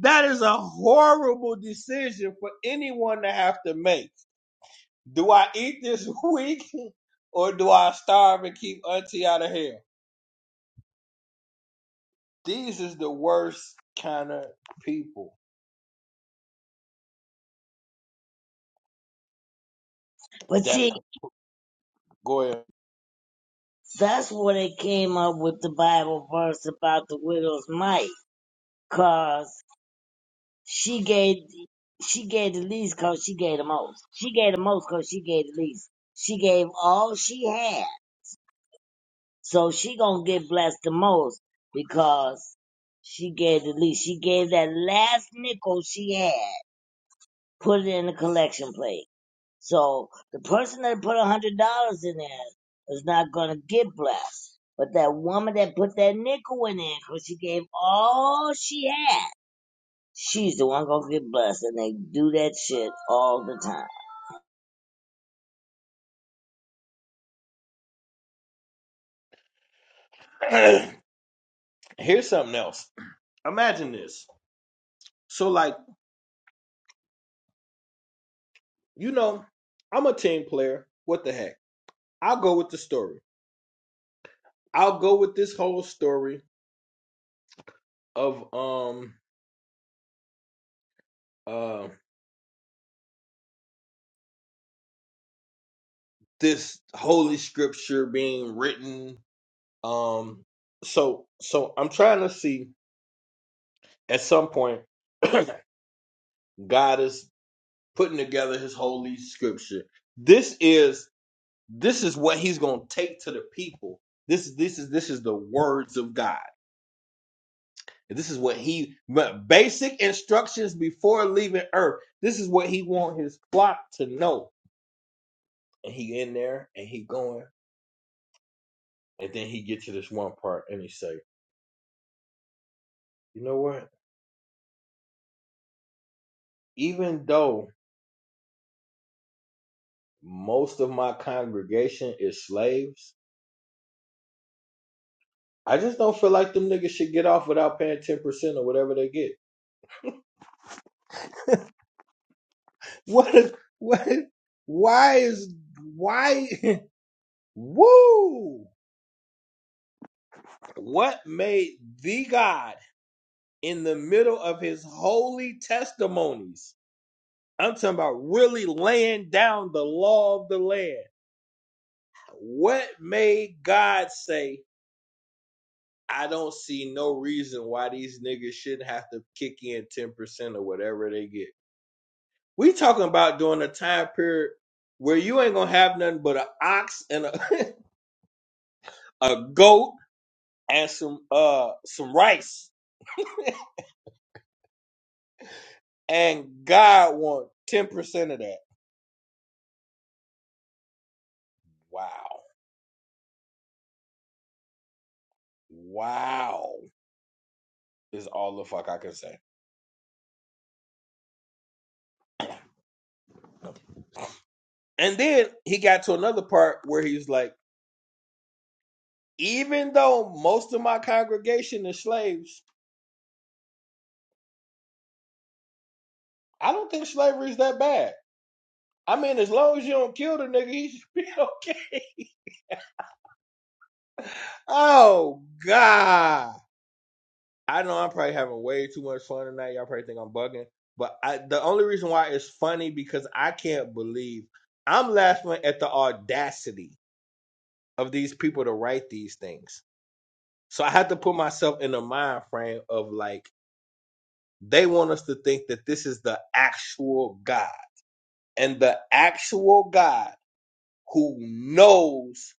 A: That is a horrible decision for anyone to have to make. Do I eat this week or do I starve and keep auntie out of here? These is the worst kind of people
B: But
A: that
B: see,
A: go
B: that's where they came up with the Bible verse about the widow's mite, 'cause She gave she gave the least cause she gave the most. She gave the most cause she gave the least. She gave all she had. So she gonna get blessed the most because she gave the least. She gave that last nickel she had, put it in the collection plate. So the person that put a hundred dollars in there is not gonna get blessed. But that woman that put that nickel in there, cause she gave all she had She's the one gonna get blessed, and they do that shit all the
A: ahead. Here's something else. Imagine this. So like, you know, I'm a team player. What the heck? I'll go with the story. I'll go with this whole story of um uh this holy scripture being written Um, so so I'm trying to see at some point God is putting together his holy scripture. This is this is what he's gonna take to the people. This this is this is the words of God. This is what he but basic instructions before leaving earth. This is what he want his flock to know. And he in there and he going and then he get to this one part and he say, you know what? Even though most of my congregation is slaves. I just don't feel like them niggas should get off without paying ten percent or whatever they get. What? A, what? Why is why? Woo! What made the God in the middle of his holy testimonies? I'm talking about really laying down the law of the land. What made God say? I don't see no reason why these niggas shouldn't have to kick in ten percent or whatever they get. We talking about during a time period where you ain't gonna have nothing but an ox and a, a goat and some uh some rice, and God want ten percent of that. Wow, wow is all the fuck I can say. And then he got to another part where he's like, even though most of my congregation is slaves, I don't think slavery is that bad I mean, as long as you don't kill the nigga, he should be okay. Oh God! I know I'm probably having way too much fun tonight. Y'all probably think I'm bugging, but I, the only reason why it's funny because I can't believe I'm laughing at the audacity of these people to write these things. So I had to put myself in the mind frame of like they want us to think that this is the actual God and the actual God who knows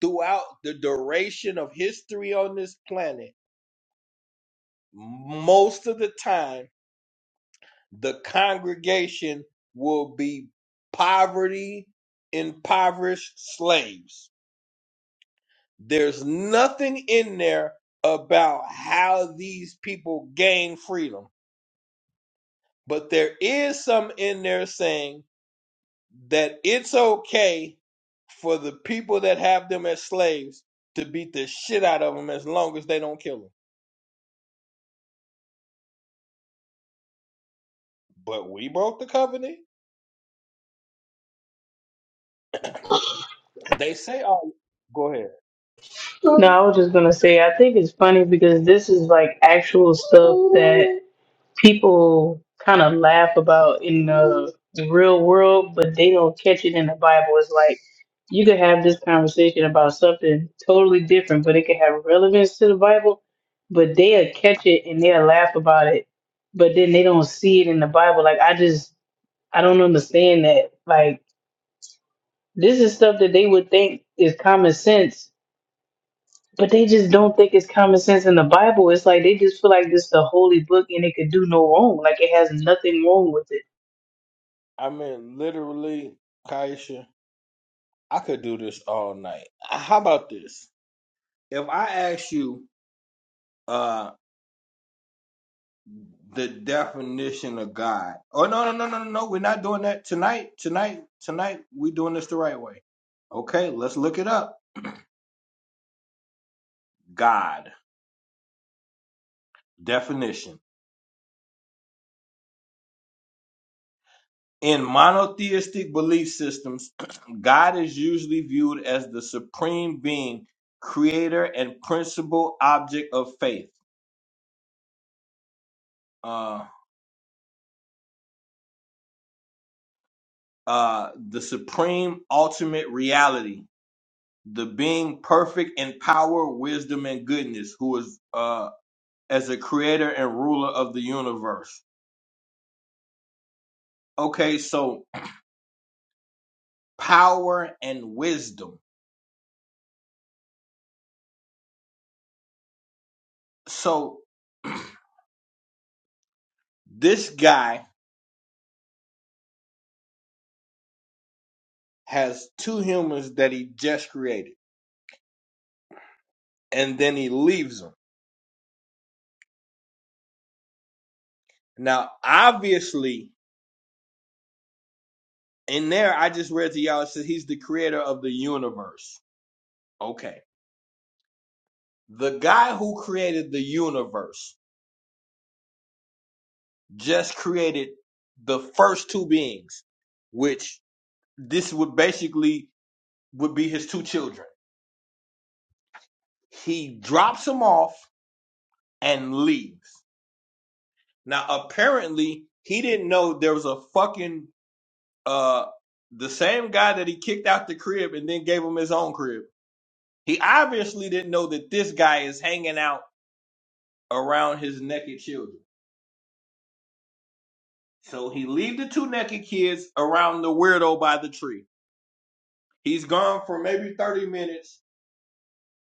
A: throughout the duration of history on this planet, most of the time, the congregation will be poverty, impoverished slaves. There's nothing in there about how these people gain freedom, but there is some in there saying that it's okay for the people that have them as slaves to beat the shit out of them as long as they don't kill them. But we broke the covenant They say, "Oh, go ahead."
C: No, I was just gonna say, I think it's funny because this is like actual stuff that. people kind of laugh about in the, the real world, but they don't catch it in the Bible. It's like you could have this conversation about something totally different, but it could have relevance to the Bible, but they'll catch it and they'll laugh about it, but then they don't see it in the Bible. Like, I just, I don't understand that. Like, this is stuff that they would think is common sense. But they just don't think it's common sense in the Bible. It's like they just feel like this is the holy book and it could do no wrong. Like it has nothing wrong with it
A: I mean, literally, Kaisha, I could do this all night. Uh, How about this? If I ask you, uh, the definition of God. Oh no, no, no, no, no, no. We're not doing that tonight. Tonight, tonight, we're doing this the right way. Okay, let's look it up. God definition. In monotheistic belief systems, God is usually viewed as the supreme being, creator, and principal object of faith. uh, uh, the supreme ultimate reality, the being perfect in power, wisdom, and goodness, who is uh, as a creator and ruler of the universe. Okay, so power and wisdom. So this guy has two humans that he just created, and then he leaves them. Now, obviously, in there, I just read to y'all it says he's the creator of the universe. Okay, the guy who created the universe just created the first two beings, which this would basically would be his two children. He drops them off and leaves. Now, apparently, he didn't know there was a fucking uh the same guy that he kicked out the crib and then gave him his own crib. He obviously didn't know that this guy is hanging out around his naked children. So he leave the two naked kids around the weirdo by the tree. He's gone for maybe 30 minutes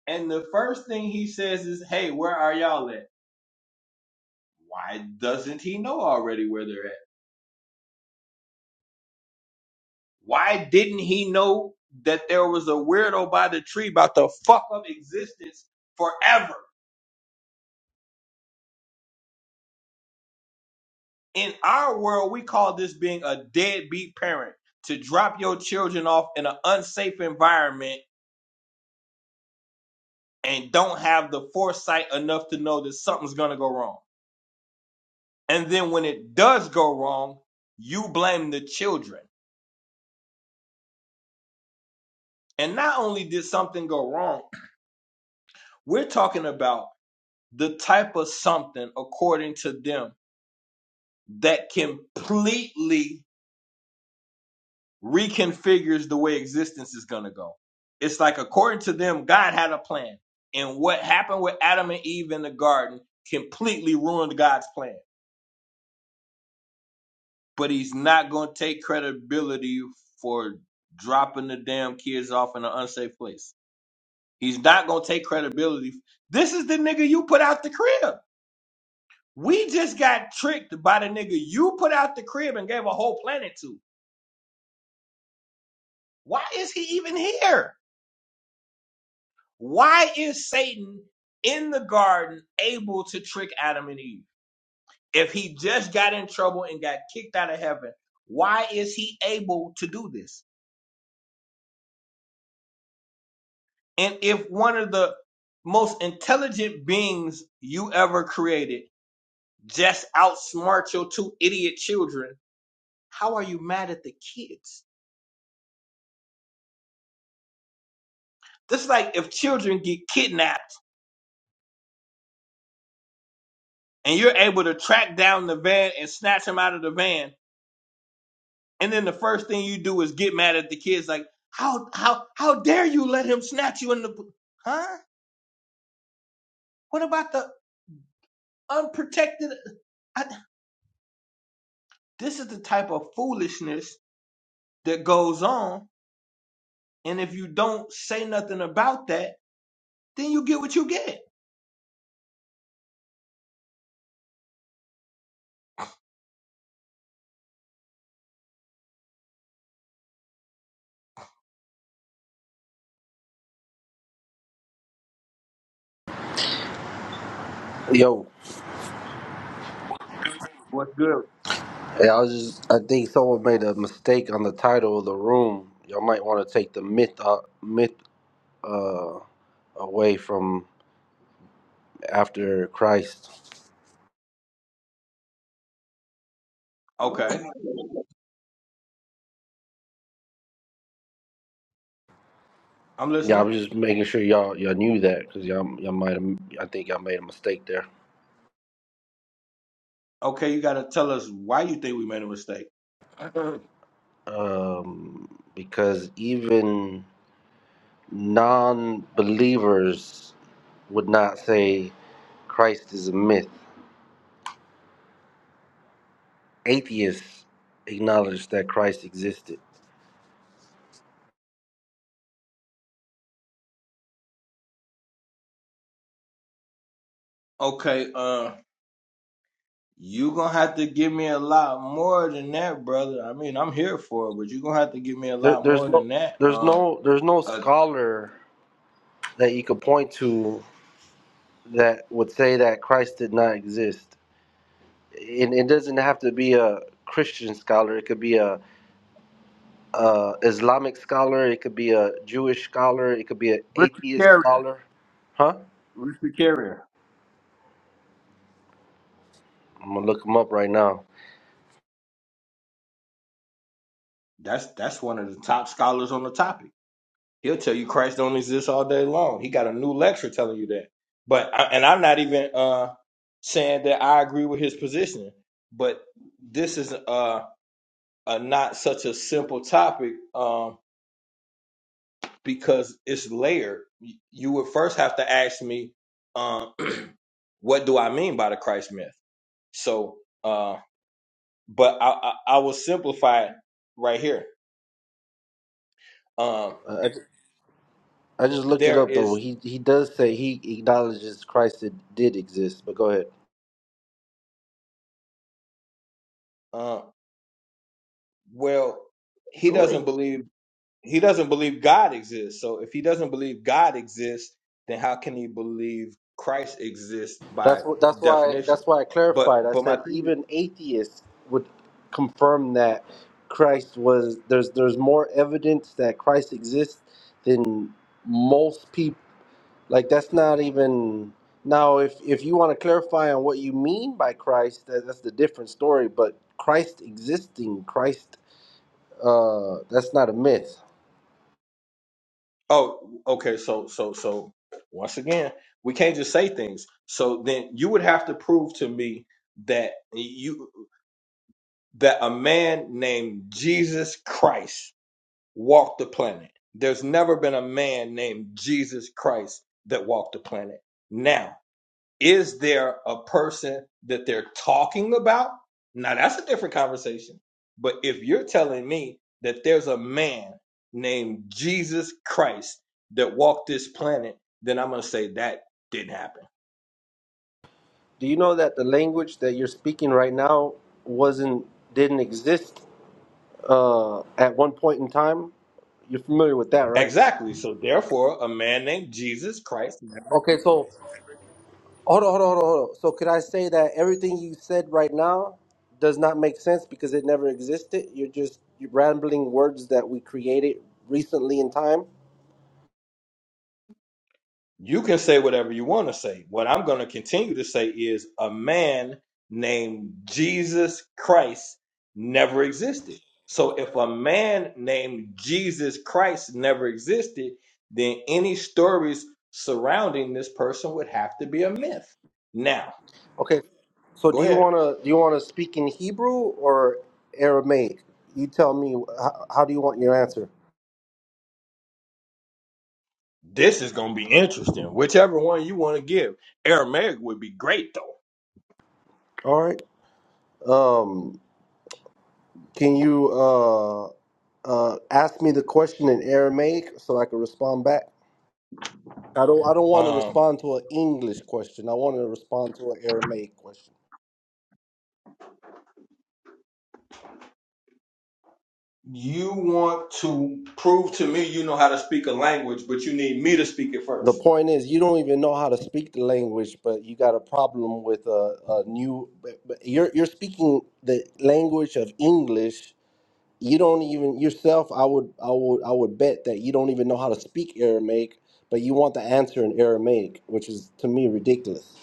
A: And the first thing he says is, Hey, where are y'all at? Why doesn't he know already where they're at? Why didn't he know that there was a weirdo by the tree about to fuck up existence forever? In our world, we call this being a deadbeat parent to drop your children off in an unsafe environment and don't have the foresight enough to know that something's going to go wrong. And then when it does go wrong, you blame the children. And not only did something go wrong, We're talking about the type of something, according to them, that completely reconfigures the way existence is going to go. It's like, according to them, God had a plan. And what happened with Adam and Eve in the garden completely ruined God's plan. But he's not going to take credibility for dropping the damn kids off in an unsafe place. He's not going to take credibility. This is the nigga you put out the crib. We just got tricked by the nigga you put out the crib and gave a whole planet to. Why is he even here? Why is Satan in the garden able to trick Adam and Eve? If he just got in trouble and got kicked out of heaven, why is he able to do this? And if one of the most intelligent beings you ever created just outsmart your two idiot children, how are you mad at the kids? This is like if children get kidnapped and you're able to track down the van and snatch him out of the van. And then the first thing you do is get mad at the kids, like, how how how dare you let him snatch you in the huh? What about the unprotected? I, this is the type of foolishness that goes on, and if you don't say nothing about that, then you get what you get.
G: Yo,
A: What's good?
G: yeah, I was just, I think someone made a mistake on the title of the room. Y'all might want to take the myth, uh, myth uh, away from after Christ.
A: Okay,
B: time.
A: I'm
G: Yeah, I
A: listening.
G: was just making sure y'all y'all knew that because y'all y'all might have, I think y'all made a mistake there.
A: Okay, you got to tell us why you think we made a mistake.
G: Um, because even non-believers would not say Christ is a myth. Atheists acknowledge that Christ existed.
A: Okay, uh, You gonna have to give me a lot more than that, brother. I mean, I'm here for it, but you gonna have to give me a
G: There,
A: lot
G: there's
A: more
G: no,
A: than that.
G: there's
A: Uh,
G: no, there's no
A: uh
G: scholar that you could point to that would say that Christ did not exist. And it doesn't have to be a Christian scholar. It could be a, a Islamic scholar. It could be a Jewish scholar. It could be an
A: Richard
G: atheist
A: Carrier,
G: scholar. Huh?
A: Richard Carrier.
G: I'm gonna look him up right now.
A: That's that's one of the top scholars on the topic. He'll tell you Christ don't exist all day long. He got a new lecture telling you that. But I, and I'm not even uh saying that I agree with his position, but this is uh a not such a simple topic. Um, because it's layered. You you would first have to ask me, uh, what do I mean by the Christ myth? So, uh, but I, I, I will simplify it right here. Um,
G: Uh, I, I just looked it
A: there
G: up though.
A: is,
G: He he does say he acknowledges Christ did, did exist. But go ahead.
A: uh, well, he
B: Who in
A: doesn't believe he doesn't believe God exists. So if he doesn't believe God exists, then how can he believe Christ exists by
G: That's what. That's why.
A: definition?
G: That's why I clarified.
A: But
G: I
A: but my
G: said
A: thing
G: even atheists would confirm that Christ was. There's there's more evidence that Christ exists than most people. Like that's not even. Now, if if you want to clarify on what you mean by Christ, that, that's the different story. But Christ existing, Christ, uh, that's not a myth.
A: Oh, okay. So, so, so, once again, we can't just say things. So then you would have to prove to me that you that a man named Jesus Christ walked the planet. There's never been a man named Jesus Christ that walked the planet. Now. Is there a person that they're talking about? Now that's a different conversation. But if you're telling me that there's a man named Jesus Christ that walked this planet, then I'm going to say that didn't happen.
G: Do you know that the language that you're speaking right now wasn't didn't exist uh, at one point in time. You're familiar with that, right?
A: Exactly. So therefore, a man named Jesus Christ never
G: Okay, so hold on, hold on, hold on, hold on. So could I say that everything you said right now does not make sense because it never existed? You're just rambling words that we created recently in time.
A: You can say whatever you want to say. What I'm going to continue to say is a man named Jesus Christ never existed. So if a man named Jesus Christ never existed, then any stories surrounding this person would have to be a myth. Now,
G: Okay, so
A: go
G: do you
A: ahead.
G: wanna do you wanna speak in Hebrew or Aramaic? You tell me. How, how do you want your answer?
A: This is going to be interesting. Whichever one you want to give. Aramaic would be great though.
G: All right. Um, can you uh, uh, ask me the question in Aramaic so I can respond back? I don't I don't want to
A: Um,
G: respond to an English question. I want to respond to an Aramaic question.
A: You want to prove to me you know how to speak a language, but you need me to speak it
G: The
A: first.
G: point is, you don't even know how to speak the language, but you got a problem with a, a new. But but you're you're speaking the language of English. You don't even yourself. I would I would I would bet that you don't even know how to speak Aramaic, but you want the answer in Aramaic, which is to me ridiculous.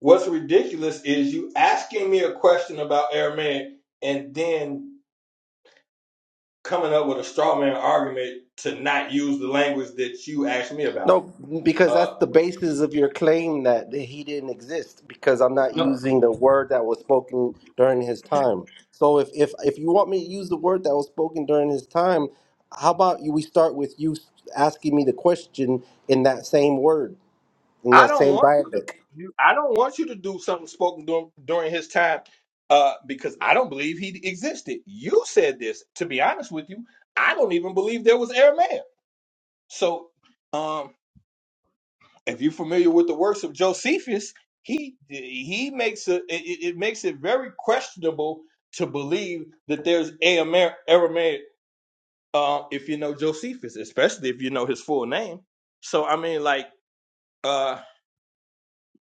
A: What's ridiculous is you asking me a question about Aramaic and then coming up with a straw man argument to not use the language that you asked me
G: No,
A: about.
G: because
A: Uh,
G: that's the basis of your claim that he didn't exist. Because I'm not
A: no,
G: using the word that was spoken during his time. So if if if you want me to use the word that was spoken during his time, how about you? We start with you asking me the question in that same word, in
A: I
G: that
A: don't
G: same
A: want you to.
G: dialect.
A: You, I don't want you to do something spoken during, during his time, uh, because I don't believe he existed. You said this. To be honest with you, I don't even believe there was Aramaic. So. Um, if you're familiar with the works of Josephus, he he makes a, it, it it makes it very questionable to believe that there's a Amer- Aramaic uh, if you know Josephus, especially if you know his full name. So I mean, like uh,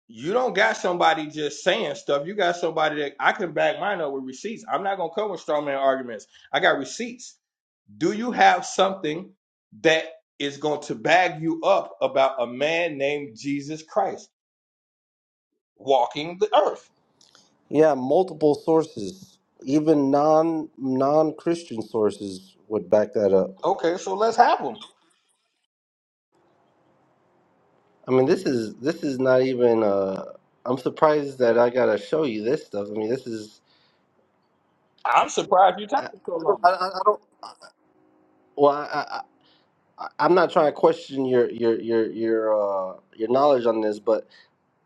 A: you don't got somebody just saying stuff. You got somebody that I can back mine up with receipts. I'm not gonna come with straw man arguments. I got receipts. Do you have something that is going to bag you up about a man named Jesus Christ? walking the earth.
G: Yeah, multiple sources, even non non Christian sources would back that up.
A: Okay, so let's have them.
G: I mean, this is this is not even. Uh, I'm surprised that I gotta show you this stuff. I mean, this is
A: I'm surprised you're
G: I, I
A: taking so
G: don't.
A: long.
G: I, I I don't. Well, I, I, I, I'm not trying to question your your your your uh, your knowledge on this, but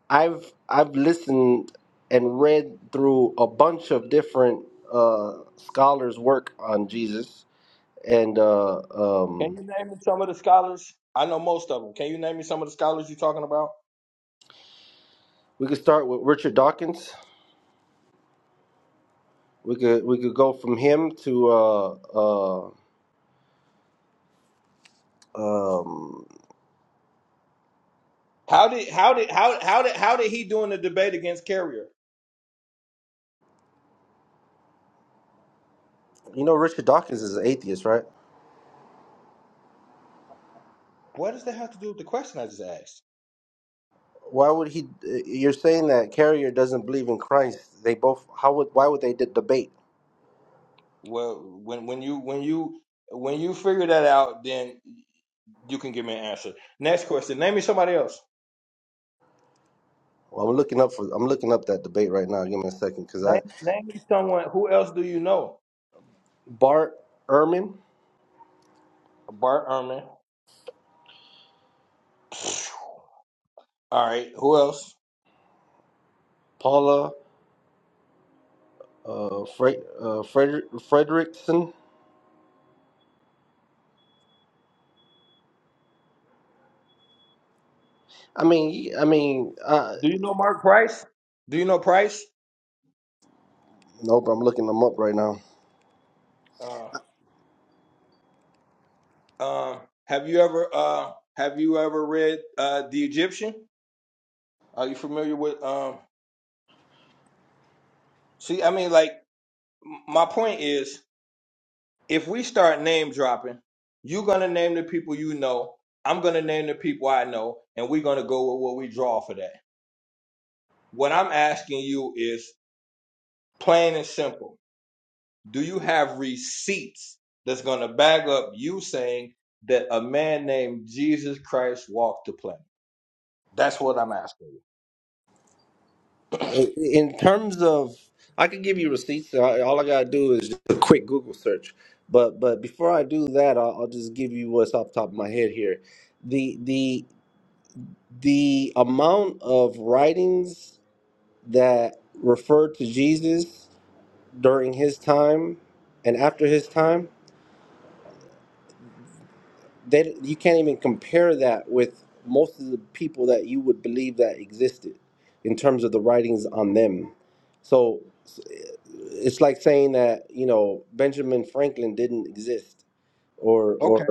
G: I've I've listened and read through a bunch of different uh, scholars' work on Jesus, and uh,
A: Can
G: um,
A: you name me some of the scholars? I know most of them. Can you name me some of the scholars you're talking about?
G: we could start with Richard Dawkins. We could we could go from him to uh, uh, um,
A: How did how did how how did how did he do in the debate against Carrier?
G: you know Richard Dawkins is an atheist, right?
A: What does that have to do with the question I just asked?
G: Why would he? You're saying that Carrier doesn't believe in Christ. They both. How would? Why would they d- debate?
A: Well, when when you when you when you figure that out, then you can give me an answer. Next question. Name me somebody else.
G: Well, I'm looking up for. I'm looking up that debate right now. Give me a second, because I
A: Name, name me someone. Who else do you know?
G: Bart Ehrman,
A: Bart Ehrman. All right. Who else?
G: Paula, uh, Fre- uh Freder- Frederickson. I mean, I mean, uh,
A: Do you know Mark Price? Do you know Price?
G: no, I'm looking them up right now.
A: Uh, uh, have you ever uh, have you ever read uh, The Egyptian? Are you familiar with? Um, see, I mean, like m- my point is, if we start name dropping, you're gonna name the people you know. I'm gonna name the people I know, and we're gonna go with what we draw for that. What I'm asking you is plain and simple do you have receipts that's going to back up you saying that a man named Jesus Christ walked the planet? That's what I'm asking you.
G: In, in terms of, I could give you receipts. I- All I gotta do is just a quick Google search. But but before I do that, I'll, I'll just give you what's off the top of my head here. The the the amount of writings that refer to Jesus during his time and after his time, they, you can't even compare that with most of the people that you would believe that existed in terms of the writings on them. So s- it's like saying that, you know, Benjamin Franklin didn't exist or,
A: Okay.
G: or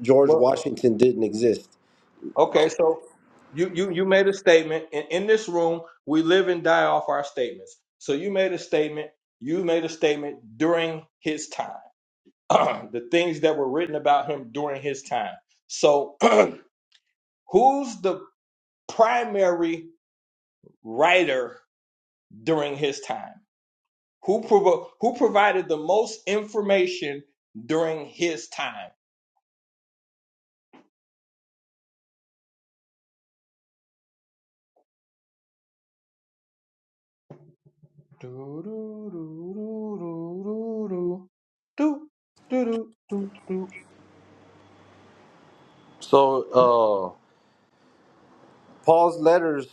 G: George
A: Well,
G: Washington didn't exist.
A: okay. So you you you made a statement, and in this room we live and die off our statements. So you made a statement. You made a statement during his time, the things that were written about him during his time. So who's the primary writer during his time? Who provo- who provided the most information during his time? Do do do do do do do do do do do.
G: So Paul's letters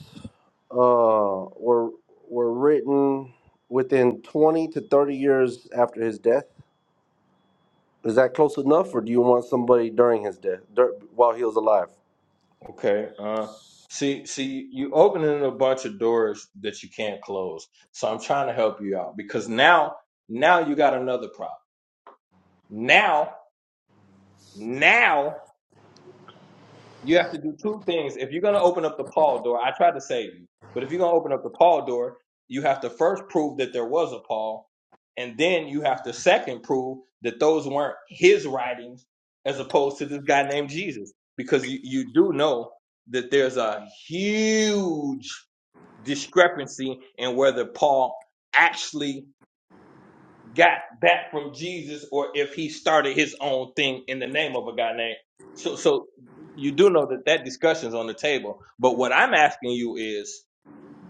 G: uh, were were written within 20 to 30 years after his death. Is that close enough, or do you want somebody during his death, dur- while he was alive?
A: Okay. Uh, see, see, you opening a bunch of doors that you can't close. So I'm trying to help you out because now, now you got another problem. Now, now. you have to do two things. If you're going to open up the Paul door, I tried to save you, but if you're going to open up the Paul door, you have to first prove that there was a Paul, and then you have to second prove that those weren't his writings as opposed to this guy named Jesus. Because you, you do know that there's a huge discrepancy in whether Paul actually got that from Jesus or if he started his own thing in the name of a guy named. So, so you do know that that discussion's on the table. But what I'm asking you is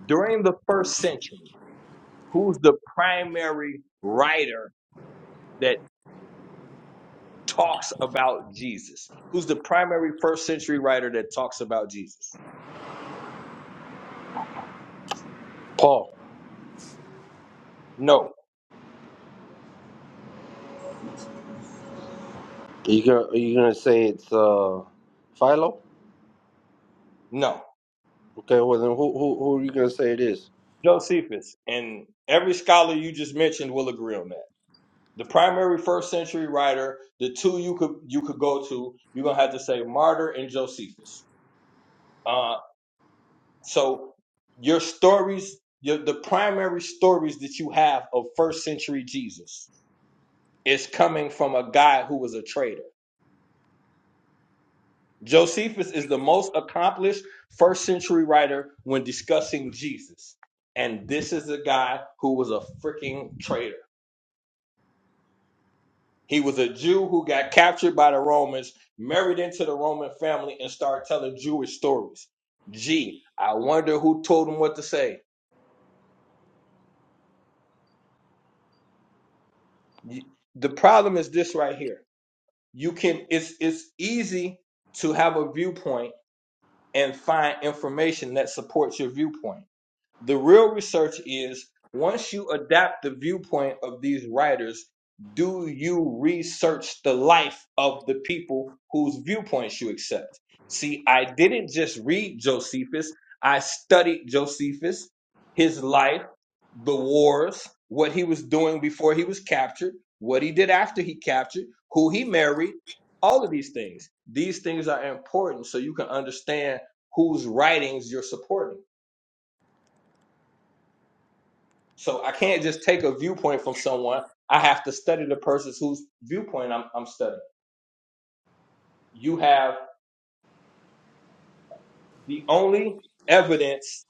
A: during the first century, who's the primary writer that talks about Jesus? Who's the primary first century writer that talks about Jesus?
G: Paul.
A: No,
G: Are you gonna, are you gonna say it's uh, Philo?
A: no.
G: Okay, well then, who, who who are you gonna say it is?
A: Josephus. And every scholar you just mentioned will agree on that. the primary first century writer, the two you could you could go to, you're gonna have to say Martyr and Josephus. Uh, so your stories, your, the primary stories that you have of first century Jesus is coming from a guy who was a traitor. Josephus is the most accomplished first century writer when discussing Jesus, and this is a guy who was a freaking traitor. He was a Jew who got captured by the Romans, married into the Roman family, and started telling Jewish stories. Gee, I wonder who told him what to say. You- The problem is this right here. You can it's it's easy to have a viewpoint and find information that supports your viewpoint The real research is once you adapt the viewpoint of these writers, do you research the life of the people whose viewpoints you accept? See, I didn't just read Josephus, I studied Josephus, his life, the wars, what he was doing before he was captured, what he did after he captured, who he married, all of these things. These things are important so you can understand whose writings you're supporting So I can't just take a viewpoint from someone. I have to study the person whose viewpoint I'm, I'm studying. You have the only evidence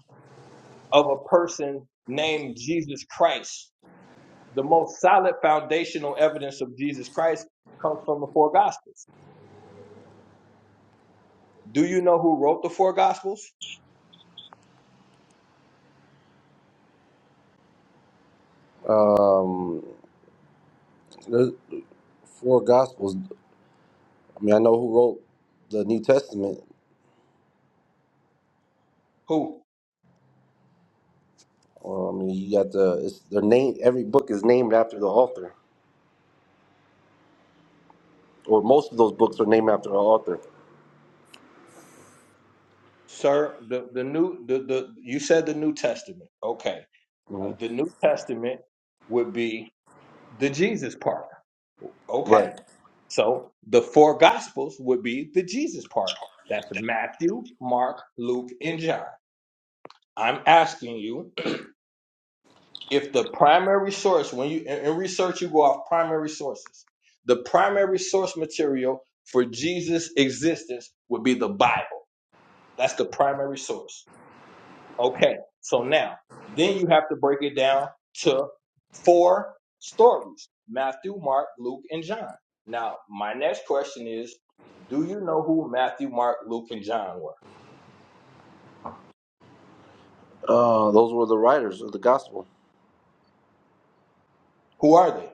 A: of a person named Jesus Christ. The most solid foundational evidence of Jesus Christ comes from the four gospels. Do you know who wrote the four gospels?
G: Um, the four gospels. I mean, I know who wrote the New Testament.
A: Who?
G: Well, I mean, you got the it's their name. Every book is named after the author. or most of those books are named after an author.
A: Sir, the, the new the, the you said the New Testament. Okay.
G: hmm
A: Uh, the New Testament would be the Jesus part. Okay.
G: Right.
A: So the four gospels would be the Jesus part. That's Matthew, Mark, Luke, and John. I'm asking you if the primary source, when you in in research, you go off primary sources. The primary source material for Jesus' existence would be the Bible. That's the primary source. Okay, so now, then you have to break it down to four stories Matthew, Mark, Luke, and John. Now, my next question is Do you know who Matthew, Mark, Luke, and John were?
G: Uh, those were the writers of the gospel.
A: Who are they?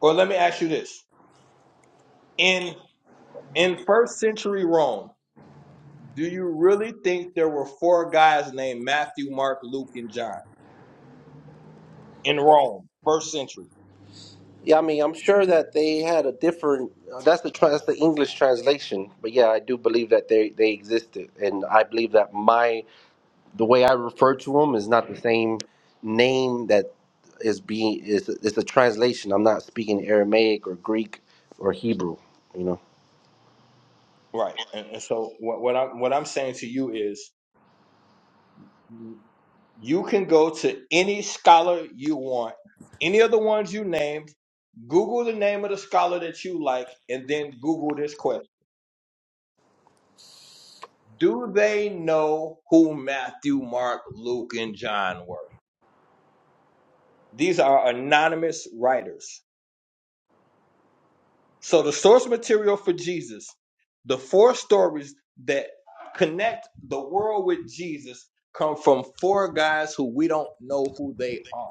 A: Or let me ask you this In in first century Rome, do you really think there were four guys named Matthew, Mark, Luke, and John in Rome, first century?
G: Yeah, I mean, I'm sure that they had a different. Uh, that's the tra- that's the English translation, but yeah, I do believe that they they existed, and I believe that my the way I refer to them is not the same name that is being is it's a translation. I'm not speaking Aramaic or Greek or Hebrew, you know.
A: Right. And, and so what, what I'm what I'm saying to you is You can go to any scholar you want, any of the ones you named, Google the name of the scholar that you like, and then Google this question. Do they know who Matthew, Mark, Luke, and John were? These are anonymous writers. So the source material for Jesus, the four stories that connect the world with Jesus come from four guys who we don't know who they are.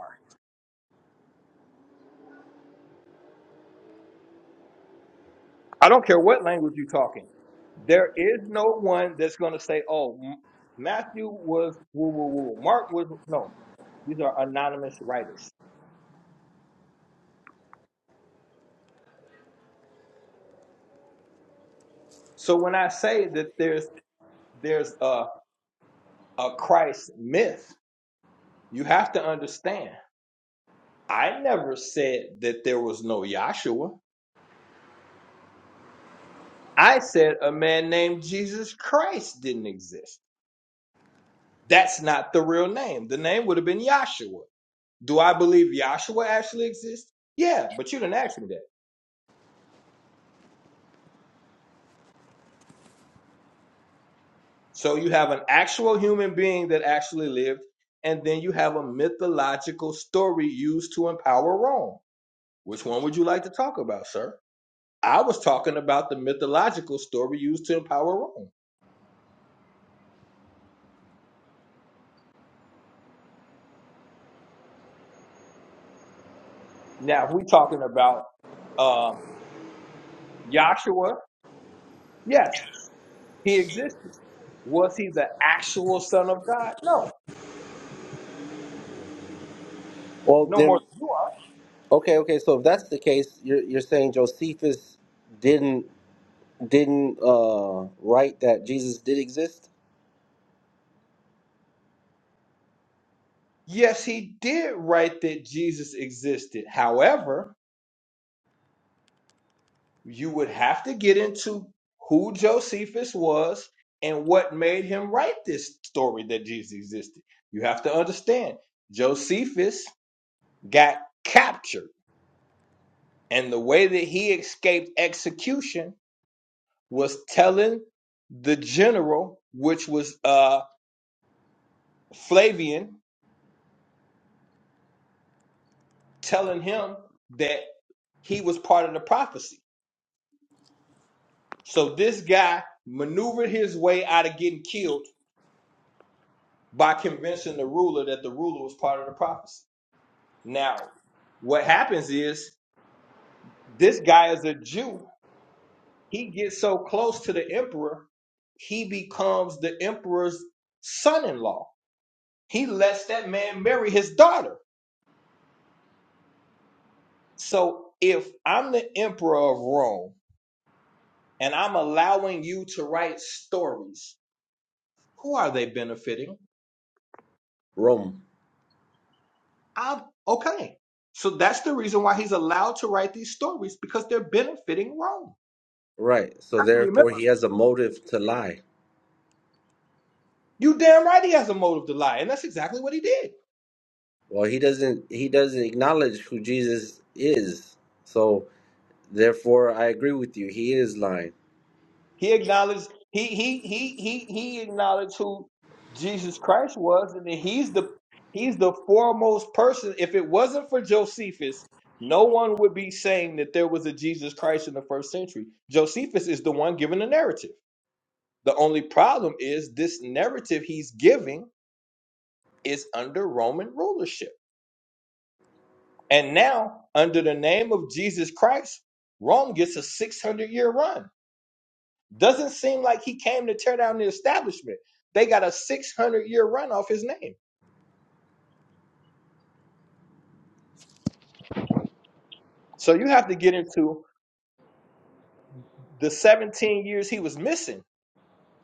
A: I don't care what language you're talking. There is no one that's going to say, oh, M- Matthew was woo woo woo. Mark was no. These are anonymous writers. So when I say that there's there's a a Christ myth, you have to understand. I never said that there was no Yahshua. I said a man named Jesus Christ didn't exist. That's not the real name. The name would have been Yahshua. Do I believe Yahshua actually exists? Yeah, but you didn't ask me that. So you have an actual human being that actually lived, and then you have a mythological story used to empower Rome. Which one would you like to talk about, sir? I was talking about the mythological story used to empower Rome. Now, we're talking about uh, Joshua, yes, he existed. Was he the actual son of God? No,
G: Well,
A: no more.
G: then,
A: than you are.
G: okay, okay. So if that's the case, you're you're saying Josephus didn't. didn't uh, write that Jesus did exist?
A: Yes, he did write that Jesus existed. However, you would have to get into who Josephus was and what made him write this story that Jesus existed. You have to understand, Josephus got captured, and the way that he escaped execution was telling the general, which was uh, Flavian, telling him that he was part of the prophecy. So this guy maneuvered his way out of getting killed by convincing the ruler that the ruler was part of the prophecy. Now, what happens is this guy is a Jew. He gets so close to the emperor, he becomes the emperor's son in law. He lets that man marry his daughter. So if I'm the emperor of Rome and I'm allowing you to write stories, who are they benefiting?
G: Rome.
A: I'm okay. So that's the reason why he's allowed to write these stories because they're benefiting Rome.
G: Right.
A: You
G: So
A: have to remember.
G: therefore he has a motive to lie.
A: You damn right he has a motive to lie, and that's exactly what he did.
G: Well, he doesn't he doesn't acknowledge who Jesus is. So therefore I agree with you. He is lying.
A: He acknowledged he he he he he acknowledged who Jesus Christ was, and that he's the he's the foremost person. If it wasn't for Josephus, no one would be saying that there was a Jesus Christ in the first century. Josephus is the one giving the narrative. The only problem is this narrative he's giving is under Roman rulership. And now, under the name of Jesus Christ, Rome gets a 600 year run Doesn't seem like he came to tear down the establishment. They got a 600 year run off his name. So you have to get into the 17 years he was missing.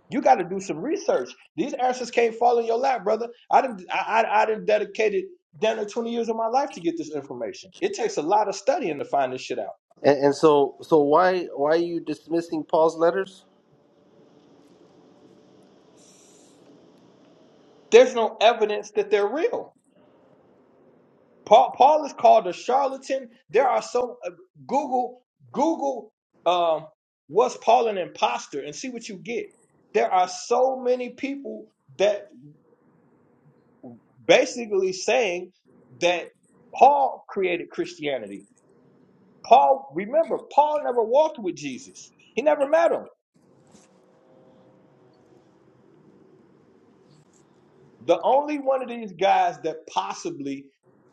A: You got to do some research. These answers can't fall in your lap, brother. I didn't. I, I, I didn't dedicated damn near 20 years of my life to get this information. It takes a lot of studying to find this shit out.
G: And, and so so why why are you dismissing Paul's letters?
A: There's no evidence that they're real. Paul Paul is called a charlatan. There are so uh, Google Google um was Paul an imposter and see what you get. There are so many people that basically saying that Paul created Christianity. Paul, remember, Paul never walked with Jesus. He never met him. The only one of these guys that possibly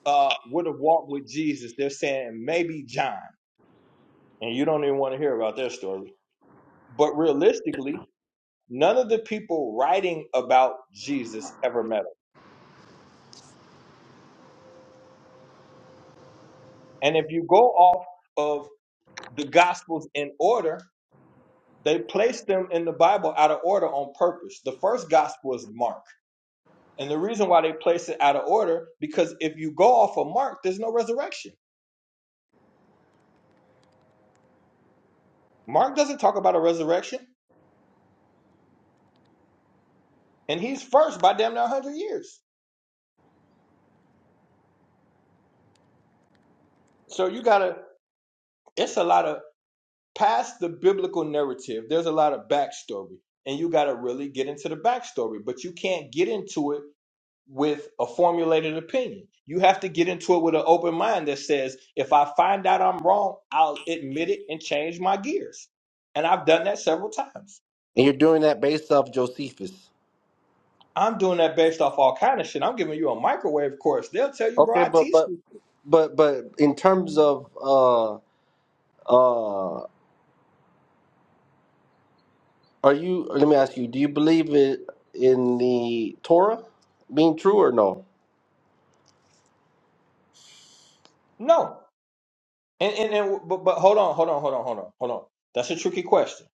A: uh, would have walked with Jesus, they're saying maybe John. And you don't even want to hear about their story. But realistically, None of the people writing about Jesus ever met him. And if you go off of the Gospels in order, they place them in the Bible out of order on purpose. The first Gospel is Mark. And the reason why they place it out of order, because if you go off of Mark, there's no resurrection. Mark doesn't talk about a resurrection, and he's first by damn near 100 years. So you gotta, it's a lot of, past the biblical narrative, there's a lot of backstory and you got to really get into the backstory. But you can't get into it with a formulated opinion. You have to get into it with an open mind that says, if I find out I'm wrong, I'll admit it and change my gears. And I've done that several times.
G: And you're doing that based off Josephus.
A: I'm doing that based off all kind of shit. I'm giving you a microwave course. They'll tell you, bro,
G: Okay,
A: I
G: but
A: teach
G: but
A: you.
G: but but in terms of uh uh Are you? Let me ask you. Do you believe it in the Torah being true or no?
A: No. And and, and but, but hold on, hold on, hold on, hold on, hold on. That's a tricky question.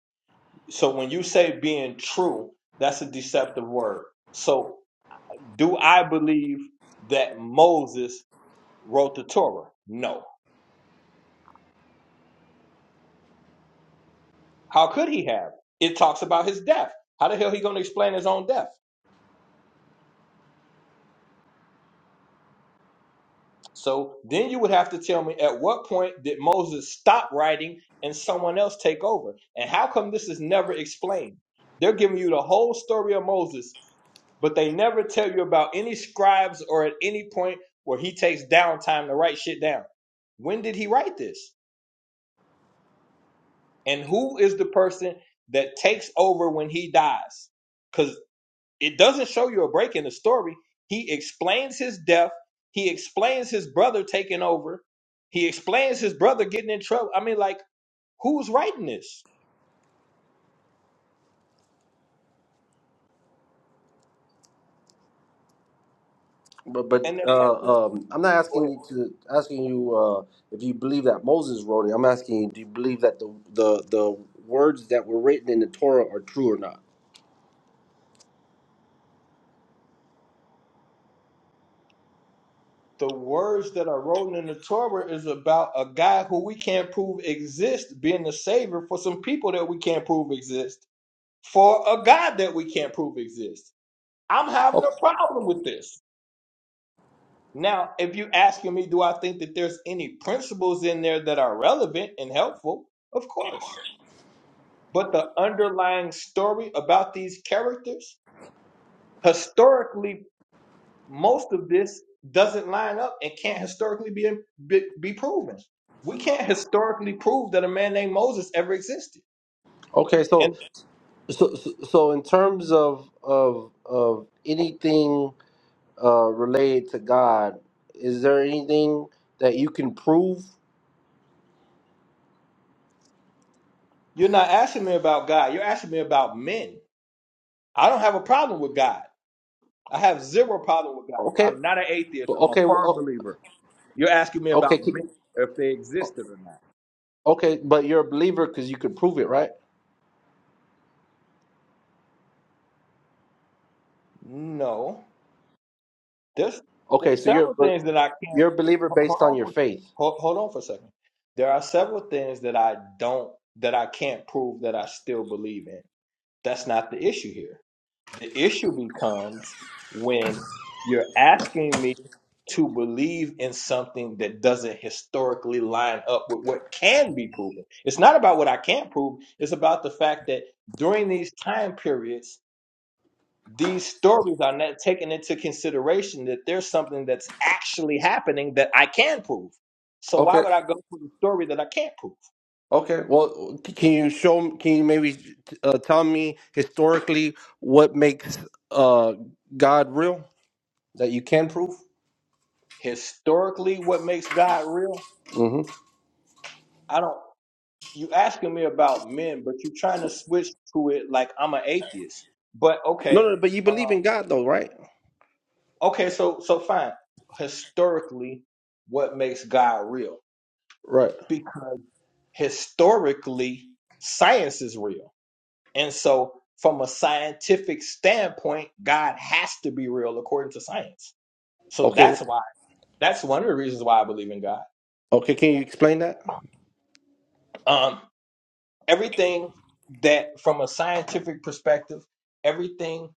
A: So when you say being true, that's a deceptive word. So do I believe that Moses wrote the Torah? No. How could he have? It talks about his death. How the hell he going to explain his own death? So then you would have to tell me at what point did Moses stop writing and someone else take over? And how come this is never explained? They're giving you the whole story of Moses, but they never tell you about any scribes or at any point where he takes downtime to write shit down. When did he write this? And who is the person that takes over when he dies? Because it doesn't show you a break in the story. He explains his death. He explains his brother taking over. He explains his brother getting in trouble. I mean, like, who's writing this?
G: But but
A: And that's go
G: uh, um, I'm not asking
A: ahead.
G: you to asking you uh, if you believe that Moses wrote it. I'm asking you, do you believe that the the the words that were written in the Torah are true or not?
A: the words that are written in the Torah is about a guy who we can't prove exists being the savior for some people that we can't prove exist, for a God that we can't prove exists. I'm having
G: Okay.
A: a problem with this. Now, if you're asking me, do I think that there's any principles in there that are relevant and helpful? Of course. But the underlying story about these characters, historically, most of this doesn't line up and can't historically be, be, be proven. We can't historically prove that a man named Moses ever existed.
G: Okay. So
A: And
G: so so so in terms of of of anything uh, related to God, is there anything that you can prove?
A: you're not asking me about God, you're asking me about men. I don't have a problem with God. I have zero problem with God.
G: Okay.
A: I'm not an atheist, I'm a
G: Okay.
A: firm
G: well,
A: believer. You're asking me about
G: Okay.
A: men, if they existed or not.
G: Okay, but you're a believer because you could prove it, right?
A: No, there's there's
G: Okay, so you're
A: several things
G: but
A: that I can't.
G: you're a believer
A: ho- Hold
G: based on
A: on
G: your
A: for
G: faith.
A: hold, hold on for a second. There are several things that I don't that I can't prove that I still believe in. That's not the issue here. The issue becomes when you're asking me to believe in something that doesn't historically line up with what can be proven. It's not about what I can't prove. It's about the fact that during these time periods these stories are not taking into consideration that there's something that's actually happening that I can prove. So why
G: Okay.
A: would I go for the story that I can't prove?
G: Okay. Well, c- can you show? m- Can you maybe uh, tell me historically what makes uh, God real that you can prove?
A: Historically, what makes God real?
G: hmm
A: I don't. You asking me about men, but you're trying to switch to it like I'm an atheist. But
G: No,
A: okay,
G: no, but you
A: uh,
G: believe in God though, right?
A: okay, so so fine. Historically, what makes God real?
G: Right.
A: Because historically, science is real And so, from a scientific standpoint, God has to be real according to science. So
G: Okay.
A: that's why that's one of the reasons why I believe in God.
G: Okay. Can you explain that?
A: Um, everything that, from a scientific perspective, everything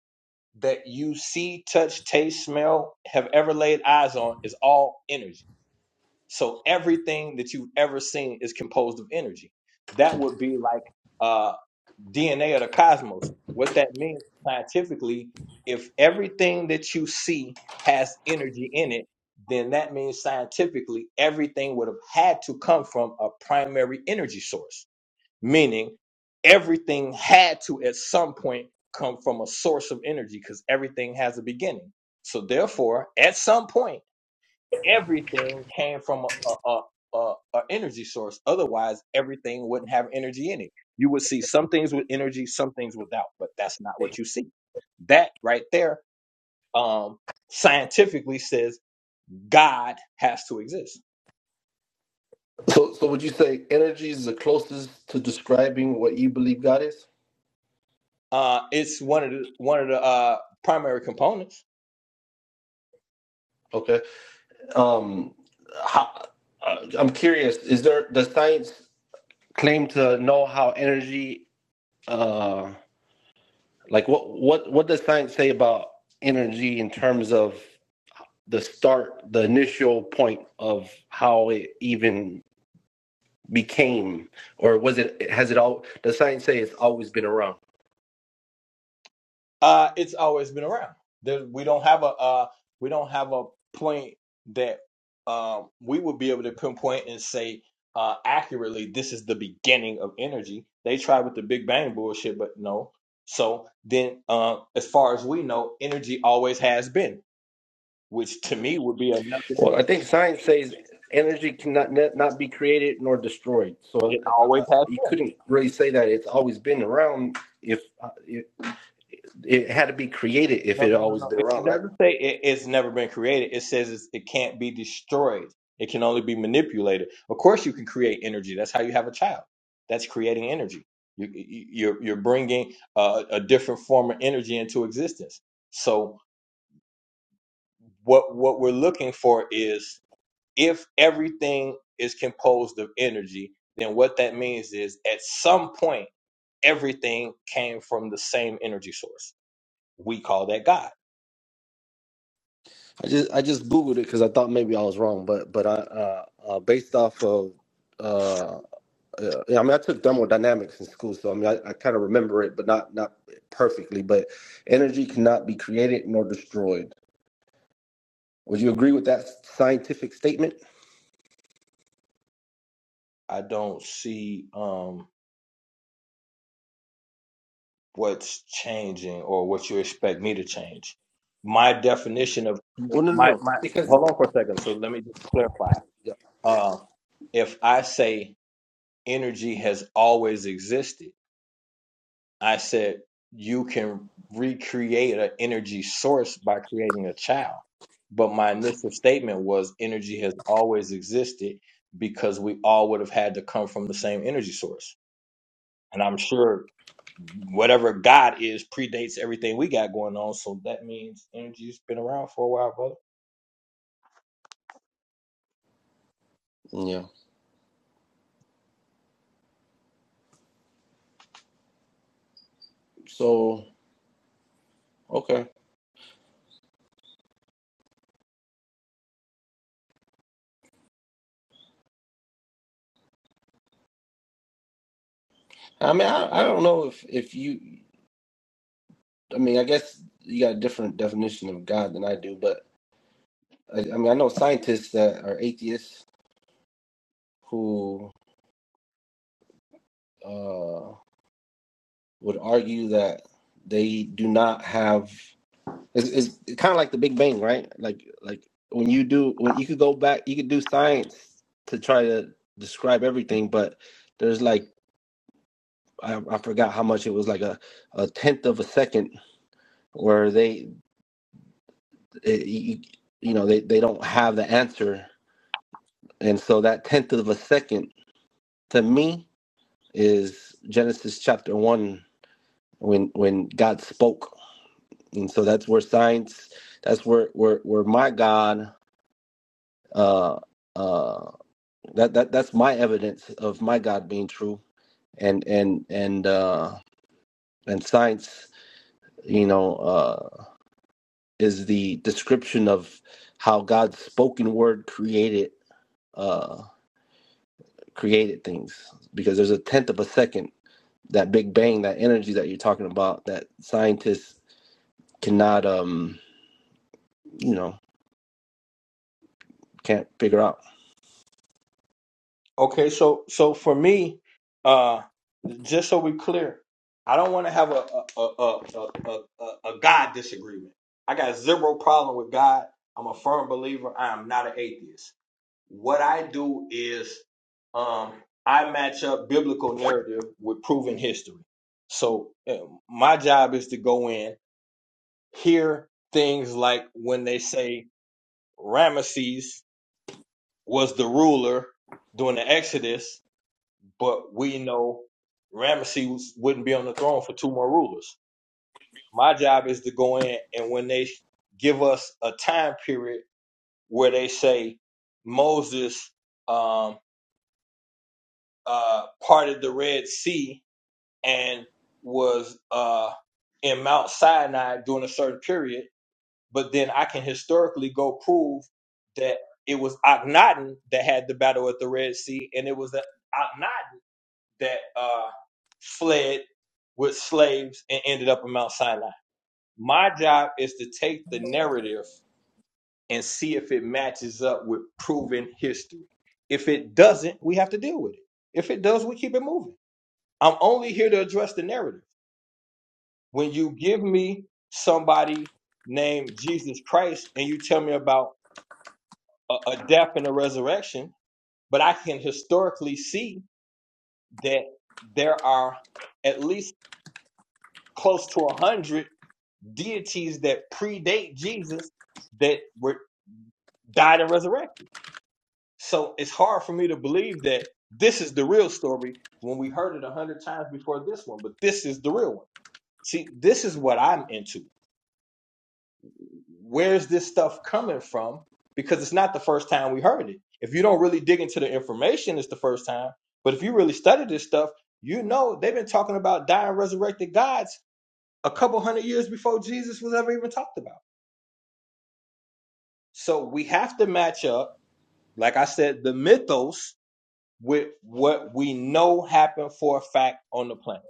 A: that you see, touch, taste, smell, have ever laid eyes on is all energy. So everything that you've ever seen is composed of energy. That would be like uh, DNA of the cosmos. What that means scientifically, if everything that you see has energy in it, then that means scientifically everything would have had to come from a primary energy source, meaning everything had to at some point come from a source of energy because everything has a beginning. So, therefore, at some point, everything came from a, a, a, a, energy source. Otherwise, everything wouldn't have energy in it. You would see some things with energy, some things without, but that's not what you see. That right there, um, scientifically says God has to exist.
G: So, so would you say energy is the closest to describing what you believe God is?
A: Uh, it's one of the one of the uh, primary components.
G: Okay. Um, how, uh, I'm curious. Is there does science? claim to know how energy uh like what what what does science say about energy in terms of the start the initial point of how it even became or was it has it all does science say it's always been around
A: Uh, it's always been around. There, we don't have a uh, we don't have a point that um, we would be able to pinpoint and say uh, accurately this is the beginning of energy. They tried with the Big Bang bullshit, but no. So then, uh, as far as we know, energy always has been, which to me would be another.
G: well i think science says energy cannot not be created nor destroyed so
A: It
G: I,
A: always
G: I,
A: has
G: you
A: been.
G: couldn't really say that it's always been around if uh, it, it had to be created if
A: No,
G: it
A: no,
G: had
A: no,
G: always
A: no.
G: been
A: It it
G: around right
A: doesn't say it, it's never been created. It says it's, it can't be destroyed. It can only be manipulated. Of course, you can create energy. That's how you have a child. That's creating energy. You, you- you're you're bringing a, a different form of energy into existence. So what what we're looking for is if everything is composed of energy, then what that means is at some point everything came from the same energy source. We call that God
G: I just I just googled it because I thought maybe I was wrong, but but I uh, uh, based off of uh, uh, yeah, I mean I took thermodynamics in school, so I mean I, I kind of remember it, but not not perfectly. But energy cannot be created nor destroyed. Would you agree with that scientific statement?
A: I don't see um, what's changing or what you expect me to change. My definition of
G: Well, no, no,
A: my
G: no.
A: my
G: Because
A: hold on for a second. So let me just clarify.
G: Yeah.
A: Uh, if I say energy has always existed, I said you can recreate an energy source by creating a child. But my initial statement was energy has always existed because we all would have had to come from the same energy source. And I'm sure whatever God is predates everything we got going on. So that means energy's been around for a while, brother.
G: Yeah. so okay. I mean, I, I don't know if if you. I mean, I guess you got a different definition of God than I do, but I, I mean, I know scientists that are atheists who. uh, would argue that they do not have. It's, it's kind of like the Big Bang, right? Like like when you do when you could go back, you could do science to try to describe everything, but there's like I, I forgot how much it was like a, a tenth of a second where they it, you, you know they, they don't have the answer and so that tenth of a second to me is genesis chapter one when when god spoke and so that's where science that's where where where my god uh uh that that that's my evidence of my god being true and and and uh and science you know uh is the description of how god's spoken word created uh created things because there's a tenth of a second that big bang that energy that you're talking about that scientists cannot um you know can't figure out
A: Okay, so so for me, uh, just so we're clear, I don't want to have a a, a a a a a God disagreement. I got zero problem with God. I'm a firm believer. I am not an atheist. What I do is um, I match up biblical narrative with proven history. So uh, my job is to go in hear things like when they say Ramesses was the ruler during the Exodus, but we know Ramesses wouldn't be on the throne for two more rulers. My job is to go in and when they give us a time period where they say Moses um, uh, parted the Red Sea and was uh, in Mount Sinai during a certain period but then I can historically go prove that it was Akhenaten that had the battle at the Red Sea, and it was that Akhenaten that uh, fled with slaves and ended up in Mount Sinai. My job is to take the narrative and see if it matches up with proven history. If it doesn't, we have to deal with it. If it does, we keep it moving. I'm only here to address the narrative. When you give me somebody named Jesus Christ and you tell me about a, a death and a resurrection, but I can historically see that there are at least close to a hundred deities that predate Jesus that were died and resurrected. So it's hard for me to believe that this is the real story when we heard it a hundred times before this one, but this is the real one. See, this is what I'm into. where's this stuff coming from? Because it's not the first time we heard it. If you don't really dig into the information, it's the first time. But if you really study this stuff, you know they've been talking about dying resurrected gods a couple hundred years before Jesus was ever even talked about. So we have to match up, like I said, the mythos with what we know happened for a fact on the planet.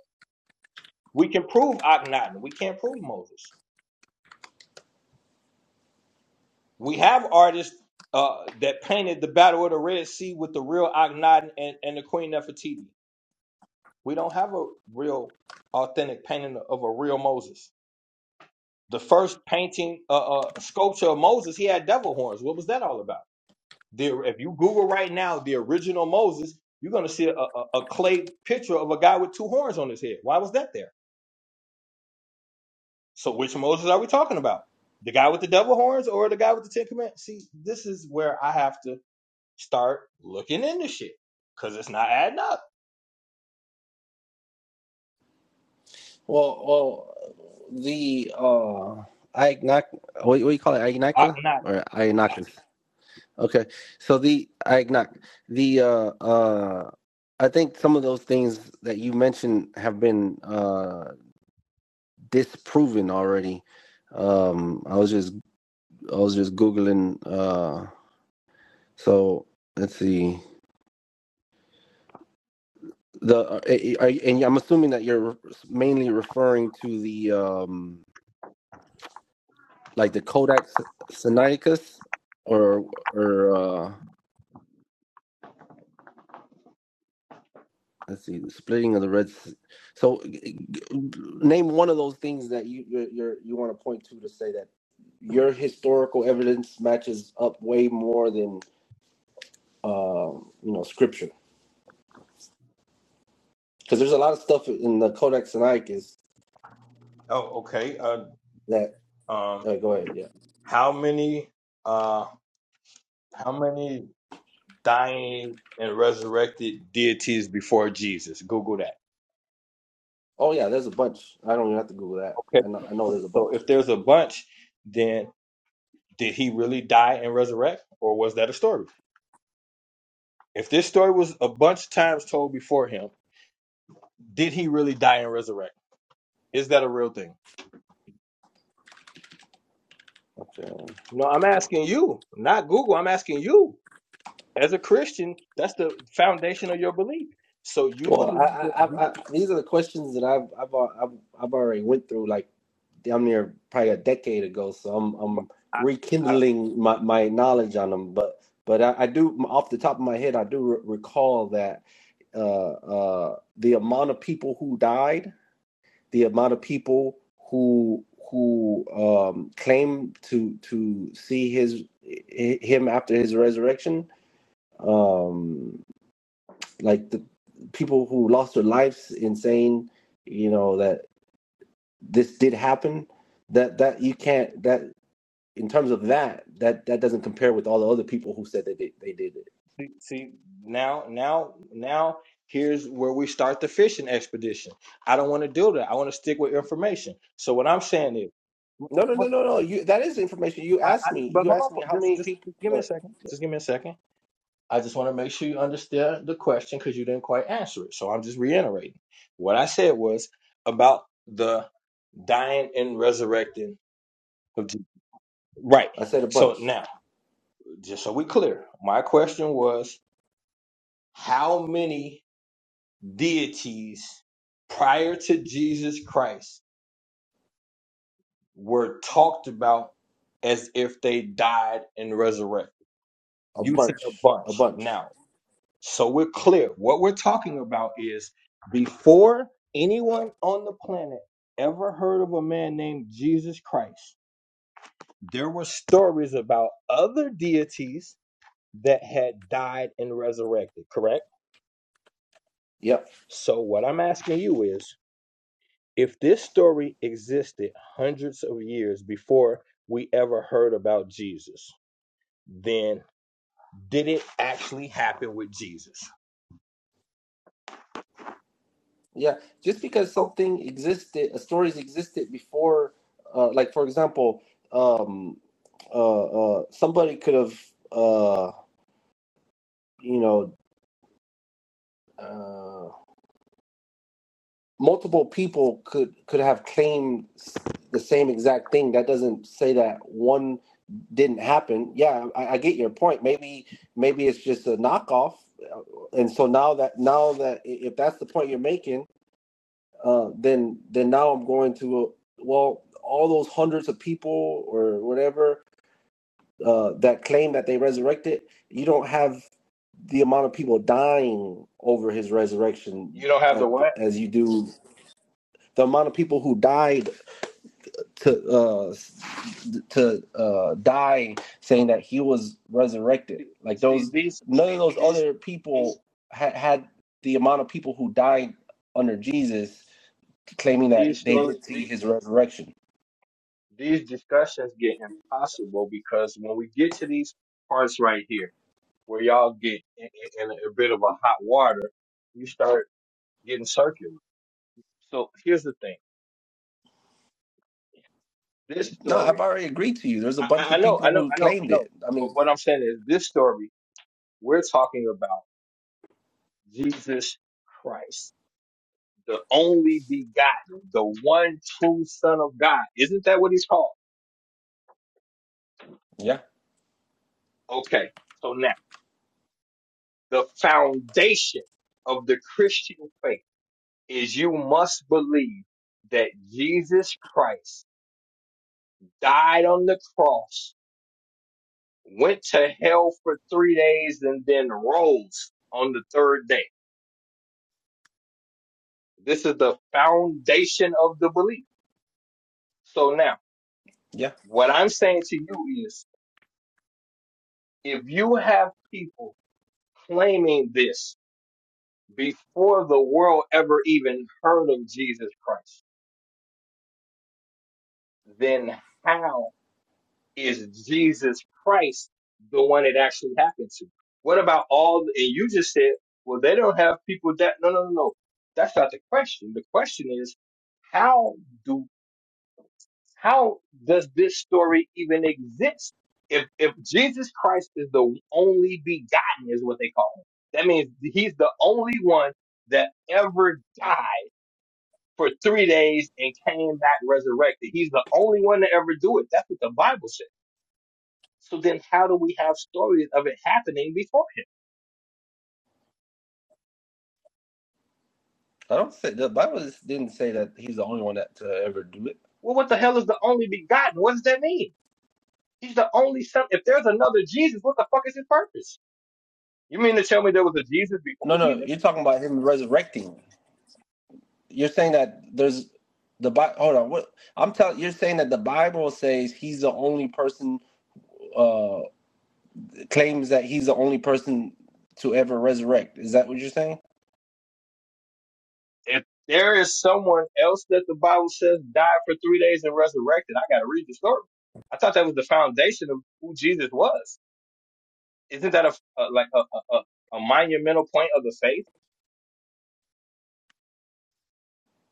A: We can prove Akhenaten. We can't prove Moses. We have artists uh, that painted the Battle of the Red Sea with the real Akhenaten and, and the Queen Nefertiti. We don't have a real, authentic painting of a real Moses. The first painting, uh, uh, sculpture of Moses, he had devil horns. What was that all about? The, if you Google right now, the original Moses, you're going to see a, a, a clay picture of a guy with two horns on his head. Why was that there? So, which Moses are we talking about? The guy with the devil horns or the guy with the Ten Commandments? See, this is where I have to start looking into shit because it's not adding up.
G: Well, well, the uh, Iagnak, what, what do you call it,
A: I,
G: Iagnaka
A: not.
G: or Iagnakas? Okay, so the Iagnak, the uh, uh, I think some of those things that you mentioned have been uh disproven already. Um, I was just I was just googling. Uh, so let's see. The uh, and I'm assuming that you're mainly referring to the um like the Kodak Sinaiticus or or uh let's see the splitting of the red so name one of those things that you you you want to point to to say that your historical evidence matches up way more than um you know scripture because there's a lot of stuff in the Codex Sinaiticus
A: Oh, okay. Uh,
G: that
A: um,
G: uh, go ahead yeah
A: how many, uh, how many dying and resurrected deities before Jesus? Google that.
G: oh yeah there's a bunch I don't even have to Google that
A: Okay.
G: I know I know there's a
A: So
G: bunch
A: if there's a bunch, then did he really die and resurrect, or was that a story? If this story was a bunch of times told before him, did he really die and resurrect? Is that a real thing?
G: okay
A: No, I'm asking you, not Google. I'm asking you As a Christian, that's the foundation of your belief. So you
G: Well,
A: believe
G: I,
A: that
G: I,
A: you,
G: I, these are the questions that I've, I've, I've, I've already went through like damn near probably a decade ago. So I'm, I'm
A: I, I,
G: rekindling my, my knowledge on them. But, but I, I do off the top of my head, I do re- recall that uh, uh, the amount of people who died, the amount of people who who um, claimed to to see his him after his resurrection. Um, like the people who lost their lives in saying, you know, that this did happen. That that you can't that in terms of that that that doesn't compare with all the other people who said that they, they did it.
A: see now, now, now. Here's where we start the fishing expedition. I don't want to do that. I want to stick with information. So what I'm saying is, Wh-
G: No, no,
A: wh-
G: no,
A: what-
G: no, no. You that is information. You
A: I,
G: asked
A: I,
G: me.
A: but
G: You
A: hold on,
G: asked
A: for-
G: me how
A: just,
G: many
A: just
G: people.
A: just give me a
G: Look,
A: second. Just give me a second. I just want to make sure you understand the question because you didn't quite answer it. So I'm just reiterating. What I said was about the dying and resurrecting of Jesus. Right.
G: I said a
A: So
G: bunch,
A: now, just so we clear, my question was how many deities prior to Jesus Christ were talked about as if they died and resurrected?
G: a
A: You said a
G: bunch,
A: bunch.
G: a bunch.
A: Now, so we're clear. What we're talking about is before anyone on the planet ever heard of a man named Jesus Christ, there were stories about other deities that had died and resurrected, correct?
G: Yep.
A: So, what I'm asking you is if this story existed hundreds of years before we ever heard about Jesus, then did it actually happen with Jesus?
G: Yeah. Just because
A: Oh,
G: something existed, uh, stories existed before, uh, like for example, um, uh, uh, somebody could have, uh, you know, uh, multiple people could could have claimed the same exact thing. That doesn't say that one didn't happen. Yeah, I, I get your point. Maybe maybe it's just a knockoff, Uh, and so now that now that if that's the point you're making, uh, then then now I'm going to uh, well all those hundreds of people or whatever uh, that claim that they resurrected. You don't have the amount of people dying over his resurrection
A: you don't have the
G: at,
A: what?
G: as you do the amount of people who died to uh to uh die saying that he was resurrected
A: See,
G: like
A: see
G: those
A: these
G: none of those
A: these
G: other people had had the amount of people who died under jesus claiming that
A: these
G: they
A: stories
G: did see
A: the-
G: his resurrection
A: these discussions get impossible because when we get to these parts right here, where y'all get in, in, in a bit of a hot water, you start getting circular. So here's the thing: this
G: no
A: story.
G: i've already agreed to you there's a
A: I,
G: bunch
A: I
G: of
A: know,
G: people
A: I know,
G: who
A: I know, I
G: claimed it
A: know.
G: i mean
A: But what I'm saying is this story, we're talking about Jesus Christ, the only begotten, the one true son of God. Isn't that what he's called?
G: yeah
A: Okay. So now the foundation of the Christian faith is you must believe that Jesus Christ died on the cross, went to hell for three days and then rose on the third day. This is the foundation of the belief. So now,
G: yeah
A: what I'm saying to you is if you have people claiming this before the world ever even heard of Jesus Christ, then how is Jesus Christ the one it actually happened to? What about all, and you just said, well, they don't have people that, no, no, no, no. That's not the question. The question is, how do How does this story even exist? If if Jesus Christ is the only begotten, is what they call him. That means he's the only one that ever died for three days and came back resurrected. He's the only one to ever do it. That's what the Bible says. So then how do we have stories of it happening before him?
G: i don't say the bible didn't say that he's the only one that to ever do it
A: Well, what the hell is the only begotten? What does that mean? He's the only son. If there's another Jesus, what the fuck is his purpose? You mean to tell me there was a Jesus before
G: no no you're
A: Jesus?
G: talking about him resurrecting You're saying that there's the Bible. Hold on, what I'm telling you're saying that the Bible says he's the only person uh claims that he's the only person to ever resurrect. Is that what you're saying?
A: if there is someone else that the Bible says died for three days and resurrected, I got to read the story. I thought that was the foundation of who Jesus was. Isn't that a, a like a, a a a monumental point of the faith?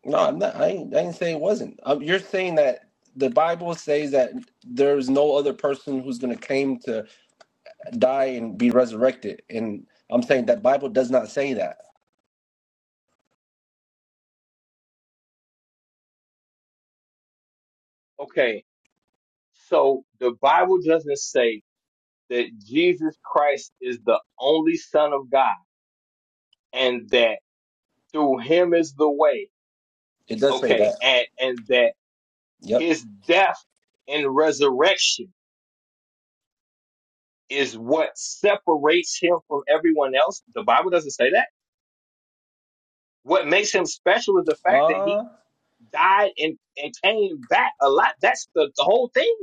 G: No, I'm not. I ain't, I ain't saying it wasn't. Um, you're saying that the Bible says that there's no other person who's going to claim to die and be resurrected, and I'm saying that Bible does not say that.
A: Okay, so the Bible doesn't say that Jesus Christ is the only Son of God and that through Him is the way.
G: It does say
A: Okay,
G: that.
A: and and that
G: Yep.
A: His death and resurrection is what separates him from everyone else. The Bible doesn't say that. What makes him special is the fact that he
G: Uh
A: died and, and came back a lot. That's the, the whole thing.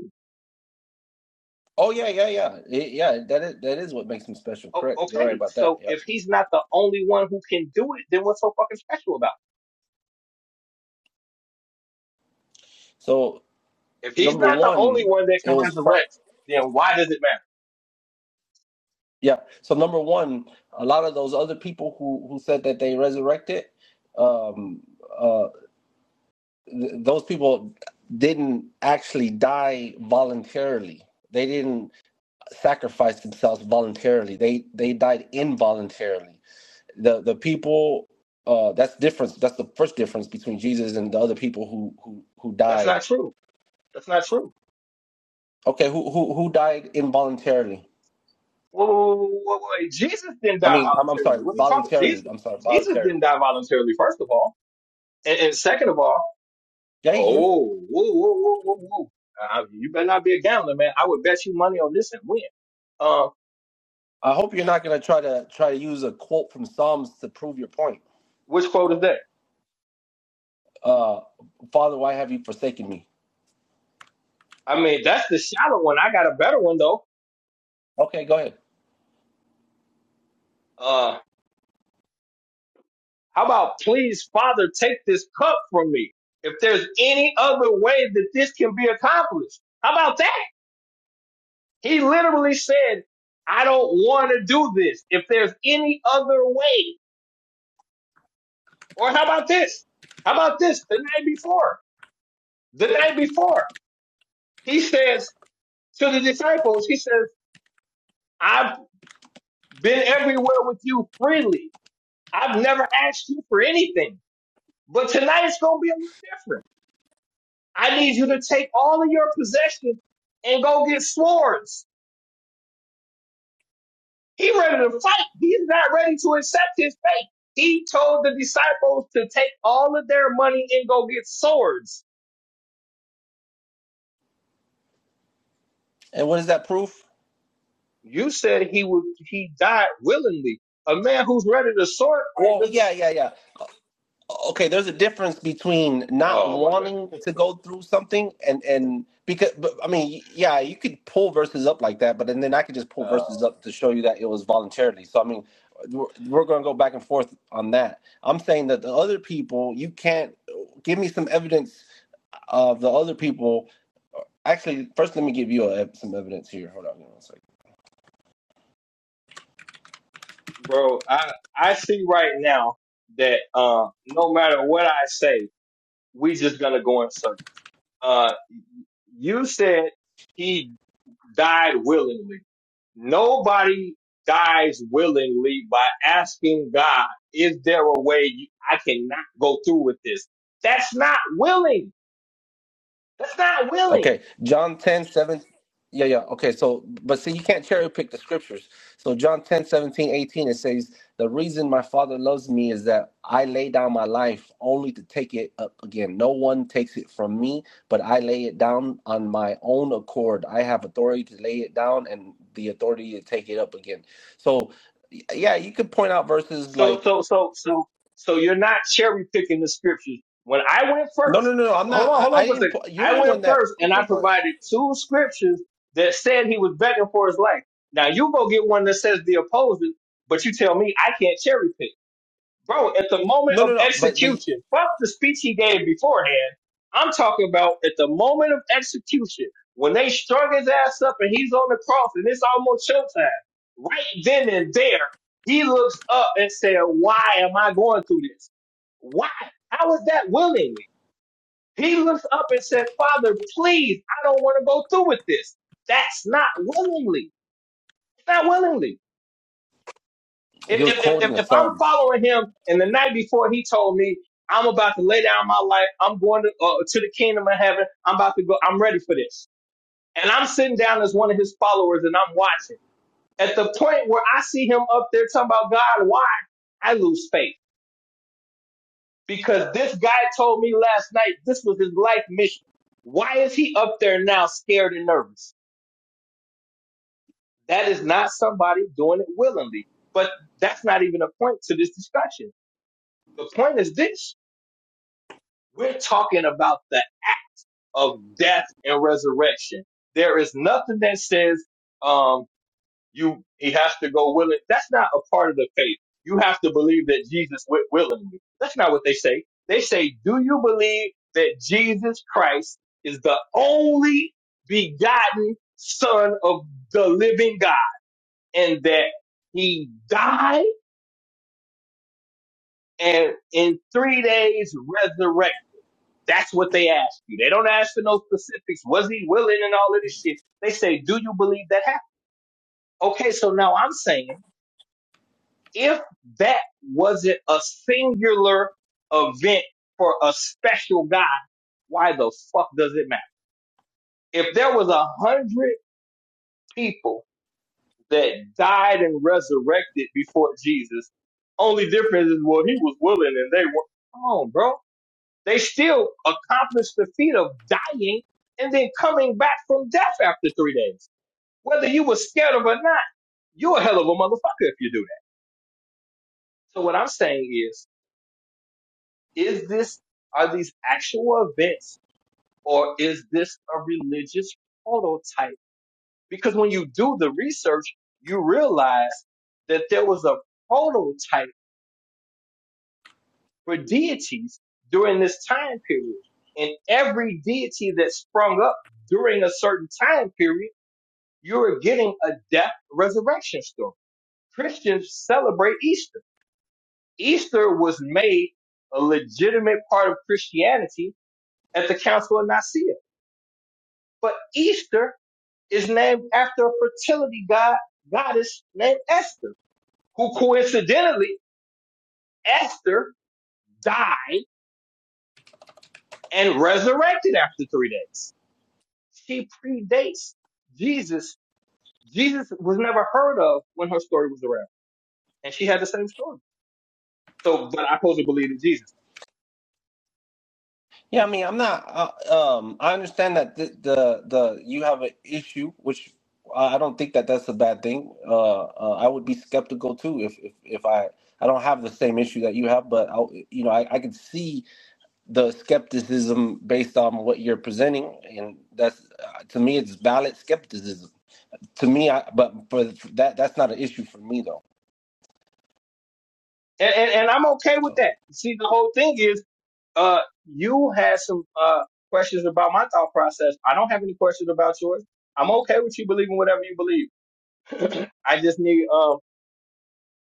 G: oh yeah yeah yeah it, yeah that is that is what makes him special.
A: O-
G: Correct. You're right
A: okay,
G: about that.
A: so
G: Yep.
A: if he's not the only one who can do it, then what's so fucking special about
G: So
A: it? If he's
G: number
A: not the only
G: one,
A: one that
G: it
A: can
G: was pro-
A: resurrect, then why does it matter?
G: yeah. So number one, a lot of those other people who who said that they resurrected, um, uh, th- those people didn't actually die voluntarily. They didn't sacrifice themselves voluntarily. They they died involuntarily. The the people. Uh, that's difference. That's the first difference between Jesus and the other people who who who
A: That's
G: died.
A: not true. That's not true.
G: Okay, who who who died involuntarily?
A: Whoa, whoa, whoa, whoa, whoa. whoa. Jesus didn't
G: I
A: die
G: mean, I'm, I'm sorry,
A: voluntarily. What are you talking?
G: voluntarily.
A: Jesus,
G: I'm sorry,
A: Jesus didn't
G: voluntarily.
A: die voluntarily. First of all, and, and second of all,
G: Jay,
A: Oh, whoa, whoa, whoa, whoa, whoa. Uh, you better not be a gambler, man. I would bet you money on this and win. Uh,
G: I hope you're not going to try to try to use a quote from Psalms to prove your point.
A: which quote is that?
G: Uh, Father, why have you forsaken me?
A: I mean, that's the shallow one. I got a better one though.
G: Okay, go ahead.
A: Uh, how about please, Father, take this cup from me. If there's any other way that this can be accomplished, how about that? He literally said, I don't want to do this. If there's any other way, or how about this? How about this? The night before, the night before, he says. to the disciples, he says, I've been everywhere with you freely. I've never asked you for anything, but tonight it's going to be a little different. I need you to take all of your possessions and go get swords. He ready to fight. He's not ready to accept his fate. He told the disciples to take all of their money and go get swords.
G: And what is that proof?
A: You said he would, he died willingly. A man who's ready to sword fight
G: Well,
A: doesn't,
G: yeah, yeah, yeah. okay there's a difference between not
A: oh my goodness.
G: wanting to go through something and and because but, i mean yeah you could pull verses up like that but then then i could just pull
A: uh,
G: verses up to show you that it was voluntarily so i mean we're, we're going to go back and forth on that i'm saying that the other people you can't give me some evidence of the other people actually first let me give you a, some evidence here hold on one second.
A: bro. I I see right now that uh, no matter what I say, we just gonna go in circles. Uh, you said he died willingly. Nobody dies willingly by asking God, "Is there a way you, I cannot go through with this?" That's not willing. That's not willing.
G: Okay, John 10 7, Yeah, yeah. Okay, so, but see, you can't cherry pick the scriptures. So, John 10 17 18, it says, The reason my Father loves me is that I lay down my life only to take it up again. No one takes it from me, but I lay it down on my own accord. I have authority to lay it down and the authority to take it up again. So, y- yeah, you could point out verses
A: So,
G: like,
A: so, so, so, so you're not cherry picking the scriptures. When I went
G: no, no,
A: first,
G: no, no. I'm not.
A: hold on,
G: I,
A: hold on
G: I
A: for a
G: didn't.
A: second.
G: po- You're
A: I
G: the
A: went
G: one that.
A: first and I
G: Okay, go ahead.
A: provided two scriptures that said he was begging for his life. Now you go get one that says the opposite. but you tell me I can't cherry pick bro, at the moment
G: No, no,
A: of
G: no. But but
A: execution, fuck the speech he gave beforehand. I'm talking about at the moment of execution, when they strung his ass up and he's on the cross and it's almost showtime. Right then and there, he looks up and said, Why am I going through this? Why? How is that willingly? He looks up and said, Father, please, I don't want to go through with this. That's not willingly. It's not willingly. If,
G: he was
A: if, if,
G: quoting
A: if,
G: a
A: if I'm
G: psalm.
A: following him and the night before he told me, I'm about to lay down my life. I'm going to, uh, to the kingdom of heaven. I'm about to go. I'm ready for this. And I'm sitting down as one of his followers and I'm watching. At the point where I see him up there talking about God, why? I lose faith because this guy told me last night this was his life mission. Why is he up there now scared and nervous? That is not somebody doing it willingly. But that's not even a point to this discussion. The point is this We're talking about that of death and resurrection. There is nothing that says um you he has to go willing. That's not a part of the faith. You have to believe that Jesus went willingly. That's not what they say. They say, Do you believe that Jesus Christ is the only begotten son of the living God and that he died and in three days resurrected? That's what they ask you. They don't ask for no specifics. Was he willing and all of this shit? They say, do you believe that happened? Okay, so now I'm saying if that wasn't a singular event for a special guy, why the fuck does it matter? If there was a hundred people that died and resurrected before Jesus, only difference is well he was willing and they were. Come on, bro. They still accomplished the feat of dying and then coming back from death after three days. Whether you were scared of it or not, you're a hell of a motherfucker if you do that. So what I'm saying is, is this, are these actual events or is this a religious prototype? Because when you do the research, you realize that there was a prototype for deities during this time period. And every deity that sprung up during a certain time period you're getting a death resurrection story. Christians celebrate Easter. Easter was made a legitimate part of Christianity at the Council of Nicaea. But Easter is named after a fertility god, goddess named Esther, who coincidentally, Esther died and resurrected after three days. She predates Jesus. Jesus was never heard of when her story was around. And she had the same story. So, but I pose to believe in Jesus.
G: Yeah, I mean, I'm not. Uh, um, I understand that the, the the you have an issue, which I I don't think that that's a bad thing. Uh, uh, I would be skeptical too if if, if I I don't have the same issue that you have, but I, you know, I, I can see the skepticism based on what you're presenting, and that's uh, to me it's valid skepticism. To me, I but for that that's not an issue for me though.
A: and, and, and I'm okay with
G: So
A: that. See, the whole thing is, uh, you had some uh questions about my thought process. I don't have any questions about yours. I'm okay with you believing whatever you believe. I just need, um,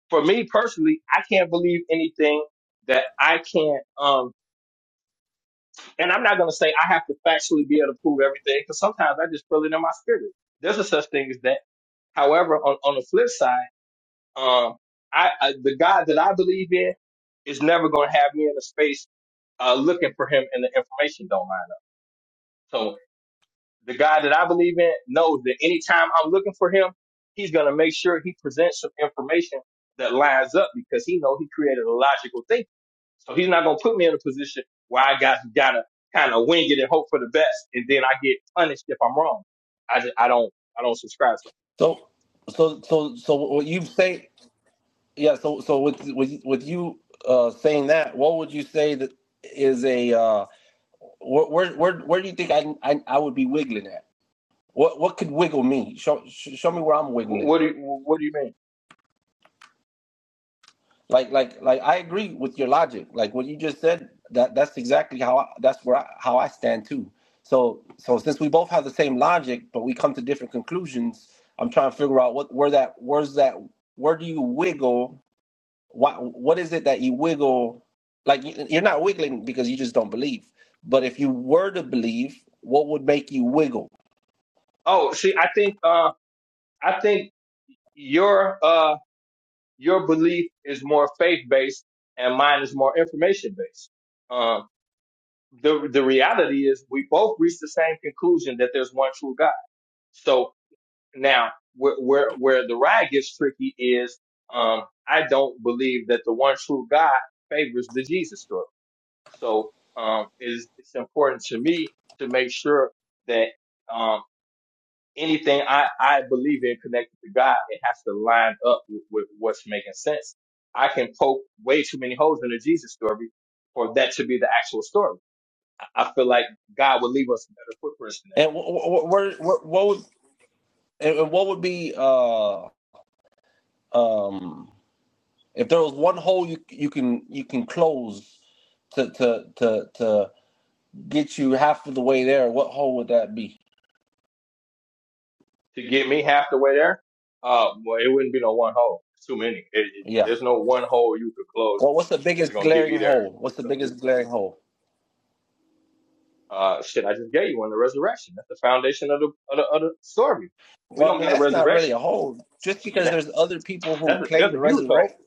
A: for me personally, I can't believe anything that I can't, um, and I'm not gonna say I have to factually be able to prove everything because sometimes I just feel it in my spirit. There's a such thing as that. However, on, on the flip side. Um, I, I the God that I believe in is never going to have me in a space uh, looking for him and the information don't line up. So the God that I believe in knows that anytime I'm looking for him, he's gonna make sure he presents some information that lines up because he know he created a logical thing. So he's not gonna put me in a position where I got gotta kind of wing it and hope for the best, and then I get punished if I'm wrong. I just, I don't I don't subscribe to.
G: so so so so what you say? yeah. So so with with with you uh, saying that, what would you say that is a uh, where where where do you think I I, I would be wiggling at? What what could wiggle me? Show show me where I'm
A: It. Wh-
G: wiggling.
A: What do you, what do you mean?
G: Like like like I agree with your logic. Like what you just said. That that's exactly how I, that's where I, how I stand too. So so since we both have the same logic, but we come to different conclusions, I'm trying to figure out what where that where's that where do you wiggle what what is it that you wiggle like you- are not wiggling because you just don't believe but if you were to believe what would make you wiggle
A: Oh, see, I think uh, I think your uh your belief is more faith based and mine is more information based. Um, the the reality is we both reach the same conclusion that there's one true God. So now where where where the ride gets tricky is um I don't believe that the one true God favors the Jesus story. So um it is it's important to me to make sure that um anything I, I believe in connected to God, it has to line up with, with what's making sense. I can poke way too many holes in the Jesus story for that to be the actual story. I I feel like God would leave us better footprints than
G: and
A: that.
G: what what, what, what would and what would be uh um if there was one hole you you can you can close to to to to get you half of the way there what hole would that be
A: To get me half the way there, uh, well, it wouldn't be no one hole. It's too many. It, it,
G: yeah
A: there's no one hole you could close
G: well what's the
A: that's
G: biggest
A: gonna get
G: glaring
A: me there
G: hole what's the
A: because of,
G: biggest glaring hole
A: uh, shit, I just gave you on the resurrection. That's the foundation of the, of the, of the story. We
G: well i
A: don't
G: mean
A: got a
G: that's not really
A: resurrection.
G: a hole just
A: Shit,
G: because
A: that,
G: there's other people who
A: that's a,
G: claim
A: that's
G: to
A: a huge hole
G: resurrect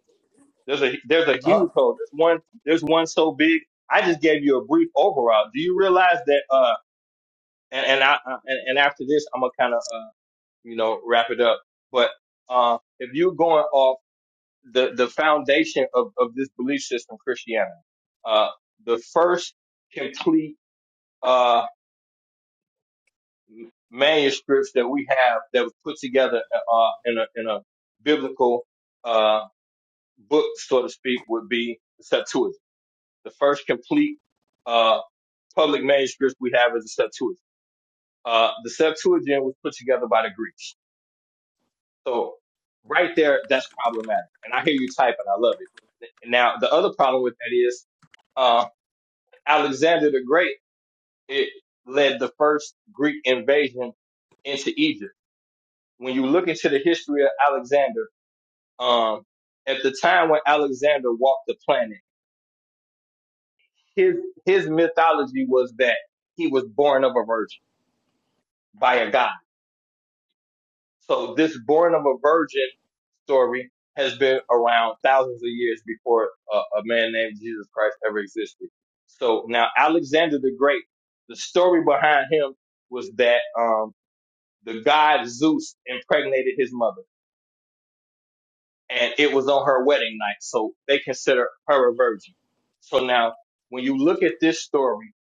A: There's a there's a
G: huh
A: huge hole. There's one there's one so big. I just gave you a brief overall. Do you realize that? Uh, and and I uh, and, and after this, I'm gonna kind of uh, you know wrap it up. But uh, if you're going off the the foundation of of this belief system, Christianity, uh, the first complete uh m- manuscripts that we have that was put together uh in a in a biblical uh book, so to speak, would be the Septuagint The first complete uh, public manuscripts we have is the Septuagint. Uh, the Septuagint was put together by the Greeks. So right there, that's problematic. And I hear you typing. I love it. Now, the other problem with that is uh, Alexander the Great it led the first Greek invasion into Egypt. When you look into the history of Alexander, um, at the time when Alexander walked the planet, his his mythology was that he was born of a virgin by a god So this born of a virgin story has been around thousands of years before uh, a man named Jesus Christ ever existed. So now Alexander the Great, the story behind him was that um, the god Zeus impregnated his mother, and it was on her wedding night. So they consider her a virgin. So now, when you look at this story,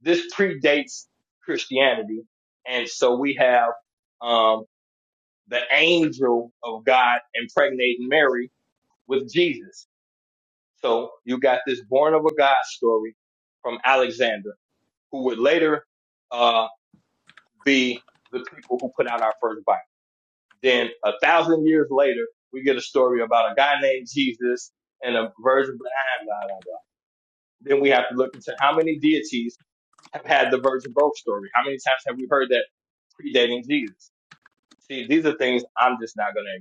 A: this predates Christianity, and so we have um, the angel of God impregnating Mary with Jesus. So you got this born of a God story from Alexander, who would later uh, be the people who put out our first Bible. Then a thousand years later, we get a story about a guy named Jesus and a virgin. Blah, blah, blah, blah. Then we have to look into how many deities have had the virgin birth story. How many times have we heard that predating Jesus? See, these are things I'm just not going to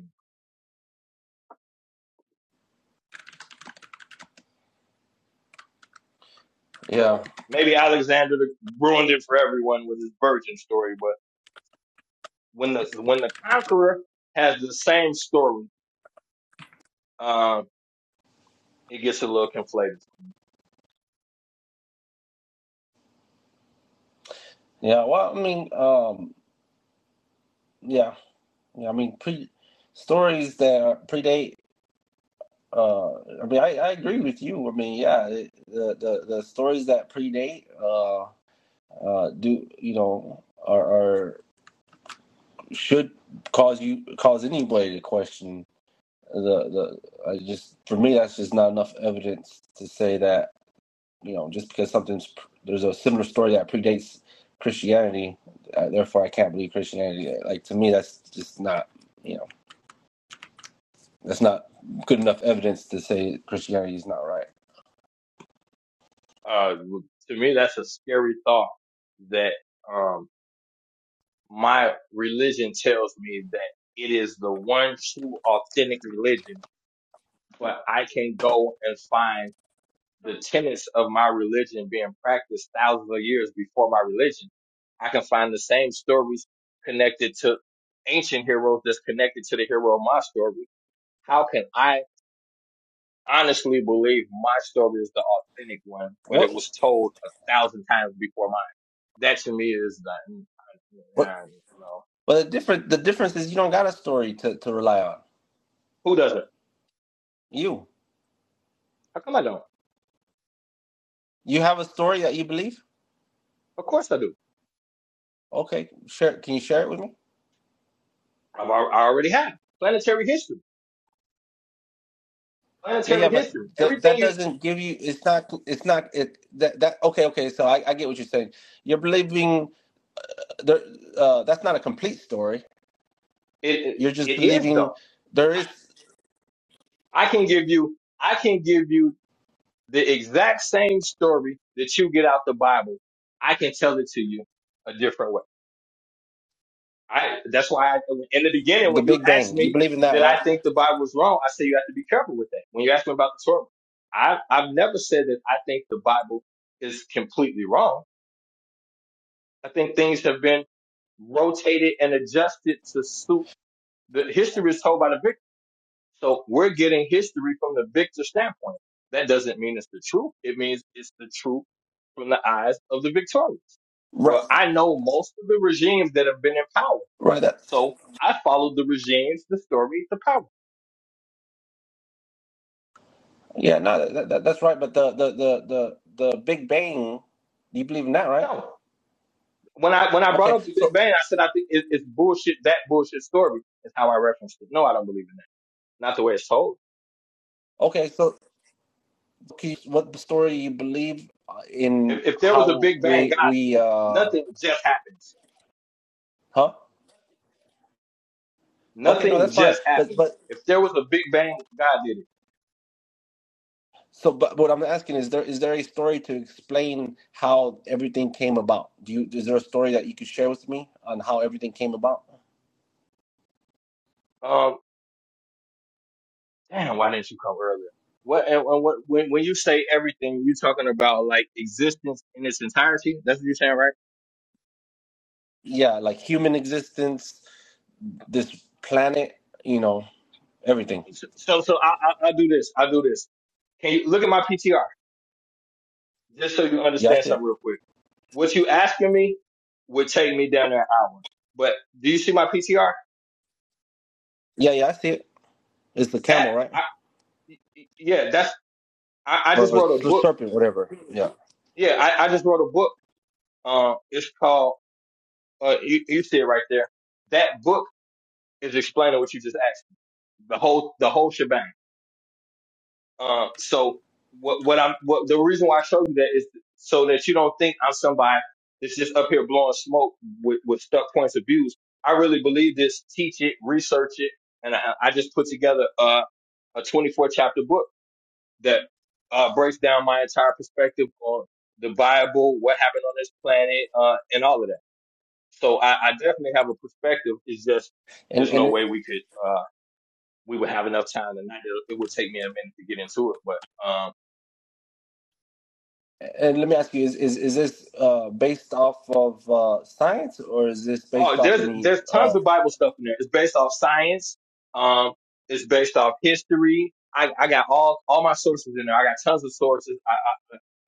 G: Yeah,
A: So maybe Alexander ruined it for everyone with his virgin story, but when the when the conqueror has the same story, um, it gets a little conflated.
G: yeah. Well, I mean, um, yeah, yeah. I mean, pre stories that predate. Uh, I mean, I, I agree with you. I mean, yeah, it, the, the the stories that predate uh, uh, do you know are, are should cause you cause anybody to question the the. I just for me, that's just not enough evidence to say that you know, just because something's there's a similar story that predates Christianity, uh, therefore I can't believe Christianity. Like to me, that's just not you know that's not good enough evidence to say Christianity is not right.
A: Uh, to me, that's a scary thought that um, my religion tells me that it is the one true authentic religion, but I can go and find the tenets of my religion being practiced thousands of years before my religion. I can find the same stories connected to ancient heroes that's connected to the hero of my story. How can I honestly believe my story is the authentic one, but
G: What
A: it was told a thousand times before mine? That to me is the, I,
G: what?
A: I, you know,
G: Well, the different the difference is you don't got a story to to rely on.
A: who doesn't?
G: You
A: How come I don't?
G: you have a story that you believe.
A: Of course I do.
G: Okay, share. Can you share it with me?
A: I've, al- I already have planetary history,
G: Yeah, yeah,
A: planetary
G: but
A: history.
G: that
A: Everything
G: that
A: you,
G: doesn't give you. It's not. It's not. It that that. Okay, okay. So I, I get what you're saying. You're believing. There, uh, that's not a complete story
A: it, it,
G: You're just
A: it is though.
G: believing there is
A: I can give you I can give you the exact same story that you get out the Bible. I can tell it to you a different way. I that's why I, in the beginning
G: the
A: when you
G: Big
A: asked
G: Bang. You
A: me
G: believe in that,
A: did
G: right?
A: I think the Bible was wrong, I said you have to be careful with that. When you ask me about the Torah, I I've never said that I think the Bible is completely wrong. I think things have been rotated and adjusted to suit the history is told by the victor. So we're getting history from the victor standpoint. That doesn't mean it's the truth. It means it's the truth from the eyes of the victorious.
G: Right,
A: Well, I know most of the regimes that have been in power.
G: right. That,
A: So I followed the regimes, the story, the power.
G: yeah, no, that, that, that's right. But the, the the the the Big Bang, you believe in that, right?
A: No. When I, when I brought
G: Okay,
A: up the Big
G: so
A: Bang, I said, I think it, it's bullshit. That bullshit story is how I referenced it. No, I don't believe in that. Not the way it's told.
G: okay, so can what the story you believe uh, in?
A: If, if there was a
G: How
A: Big Bang
G: we
A: God,
G: we
A: did it.
G: uh
A: nothing just happens.
G: huh? Okay, no,
A: Nothing
G: that's fine.
A: just
G: But
A: happens.
G: but
A: If there was a Big Bang, God did it.
G: so but what I'm asking is there is there a story to explain how everything came about? Do you is there a story that you could share with me on how everything came about?
A: Um. Damn, why didn't you come earlier? What and, and what when when you say everything, you talking about like existence in its entirety? That's what you're saying, right?
G: yeah, like human existence, this planet, you know, everything.
A: So so, so I, I I do this. I do this. Can you look at my PTR just so you
G: Yeah, I
A: understand
G: see
A: something
G: it.
A: real quick? What you asking me would take me down there an hour. But do you see my PTR?
G: Yeah, yeah, I see it. It's the
A: That
G: camel, right?
A: I y- y- yeah, that's I, I
G: Or,
A: just
G: or
A: wrote a
G: s-
A: book.
G: serpent, whatever. Yeah.
A: Yeah, I, I just wrote a book. Um, it's called uh, you, you see it right there. That book is explaining what you just asked. the whole the whole shebang. Um, so what what I'm what the reason why I showed you that is so that you don't think I'm somebody that's just up here blowing smoke with, with stuck points of views. I really believe this. Teach it, research it, and I, I just put together uh, a 24 chapter book that uh, breaks down my entire perspective on the Bible, what happened on this planet, uh, and all of that. So I, I definitely have a perspective. It's just
G: And
A: there's no
G: and
A: way we could. uh, we would have enough time tonight. It, it would take me a minute to get into it, but um,
G: and let me ask you: Is is is this uh, based off of uh, science, or is this based
A: oh,
G: off
A: there's
G: any?
A: there's
G: Uh,
A: tons of Bible stuff in there. It's based off science. Um, it's based off history. I, I got all all my sources in there. I got tons of sources. I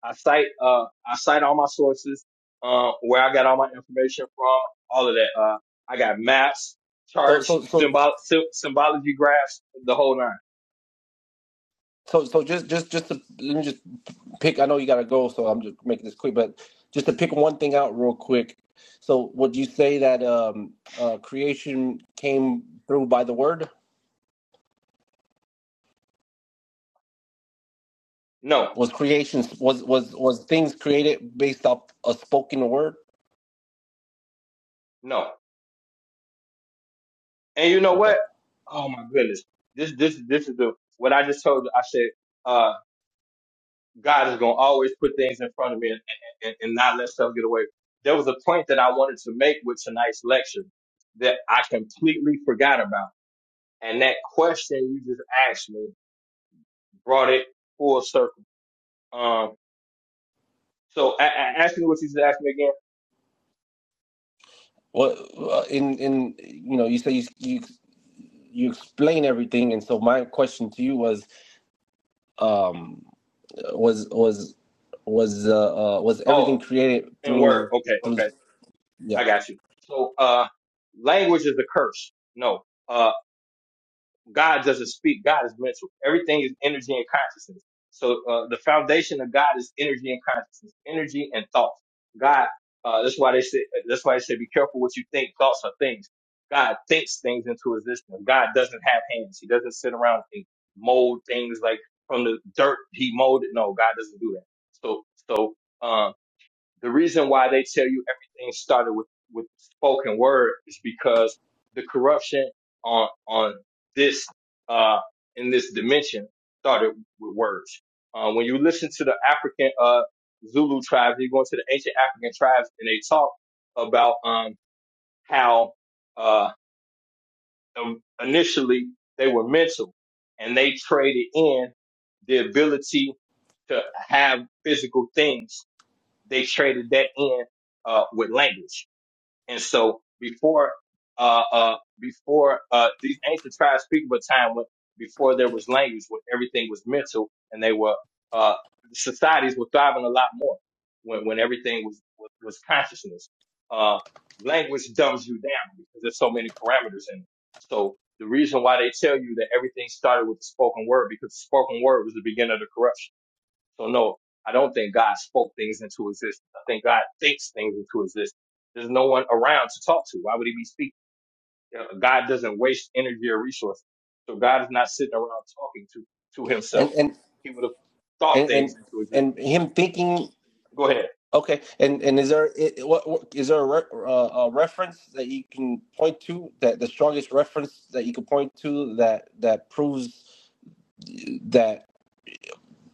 A: I, I cite uh I cite all my sources. Um, uh, where I got all my information from, all of that. Uh, I got maps,
G: so
A: charts,
G: so so
A: symbol, sy- symbology graphs, the whole nine.
G: So, so just, just, just to let me just pick. I know you gotta go, so I'm just making this quick. But just to pick one thing out real quick. So, would you say that um, uh, creation came through by the word?
A: No,
G: Was creation was was was things created based off a spoken word?
A: no. And you know
G: Okay.
A: what? Oh my goodness. This this this is the what I just told you. I said, uh, God is gonna always put things in front of me and, and, and not let stuff get away. There was a point that I wanted to make with tonight's lecture that I completely forgot about. And that question you just asked me brought it full circle. Um so a- a- ask me what you just asked me again.
G: Well, uh, in in you know, you say you you you explain everything, and so my question to you was um was was was uh, uh was
A: Oh,
G: everything created
A: in word.
G: through
A: Okay,
G: through
A: okay.
G: yeah
A: I got you. So uh language is a curse. No. uh, God doesn't speak. God is mental. Everything is energy and consciousness. So uh, the foundation of God is energy and consciousness, energy and thought. God, uh, that's why they say. That's why they say, be careful what you think. Thoughts are things. God thinks things into existence. God doesn't have hands. He doesn't sit around and mold things like from the dirt. He molded. No, God doesn't do that. So, so. uh, the reason why they tell you everything started with with spoken word is because the corruption on on this uh in this dimension started with words. Uh, when you listen to the African uh Zulu tribes, you go into the ancient African tribes, and they talk about um how uh um, initially they were mental, and they traded in the ability to have physical things they traded that in uh, with language. And so before uh, uh, before uh, these ancient tribes speak of a time when before there was language, when everything was mental, and they were uh, societies were thriving a lot more when when everything was was, was consciousness. Uh, language dumbs you down because there's so many parameters in it. So the reason why they tell you that everything started with the spoken word because the spoken word was the beginning of the corruption so no, I don't think God spoke things into existence. I think God thinks things into existence. There's no one around to talk to. Why would he be speaking? You know, God doesn't waste energy or resources. So God is not sitting around talking to, to
G: and
A: himself.
G: and
A: He would have thought
G: and
A: things
G: and,
A: into existence.
G: and him thinking
A: Go ahead.
G: okay and and is there i- what, what is there a, re, uh, a reference that you can point to that the strongest reference that you can point to that that proves that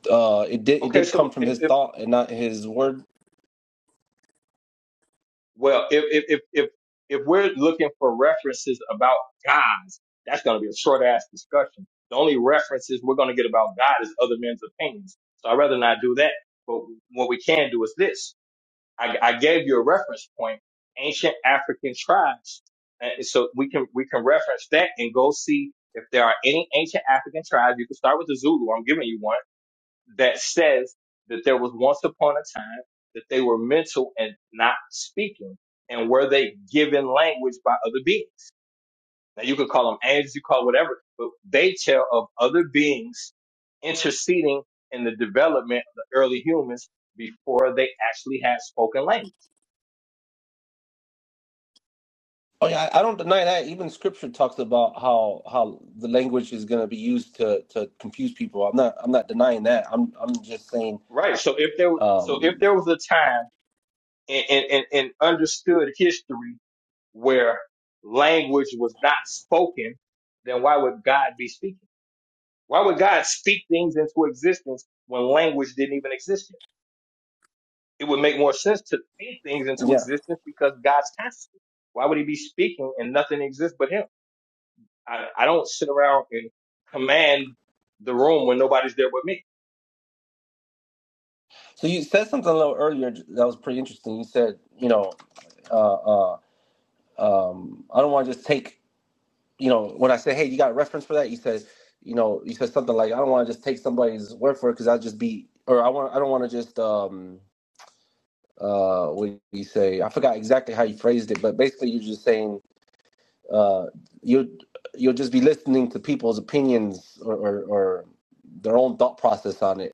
G: uh it did it
A: Okay.
G: did come
A: So
G: from
A: if,
G: his
A: if
G: thought and not his word
A: well, if, if, if, if, if we're looking for references about gods, that's going to be a short ass discussion. The only references we're going to get about God is other men's opinions. So I'd rather not do that. But what we can do is this. I, I gave you a reference point, ancient African tribes. And so we can, we can reference that and go see if there are any ancient African tribes. You can start with the Zulu. I'm giving you one that says that there was once upon a time that they were mental and not speaking and were they given language by other beings. Now you could call them angels, you call it whatever, but they tell of other beings interceding in the development of the early humans before they actually had spoken language.
G: oh yeah i, don't deny that even scripture talks about how how the language is going to be used to to confuse people i'm not i'm not denying that i'm i'm just saying
A: Right. So if there so if
G: um
A: there was a time in, in, in, in understood history where language was not spoken, then why would God be speaking? Why would God speak things into existence when language didn't even exist yet? It would make more sense to speak things into
G: yeah,
A: existence because God's consciousness. Why would he be speaking and nothing exists but him? I, I don't sit around and command the room when nobody's there but me.
G: So you said something a little earlier that was pretty interesting. You said, you know, uh, uh, um, I don't want to just take, you know, when I say, hey, you got a reference for that? You said, you know, you said something like, I don't want to just take somebody's word for it because I'll just be, or I want, I don't want to just, um, uh, what do you say? I forgot exactly how you phrased it, but basically you're just saying, uh, you'll you'll just be listening to people's opinions or, or, or their own thought process on it.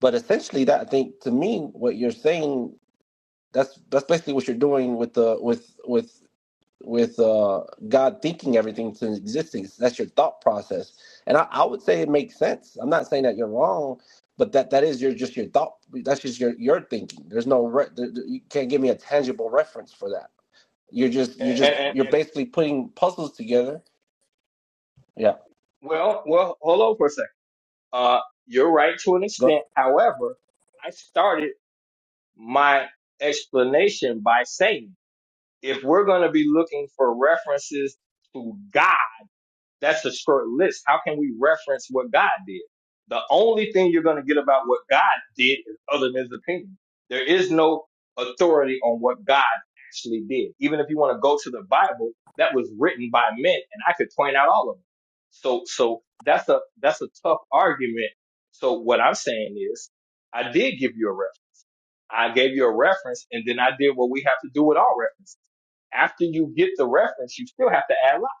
G: But essentially, that I think to me, what you're saying That's that's basically what you're doing with the uh, with with with uh God thinking everything to existence. That's your thought process. And I, I would say it makes sense. I'm not saying that you're wrong, but that that is your just your thought that's just your your thinking. There's no re- there- you can't give me a tangible reference for that. You're just
A: And,
G: you're just
A: and, and,
G: you're
A: and
G: basically putting puzzles together. Yeah.
A: well, well, hold on for a second. Uh, you're right to an
G: Go,
A: extent. However, I started my explanation by saying if we're going to be looking for references to God, that's a short list. How can we reference what God did? The only thing you're going to get about what God did is other than his opinion. There is no authority on what God actually did. Even if you want to go to the Bible, that was written by men, and I could point out all of them. So, so that's a that's a tough argument. So what I'm saying is, I did give you a reference. I gave you a reference, and then I did what we have to do with all references. After you get the reference, you still have to add logic.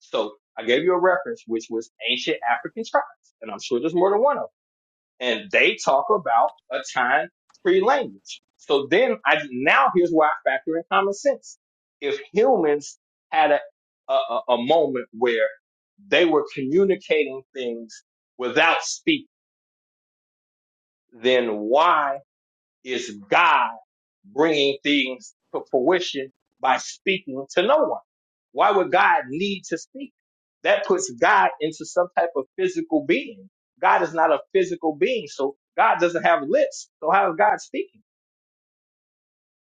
A: So I gave you a reference, which was ancient African tribes, and I'm sure there's more than one of them. And they talk about a time pre-language. So then I now here's why I factor in common sense. If humans had a a, a a moment where they were communicating things without speak, then why? Is God bringing things to fruition by speaking to no one. Why would God need to speak? That puts God into some type of physical being. God is not a physical being, so God doesn't have lips. So how is God speaking?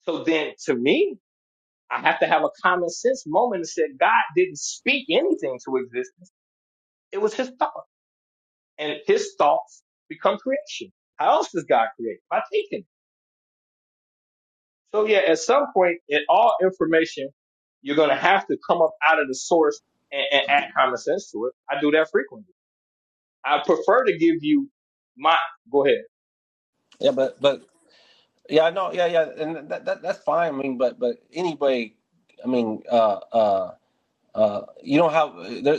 A: So then to me, I have to have a common sense moment and say God didn't speak anything to existence. It was his thought. And his thoughts become creation. How else does God create? By thinking. So yeah, at some point in all information, you're gonna have to come up out of the source and, and add common sense to it. I do that frequently. I prefer to give you my go ahead.
G: yeah, but but yeah, no, yeah, yeah, and that, that that's fine. I mean, but but anyway, I mean, uh uh Uh, you don't have there,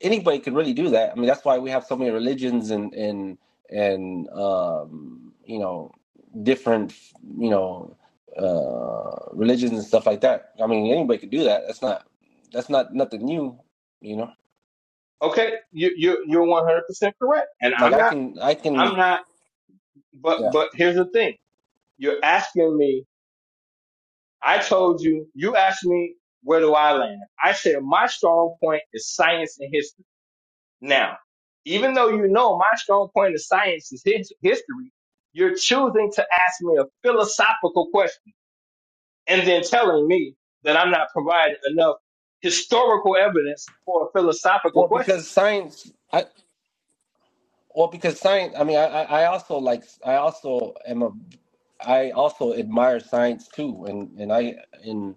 G: anybody could really do that. I mean, that's why we have so many religions and and and um, you know different you know uh, religions and stuff like that. I mean, anybody could do that. That's not that's not nothing new. You know,
A: Okay, you you you're one hundred percent correct. And
G: like
A: I'm
G: I
A: not
G: can I can
A: I'm not but
G: yeah.
A: but here's the thing. You're asking me, I told you, you asked me where do I land? I said my strong point is science and history. Now, even though you know my strong point of science is his- history, you're choosing to ask me a philosophical question and then telling me that I'm not providing enough historical evidence for a philosophical
G: Well,
A: question.
G: because science. I, Well, because science, I mean, I, I also like, I also am a, I also admire science too, and and I and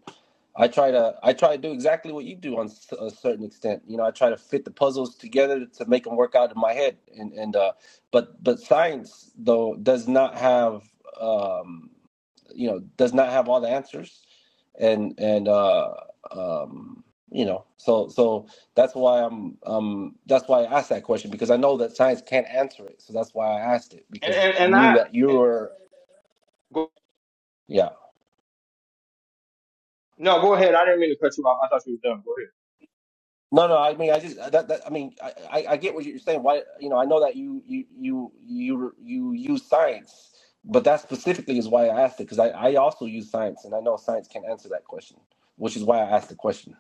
G: I try to, I try to do exactly what you do on s- a certain extent. You know, I try to fit the puzzles together to make them work out in my head, and and uh, but but science though does not have, um, you know, does not have all the answers, and and uh, um, you know, so so. That's why I'm um that's why I asked that question because I know that science can't answer it. So that's why I asked it
A: And,
G: because
A: and,
G: I
A: and
G: knew
A: I,
G: that you
A: and-
G: were
A: go,
G: yeah.
A: no, go ahead. I didn't mean to cut you off. I thought you were done. Go ahead.
G: No, no, I mean I just uh, that, that I mean I, I I get what you're saying. Why you know, I know that you you you you you use science, but that specifically is why I asked it because I I also use science and I know science can't answer that question, which is why I asked the question.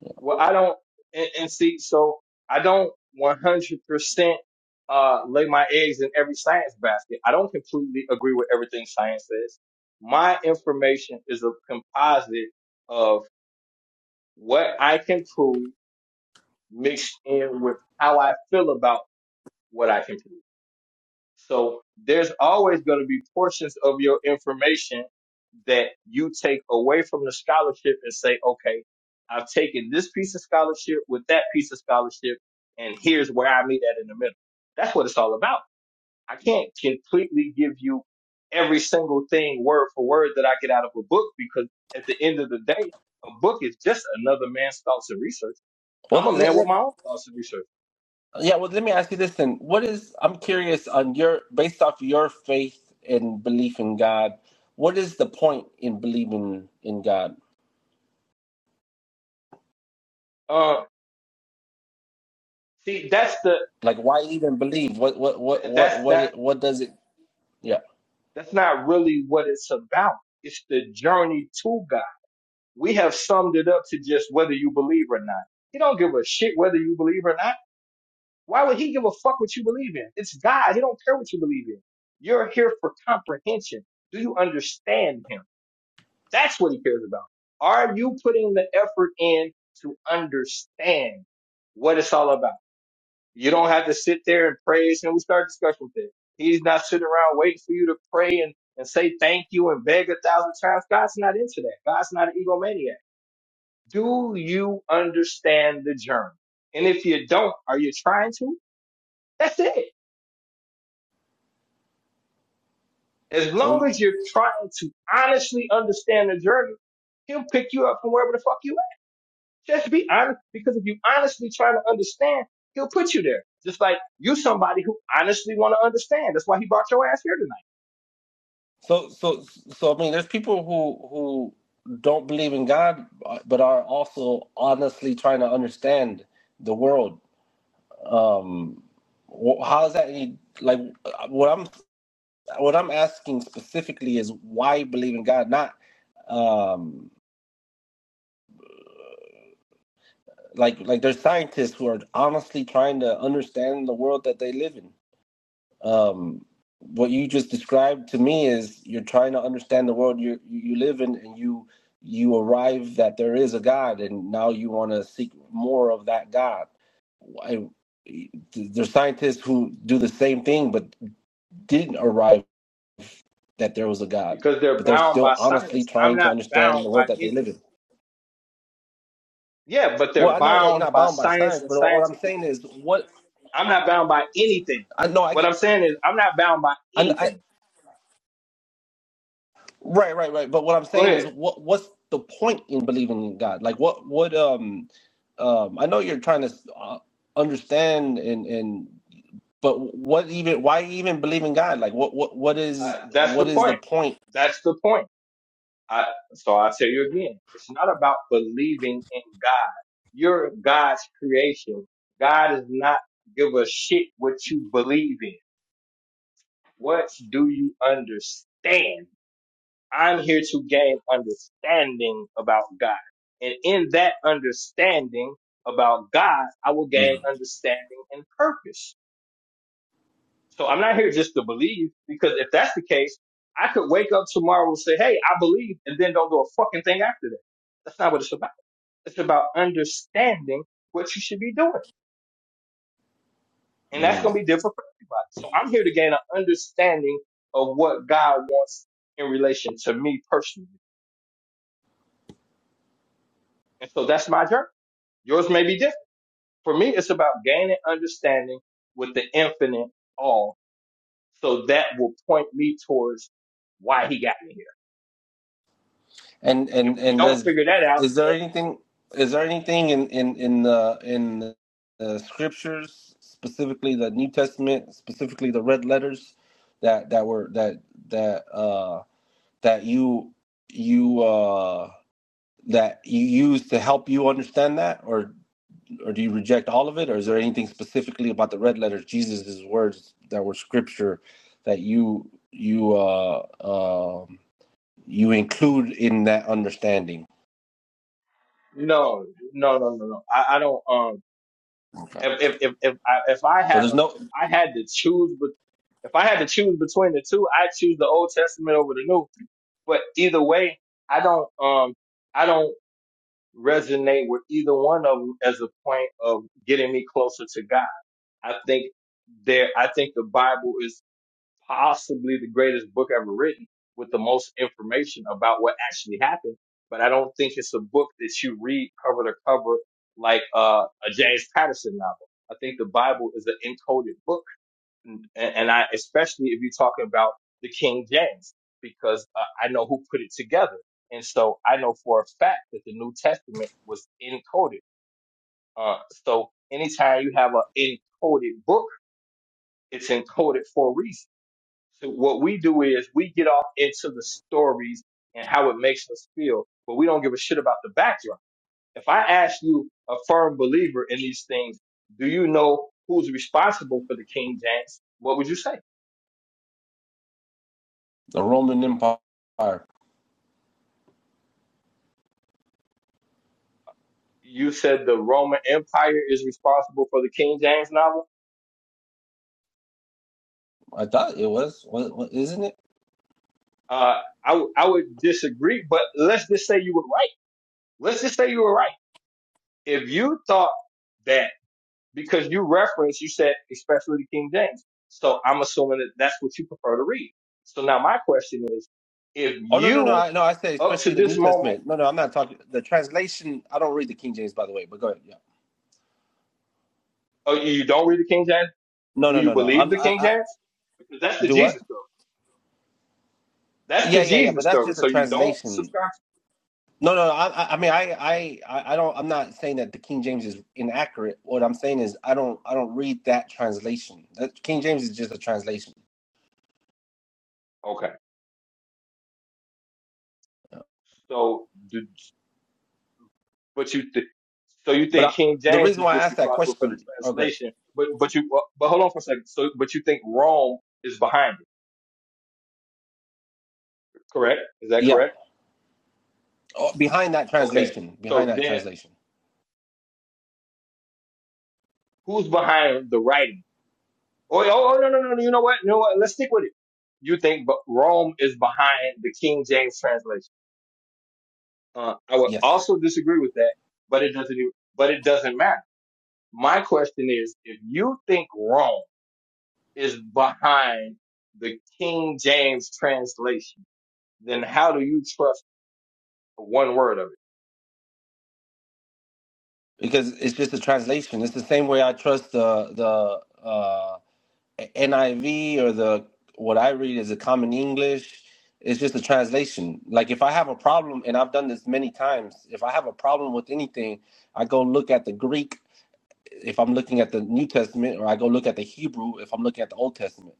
G: Yeah.
A: Well, I don't, and, and see, so I don't 100% uh, lay my eggs in every science basket. I don't completely agree with everything science says. My information is a composite of what I can prove mixed in with how I feel about what I can prove. So there's always going to be portions of your information that you take away from the scholarship and say, okay, I've taken this piece of scholarship with that piece of scholarship, and here's where I meet at in the middle. That's what it's all about. I can't completely give you every single thing word for word that I get out of a book because at the end of the day, a book is just another man's thoughts and research. I'm
G: Well,
A: a
G: th-
A: man
G: th-
A: with my own thoughts and research.
G: Yeah, well, let me ask you this then. What is, I'm curious on your, based off your faith and belief in God, what is the point in believing in God?
A: Uh, see, that's the
G: Like, why even believe? What, what, what,
A: th-
G: what,
A: that's that.
G: what, what does it, yeah.
A: That's not really what it's about. It's the journey to God. We have summed it up to just whether you believe or not. He don't give a shit whether you believe or not. Why would he give a fuck what you believe in? It's God. He don't care what you believe in. You're here for comprehension. Do you understand him? That's what he cares about. Are you putting the effort in to understand what it's all about? You don't have to sit there and praise him. We start discussion with that. He's not sitting around waiting for you to pray and, and say thank you and beg a thousand times. God's not into that. God's not an egomaniac. Do you understand the journey? And if you don't, are you trying to? That's it. As
G: So,
A: long as you're trying to honestly understand the journey, he'll pick you up from wherever the fuck you at. Just be honest, because if you honestly trying to understand, he'll put you there. Just like you somebody who honestly want to understand. That's why he brought your ass here tonight.
G: so, so, so, I mean, there's people who, who don't believe in God, uh, but are also honestly trying to understand the world. Um, wh- how is that any, like, uh, what I'm What I'm asking specifically is why you believe in God, not um, like like there's scientists who are honestly trying to understand the world that they live in. Um, what you just described to me is you're trying to understand the world you you live in, and you you arrive that there is a God, and now you want to seek more of that God. I, there's scientists who do the same thing, but didn't arrive that there was a God,
A: because they're
G: but they're
A: bound
G: still
A: by
G: honestly
A: science. I'm
G: trying to
A: not
G: understand
A: bound
G: the
A: by
G: world that they
A: any.
G: live in.
A: Yeah, but
G: Well,
A: they're
G: I know that you're
A: bound
G: not
A: by
G: bound by
A: science
G: science,
A: and
G: but what I'm
A: scientific.
G: saying is, what
A: I'm not bound by anything.
G: I know, I,
A: What I'm saying is, I'm not bound by
G: I, I
A: anything.
G: right, right, right. But what I'm
A: Go
G: saying is,
A: ahead.
G: what, what's the point in believing in God? Like, what, what, um, um, I know you're trying to uh, understand and and, but what even, why even believe in God? Like, what, what, what is,
A: Uh, that's
G: what
A: the
G: is the
A: point.
G: point?
A: That's the point. I, so I'll tell you again. It's not about believing in God. You're God's creation. God does not give a shit what you believe in. What do you understand? I'm here to gain understanding about God. And in that understanding about God, I will gain understanding and purpose. So I'm not here just to believe because if that's the case, I could wake up tomorrow and say, Hey, I believe and then don't do a fucking thing after that. That's not what it's about. It's about understanding what you should be doing. And that's
G: Mhm.
A: going to be different for everybody. So I'm here to gain an understanding of what God wants in relation to me personally. And so that's my journey. Yours may be different. For me, it's about gaining understanding with the infinite all. So that will point me towards why he got me here.
G: And
A: If
G: and
A: we
G: and
A: don't
G: does
A: figure that out,
G: is there
A: then
G: anything is there anything in in in the in the scriptures specifically the New Testament specifically the red letters that that were that that uh that you you uh that you use to help you understand that or or do you reject all of it or is there anything specifically about the red letters Jesus's words that were scripture that you you uh um you include in that understanding
A: no, no, no, no, no. I, I don't, um, if, if, if, if I, if I
G: So
A: had,
G: there's
A: a,
G: no
A: if I had to choose, but if I had to choose between the two, I choose the Old Testament over the New. But either way, I don't, um, I don't resonate with either one of them as a point of getting me closer to God. I think there I think the Bible is possibly the greatest book ever written with the most information about what actually happened. But I don't think it's a book that you read cover to cover like uh, a James Patterson novel. I think the Bible is an encoded book, and, and I especially if you're talking about the King James because uh, I know who put it together, and so I know for a fact that the New Testament was encoded. Uh, so anytime you have an encoded book it's encoded for a reason. So what we do is we get off into the stories and how it makes us feel, but we don't give a shit about the background. If I ask you, a firm believer in these things, do you know who's responsible for the King James? What would you say?
G: the Roman Empire. I
A: You said the Roman Empire is responsible for the King James novel.
G: thought it was, what, what, isn't it?
A: Uh, I w- I would disagree, but let's just say you were right. Let's just say you were right. If you thought that because you referenced, you said, especially the King James. So I'm assuming that that's what you prefer to read. So now my question is, if
G: Oh no, no, no,
A: you
G: I, no. I said
A: up
G: especially
A: to
G: the New
A: this moment,
G: Testament. No, no, I'm not talking the translation. I don't read the King James, by the way. But go ahead. Yeah.
A: or you don't read the King James,
G: No,
A: do
G: no,
A: you
G: no, no.
A: believe
G: I'm.
A: the
G: I,
A: King
G: I
A: James? Because that's the
G: do what?
A: Jesus story. That's the
G: Yeah, yeah, yeah.
A: Jesus
G: But that's
A: story.
G: just a
A: So you don't
G: translation.
A: subscribe.
G: No, no. I, I mean, I, I, I I don't. I'm not saying that the King James is inaccurate. What I'm saying is, I don't, I don't read that translation. The King James is just a translation.
A: To, okay. So, do, but you, th- so you
G: But I,
A: think King
G: the
A: James
G: reason
A: is
G: why I
A: just
G: asked that
A: responsible for the
G: question, oh, good,
A: translation, but, but you, well, but hold on for a second. So, but you think Rome is behind it, correct? Is that
G: yeah,
A: correct?
G: oh, behind that
A: Okay.
G: translation, behind
A: So
G: that
A: then
G: translation.
A: Who's behind the writing? Oh, oh, oh, no, no, no. You know what? You know what? Let's stick with it. You think but Rome is behind the King James translation? Uh, I would
G: Yes,
A: also disagree with that, but it doesn't. even- But it doesn't matter. My question is, if you think Rome is behind the King James translation, then how do you trust one word of
G: because it's just a translation. It's the same way I trust the the uh, NIV or the what I read is a common English. It's just a translation. Like if I have a problem, and I've done this many times, if I have a problem with anything, I go look at the Greek if I'm looking at the New Testament, or I go look at the Hebrew if I'm looking at the Old Testament.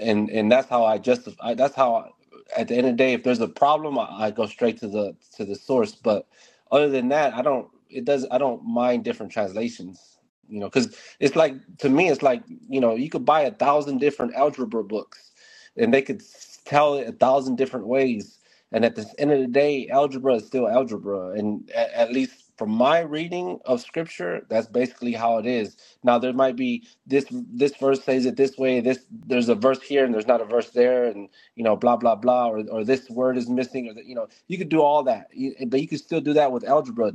G: and and that's how I justify. That's how I, at the end of the day, if there's a problem, I, I go straight to the to the source. But other than that, I don't. It does. I don't mind different translations. You know, because it's like to me, it's like you know, you could buy a thousand different algebra books, and they could tell it a thousand different ways. And at the end of the day, algebra is still algebra. And a- at least from my reading of scripture, that's basically how it is. Now there might be this this verse says it this way this there's a verse here and there's not a verse there and you know blah blah blah or, or this word is missing or that you know you could do all that you, but you could still do that with algebra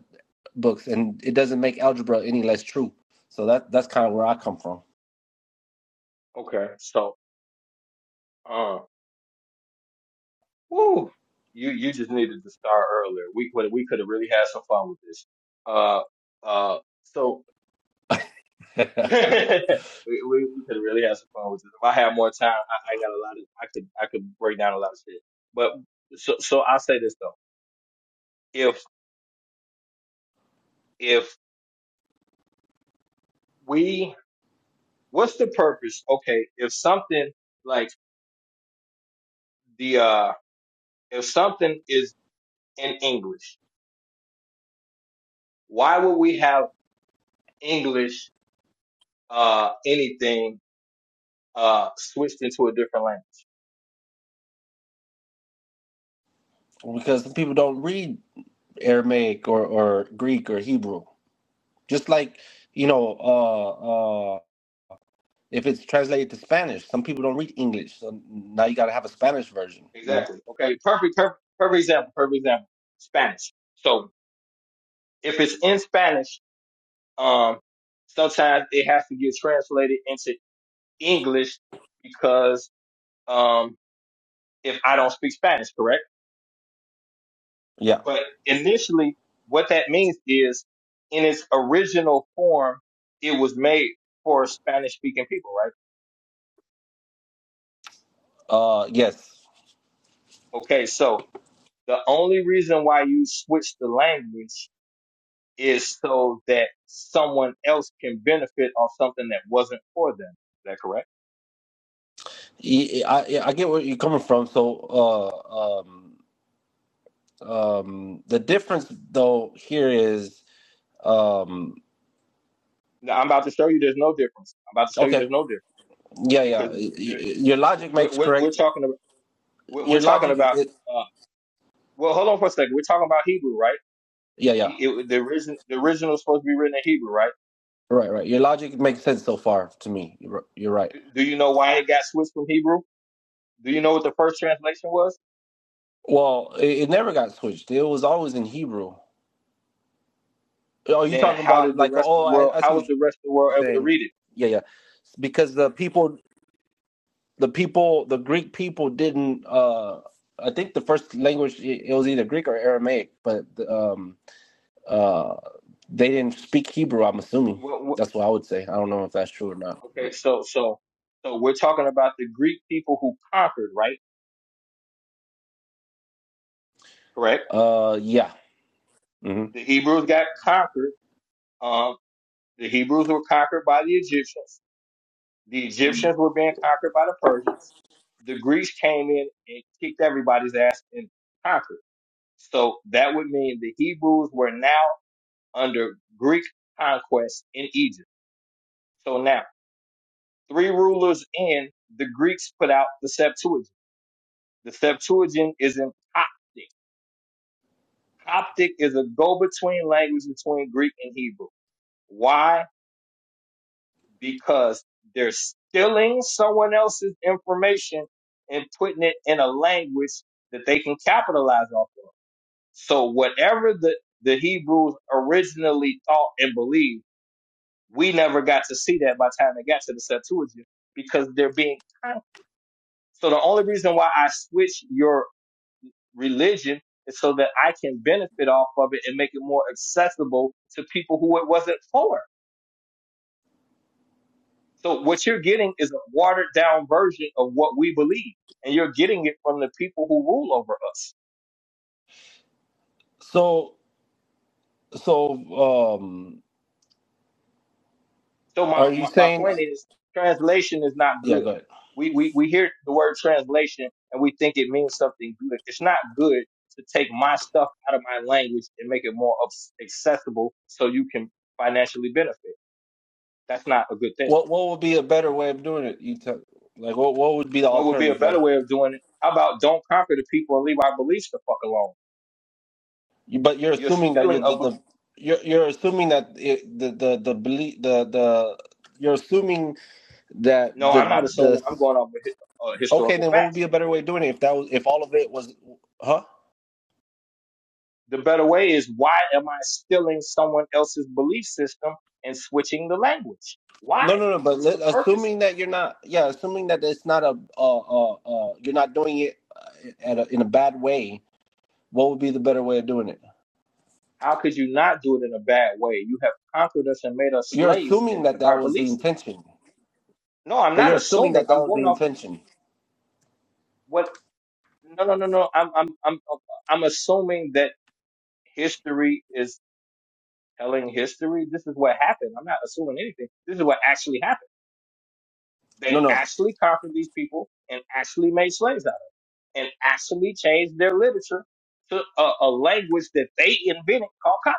G: books and it doesn't make algebra any less true so that that's kind of where i come from
A: it? Okay, so, uh, woo, you you just needed to start earlier. We we could have really had some fun with this. Uh, uh, so we, we we could really have some fun with this. If I had more time, I, I got a lot of I could I could break down a lot of shit. But so so I'll say this though. If if we what's the purpose? Okay, if something like the uh if something is in English, why would we have English uh anything uh switched into a different language?
G: because some people don't read aramaic or, or greek or hebrew just like you know uh uh if it's translated to spanish some people don't read english so now you got to have a spanish version you know
A: Exactly. Okay, perfect perfect perfect example, perfect example. Spanish. So if it's in Spanish Um, sometimes it has to get translated into English because um, if I don't speak Spanish, correct?
G: yeah
A: But initially, what that means is in its original form, it was made for Spanish speaking people, right?
G: uh yes
A: Okay, so the only reason why you switch the language is so that someone else can benefit off something that wasn't for them. Is that correct?
G: I yeah, I get where you're coming from. So, uh, um, um, the difference though here is, um,
A: Now, I'm about to show you there's no difference. I'm about to show you
G: okay,
A: there's no difference.
G: yeah, yeah.
A: because there-
G: Your logic
A: we're,
G: makes
A: we're,
G: correct.
A: we're talking about we're, we're
G: Your
A: talking
G: logic,
A: about
G: it,
A: uh, well hold on for a second we're talking about Hebrew right
G: yeah, yeah.
A: it, it- the original the original is supposed to be written in Hebrew right
G: Right, right. Your logic
A: uh,
G: makes sense so far to me. You're you're right.
A: do, do you know why it got switched from Hebrew do you know what the first translation was
G: Well, it, it never got switched. It was always in Hebrew. Oh, you
A: then
G: talking
A: how
G: about
A: did the
G: like?
A: rest of
G: Oh,
A: the
G: I,
A: world
G: I
A: how
G: see what
A: was the rest of the world
G: you're
A: able to
G: saying.
A: read it
G: Yeah, yeah. Because the people the people, the Greek people didn't. Uh, I think the first language it was either Greek or Aramaic, but um, uh, they didn't speak Hebrew. I'm assuming
A: what, what,
G: that's what I would say. I don't know if that's true or not. But,
A: okay so so so we're talking about the Greek people who conquered right correct
G: uh, yeah. hmm
A: the Hebrews got conquered um, the Hebrews were conquered by the Egyptians The Egyptians were being conquered by the Persians. The Greeks came in and kicked everybody's ass and conquered. So that would mean the Hebrews were now under Greek conquest in Egypt. So now, three rulers in, the Greeks put out the Septuagint. The Septuagint is in Coptic. Coptic is a go between language between Greek and Hebrew. Why? because they're stealing someone else's information and putting it in a language that they can capitalize off of. So whatever the, the Hebrews originally thought and believed, we never got to see that by the time they got to the Septuagint because they're being con- so the only reason why I switch your religion is so that I can benefit off of it and make it more accessible to people who it wasn't for So what you're getting is a watered down version of what we believe, and you're getting it from the people who rule over us.
G: So, so um,
A: So my,
G: are you
A: my, my
G: saying?
A: point is translation is not
G: Yeah,
A: good.
G: go ahead.
A: We, we we hear the word translation and we think it means something good. It's not good to take my stuff out of my language and make it more abs- accessible so you can financially benefit. That's not a good thing.
G: What what would be a better way of doing it? You tell like what what would be the
A: What would be a
G: alternative
A: better
G: way?
A: way of doing it? How about don't conquer the people and leave our beliefs the fuck alone?
G: You, but you're
A: You're
G: assuming that you're
A: stealing a
G: the, the you're you're assuming that it, the the the belief the the you're assuming that
A: No,
G: the
A: I'm not
G: the
A: assuming. I'm going off with hi- uh,
G: okay
A: historical
G: then what would
A: facts.
G: be a better way of doing it if that was if all of it was huh
A: The better way is why am I stealing someone else's belief system and switching the language? Why?
G: no no no but
A: What's
G: let,
A: the purpose?
G: assuming that you're not yeah assuming that it's not a uh uh, uh you're not doing it uh, at a, in a bad way what would be the better way of doing it
A: How could you not do it in a bad way? You have conquered us and made us
G: you're
A: slaves
G: assuming
A: and
G: that
A: took
G: that
A: our
G: was
A: belief
G: the
A: system.
G: intention
A: No, I'm
G: but
A: not
G: you're assuming
A: assuming.
G: that that
A: I'm
G: was the
A: going off
G: intention
A: what? No, no, no, no. I'm, I'm, I'm, I'm assuming that history is telling history. This is what happened. I'm not assuming anything. This is what actually happened.
G: no
A: They
G: no
A: actually conquered these people and actually made slaves out of them and actually changed their literature to a, a language that they invented called copy.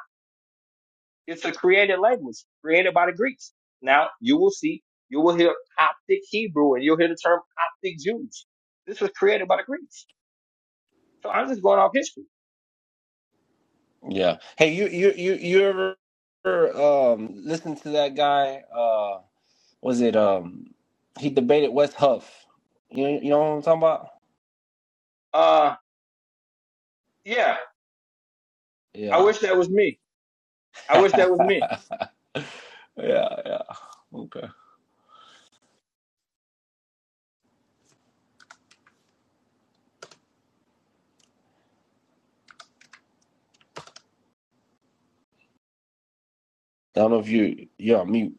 A: It's a created language created by the Greeks. Now you will see, you will hear Coptic Hebrew and you'll hear the term Coptic Jews. This was created by the Greeks. So I'm just going off history.
G: yeah hey you you you you ever um listen to that guy uh was it um he debated West Huff you you know what I'm talking about
A: Uh, yeah, I
G: yeah
A: wish that was me. I wish that was me.
G: yeah, yeah. Okay. I don't know if you you're on mute.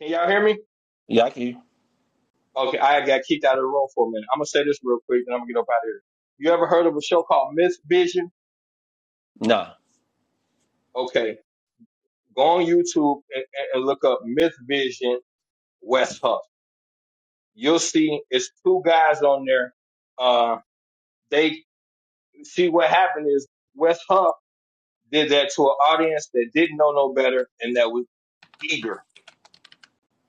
A: Can y'all hear me?
G: Yeah, I can. hear
A: Okay, I got kicked out of the room for a minute. I'm gonna say this real quick, and I'm gonna get up out of here. You ever heard of a show called Myth Vision?
G: you. Nah.
A: Okay, go on YouTube and, and and look up Myth Vision West Huff. You'll see it's two guys on there. Uh, they see what happened is West Huff did that to an audience that didn't know no better and that was eager.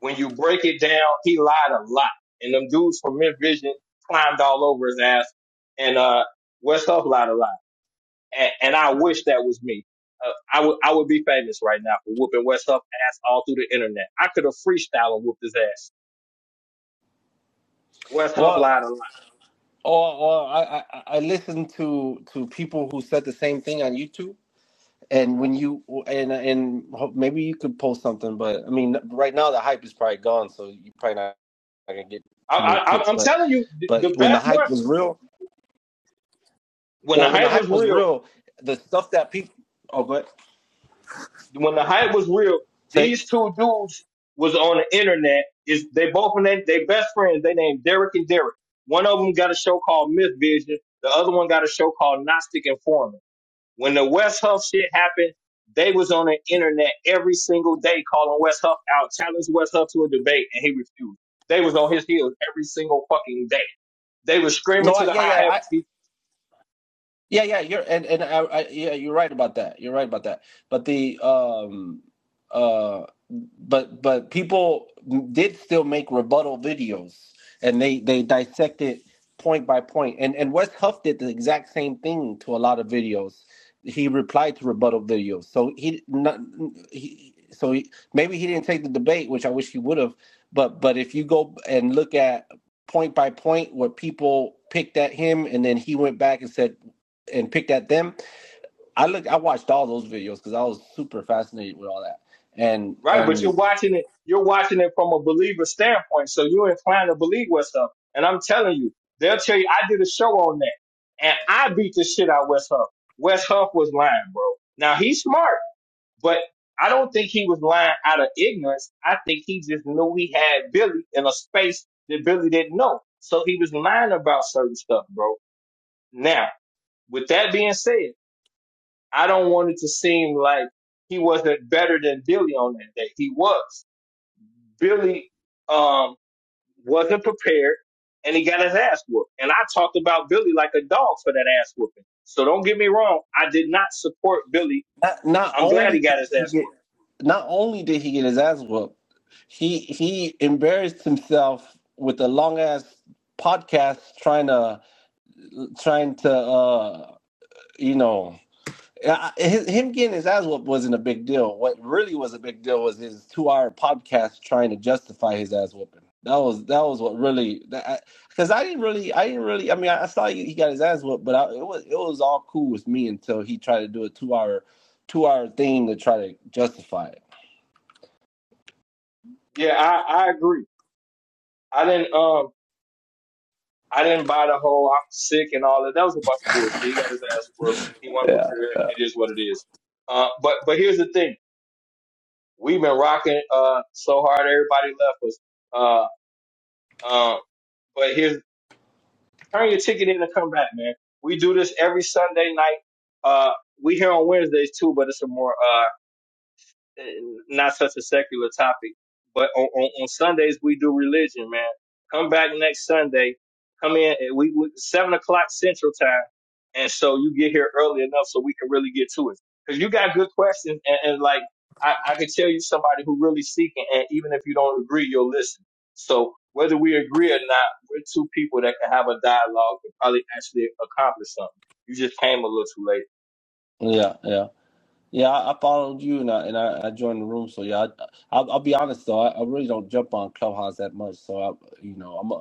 A: When you break it down, he lied a lot, and them dudes from Myth Vision climbed all over his ass, and uh, West Huff lied a lot. and, and I wish that was me. Uh, I would I would be famous right now for whooping West Huff ass all through the internet. I could have freestyle and whooped his ass. West Huff
G: Well,
A: lied a lot.
G: or or I, I I listened to to people who said the same thing on YouTube. And when you and and ho- maybe you could post something, but I mean, right now the hype is probably gone, so you probably not not gonna get
A: I,
G: too many
A: I, am
G: clicks.
A: I'm
G: But
A: telling you, th- the
G: but when the
A: best one
G: hype was real,
A: when the
G: well, when the
A: hype was
G: hype was
A: real.
G: real, the stuff that people oh, go ahead.
A: When the hype was real,
G: say
A: these two dudes was on the internet. Is they both and they they best friends? They named Derek and Derek. One of them got a show called Myth Vision. The other one got a show called Gnostic Informant When the West Huff shit happened, they was on the internet every single day calling West Huff out, challenged West Huff to a debate, and he refused. They was on his heels every single fucking day. They was
G: no,
A: screaming to
G: I,
A: the
G: yeah,
A: high
G: yeah,
A: heavens, he-
G: Yeah, yeah, you're and and I, I yeah, you're right about that. You're right about that. But the um uh but but people did still make rebuttal videos and they they dissected point by point. And and Wes Huff did the exact same thing to a lot of videos. He replied to rebuttal videos. So he not he so he, maybe he didn't take the debate, which I wish he would have, but but if you go and look at point by point what people picked at him and then he went back and said and picked at them. I look, I watched all those videos because I was super fascinated with all that. And
A: right? But you're
G: and
A: watching it, you're watching it from a believer standpoint, so you're inclined to believe West Huff. And I'm telling you, they'll tell you I did a show on that, and I beat the shit out of West Huff. West Huff was lying, bro. Now he's smart. But I don't think he was lying out of ignorance. I think he just knew he had Billy in a space that Billy didn't know. So he was lying about certain stuff, bro. Now, with that being said, I don't want it to seem like he wasn't better than Billy on that day. He was. Billy um, wasn't prepared and he got his ass whooped. And I talked about Billy like a dog for that ass whooping. So don't get me wrong. I did not support Billy.
G: not, not
A: I'm glad
G: only
A: he
G: did
A: got his
G: he
A: ass
G: get,
A: whooped.
G: not only did he get his ass whooped, he he embarrassed himself with a long ass podcast trying to trying to uh you know Uh, his, him getting his ass whooped wasn't a big deal. What really was a big deal was his two-hour podcast trying to justify his ass whooping. That was that was what really that because I, I didn't really I didn't really I mean I, I saw he, he got his ass whooped, but I, it was it was all cool with me until he tried to do a two-hour two-hour thing to try to justify it.
A: Yeah, I, I agree. I didn't um I didn't buy the whole I'm sick and all that. That was a bunch of bullshit. He got his ass whooped. He wasn't
G: Yeah.
A: prepared. It is what it is. Uh, but but here's the thing. We've been rocking uh so hard everybody left us. Uh um but here's turn your ticket in and come back, man. We do this every Sunday night. Uh we here on Wednesdays too, but it's a more uh, not such a secular topic. But on, on, on Sundays we do religion, man. Come back next Sunday. Come in at we, we seven o'clock Central Time, and so you get here early enough so we can really get to it. Because you got good questions, and, and like I, I can tell you somebody who really seeking, and even if you don't agree, you'll listen. So whether we agree or not, we're two people that can have a dialogue and probably actually accomplish something. You just came a little too late.
G: Yeah, yeah. Yeah, I, I followed you and I and I, I joined the room. So yeah, I, I'll, I'll be honest though, I, I really don't jump on Clubhouse that much. So I, you know, I'm a,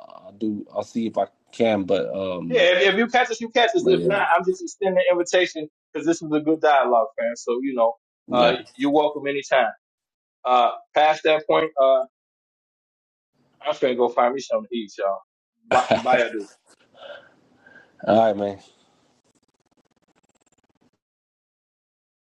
G: I, I do. I'll see if I can, but
A: Yeah,
G: um,
A: if, if you catch us, you catch us.
G: but
A: If not,
G: yeah,
A: I'm just extending the invitation because this is a good dialogue, fam. So you know, uh,
G: yeah.
A: you're welcome anytime. Uh, past that point, uh, I'm finna go find me something to eat, y'all. Bye,
G: All
A: bye,
G: right, man.